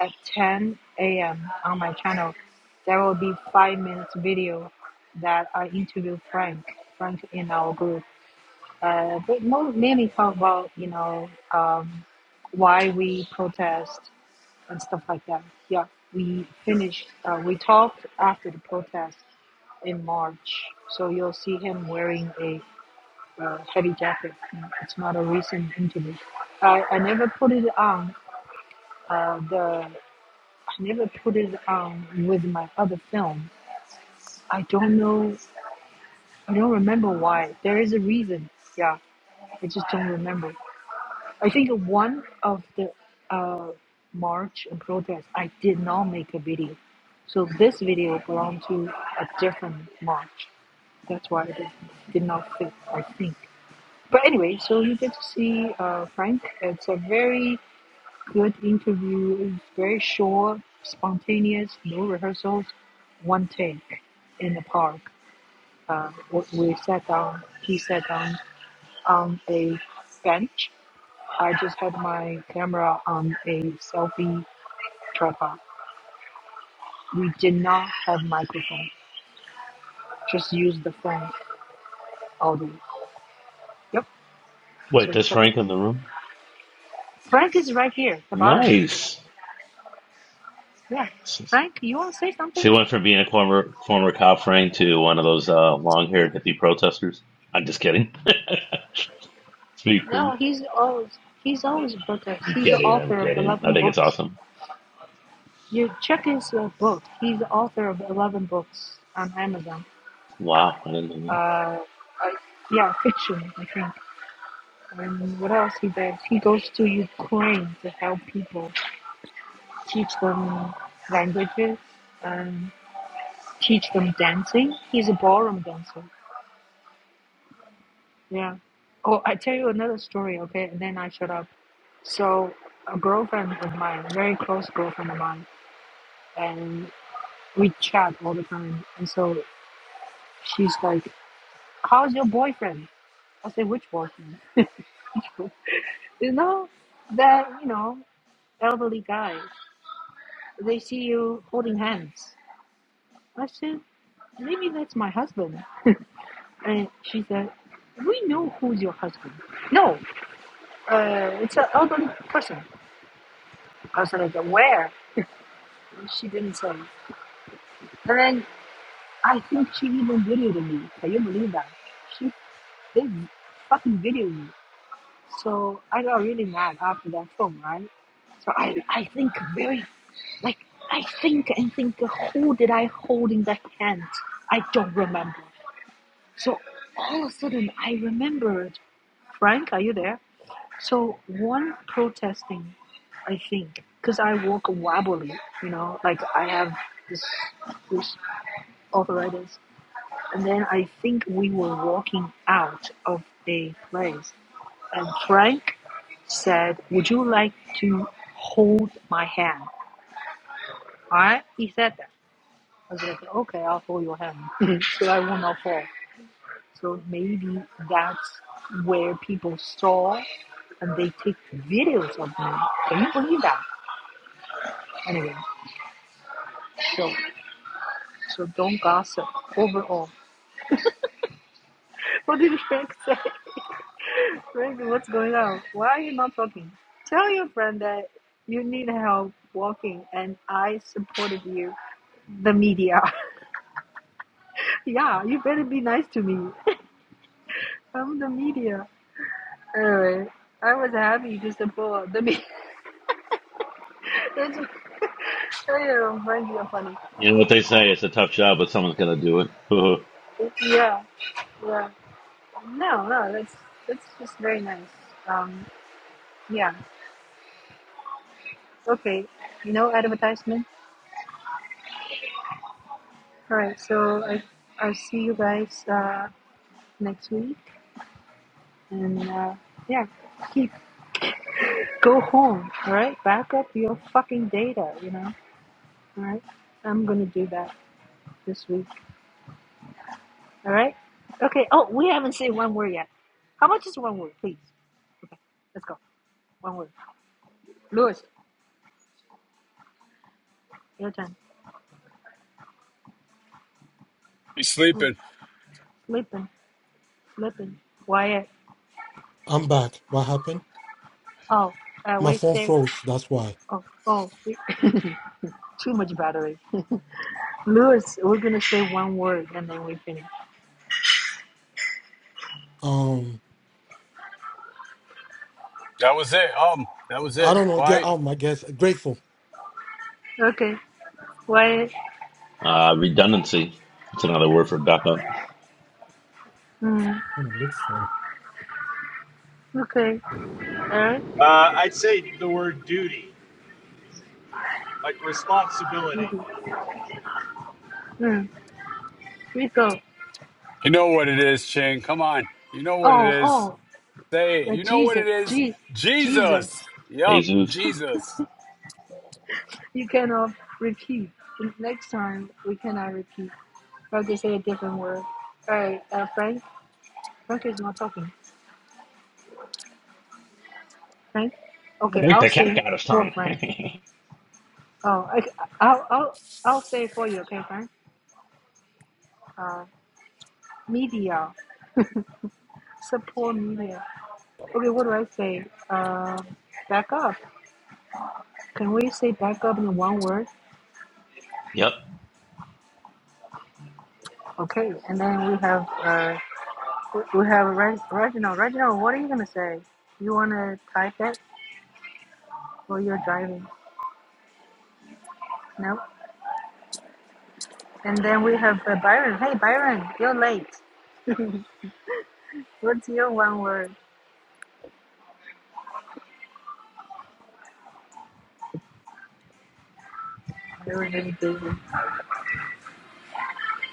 at 10 a.m. on my channel, there will be five minutes video that I interview Frank. Frank in our group. Uh, but mo- mainly talk about you know um, why we protest and stuff like that. Yeah, we finished. Uh, we talked after the protest in March, so you'll see him wearing a uh, heavy jacket. Mm, It's not a recent interview. I, I never put it on. Uh, the I never put it on with my other film. I don't know. I don't remember why. There is a reason. Yeah, I just don't remember. I think one of the uh, march and protest, I did not make a video. So this video belonged to a different march. That's why it did not fit, I think. But anyway, so you get to see uh, Frank. It's a very good interview. It's very short, spontaneous, no rehearsals, one take in the park. Uh, we we sat down, he sat down on a bench I just had my camera on a selfie tripod. We did not have microphone. Just use the phone all the way. Yep.
Wait,
So
there's
check it.
Frank in the room.
Frank is right here, at the bottom.
Nice.
Yeah. Frank, you want to say
She
something?
went from being a former former cop Frank to one of those uh, long haired hippie protesters. I'm just kidding. *laughs* Speak, please.
No, he's always he's always booker.
I'm
He's the
kidding. I'm
author of
kidding. I
eleven
think it's
books.
awesome.
You check his uh, book. He's the author of eleven books on Amazon.
Wow, I didn't know
Uh,
that.
I, yeah, fiction, I think. And what else he does? He goes to Ukraine to help people teach them languages, and teach them dancing. He's a ballroom dancer. Yeah. Oh, I tell you another story, okay? And then I shut up. So, a girlfriend of mine, a very close girlfriend of mine, and we chat all the time. And so she's like, "How's your boyfriend?" I say, "Which boyfriend?" *laughs* you know, that you know, elderly guy. They see you holding hands. I said, "Maybe that's my husband." And she said, we know who's your husband. No, uh, it's an elderly person. I was like, where? She didn't say. And then I think she even videoed me. Can you believe that? She did fucking video me. So I got really mad after that film, right? So I I think very like I think and think who did I hold in that hand? I don't remember. So all of a sudden I remembered. Frank, are you there? So one protesting, I think, because I walk wobbly, you know, like I have this this arthritis, and then I think we were walking out of a place, and Frank said, "Would you like to hold my hand?" I was like, "Okay, I'll hold your hand, *laughs* so I will not fall." So maybe that's where people saw, and they take videos of me. Can you believe that? Anyway, so. So don't gossip overall. What did Frank say? Frank, *laughs* what's going on? Why are you not talking? Tell your friend that you need help walking and I supported you. The media. *laughs* yeah, you better be nice to me. *laughs* I'm the media. Anyway, I was happy to support the media. *laughs* That's oh, Frank, you're funny.
You know what they say? It's a tough job, but someone's gonna do it. *laughs*
Yeah. No, no, that's that's just very nice. Um yeah. Okay. No advertisement. All right. So I I'll see you guys uh, next week, and uh, yeah, keep go home. All right. Back up your fucking data. You know. All right. I'm gonna do that this week. All right. Okay. Oh, we haven't said one word yet. How much is one word, please? Okay. Let's go. One word. Lewis, your turn.
He's
Ooh,
sleeping.
Lippin, Lippin, Wyatt.
I'm back. What happened?
Oh, uh,
My
wait.
phone
Say.
froze. That's why.
Oh, oh. *laughs* Too much battery. Lewis, we're gonna say one word and then we finish.
Um,
That was it. Um, that was
I
it.
don't know. Get
Why?
out, my guess. Grateful.
Okay. Wyatt.
Uh, redundancy. That's another word for backup.
Mm,
Bye
okay. Alright.
Uh, I'd say the word duty, like
you
responsibility.
do. Mm, we go.
You know what it is, Ching. Come on. You know what it
Oh,
is.
oh,
Say it.
the
You know what
Jesus,
it is.
Je-
Jesus.
Jesus.
Yup,
Jesus.
Jesus.
You cannot repeat. Next time we cannot repeat. I'll just say a different word. All right, uh, Frank. Frank is not talking. Frank.
I
Okay,
think
I'll
the cat
say
got his
for
tongue.
Frank.
*laughs*
Oh, I, I'll, I'll, I'll say for you. Okay, Frank. Uh, media support media. Okay, what do I say? Uh, back up. Can we say back up in one word?
yep.
Okay, and then we have uh, we have Reg- Reginald. Reginald, what are you gonna say? You wanna type it while you're driving? No. And then we have uh, Byron. Hey, Byron, you're late. What's your one word? I was really busy.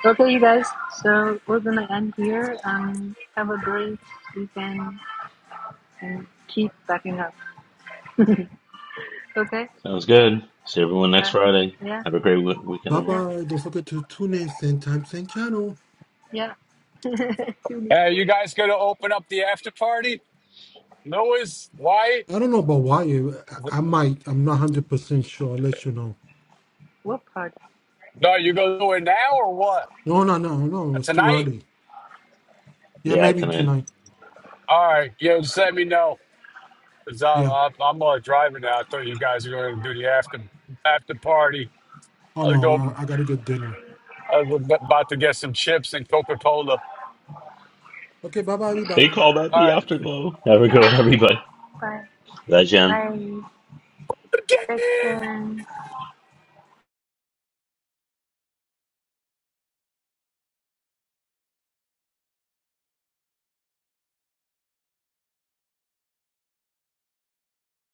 Okay, you guys. So we're gonna end here. Um, have a great weekend and keep backing up.
Sounds good. See everyone next
Uh,
Friday.
yeah,
Have a great w- weekend, everyone.
bye. Don't forget to tune in same time, same channel.
yeah.
Hey, you guys gonna open up the after party? Louis, White?
I don't know about why you. I I might. I'm not hundred percent sure. I'll let you know.
Whoop hard.
No, you gonna do it now or what?
No, no, no, no. It's too
Tonight?
early. Yeah,
Yeah,
maybe
tonight.
tonight.
All right. Yeah, just let me know. 'Cause I,
Yeah.
I, I'm uh, driving now. I thought you guys were going to do the after after party.
Oh
I'll go.
no, I, I gotta get dinner.
I was about to get some chips and Coca Cola.
Okay. Bye bye,
They
everybody.
call that
All
the
right.
afterglow. Have a good one, everybody.
Bye.
Bye, Jen.
Bye. Section.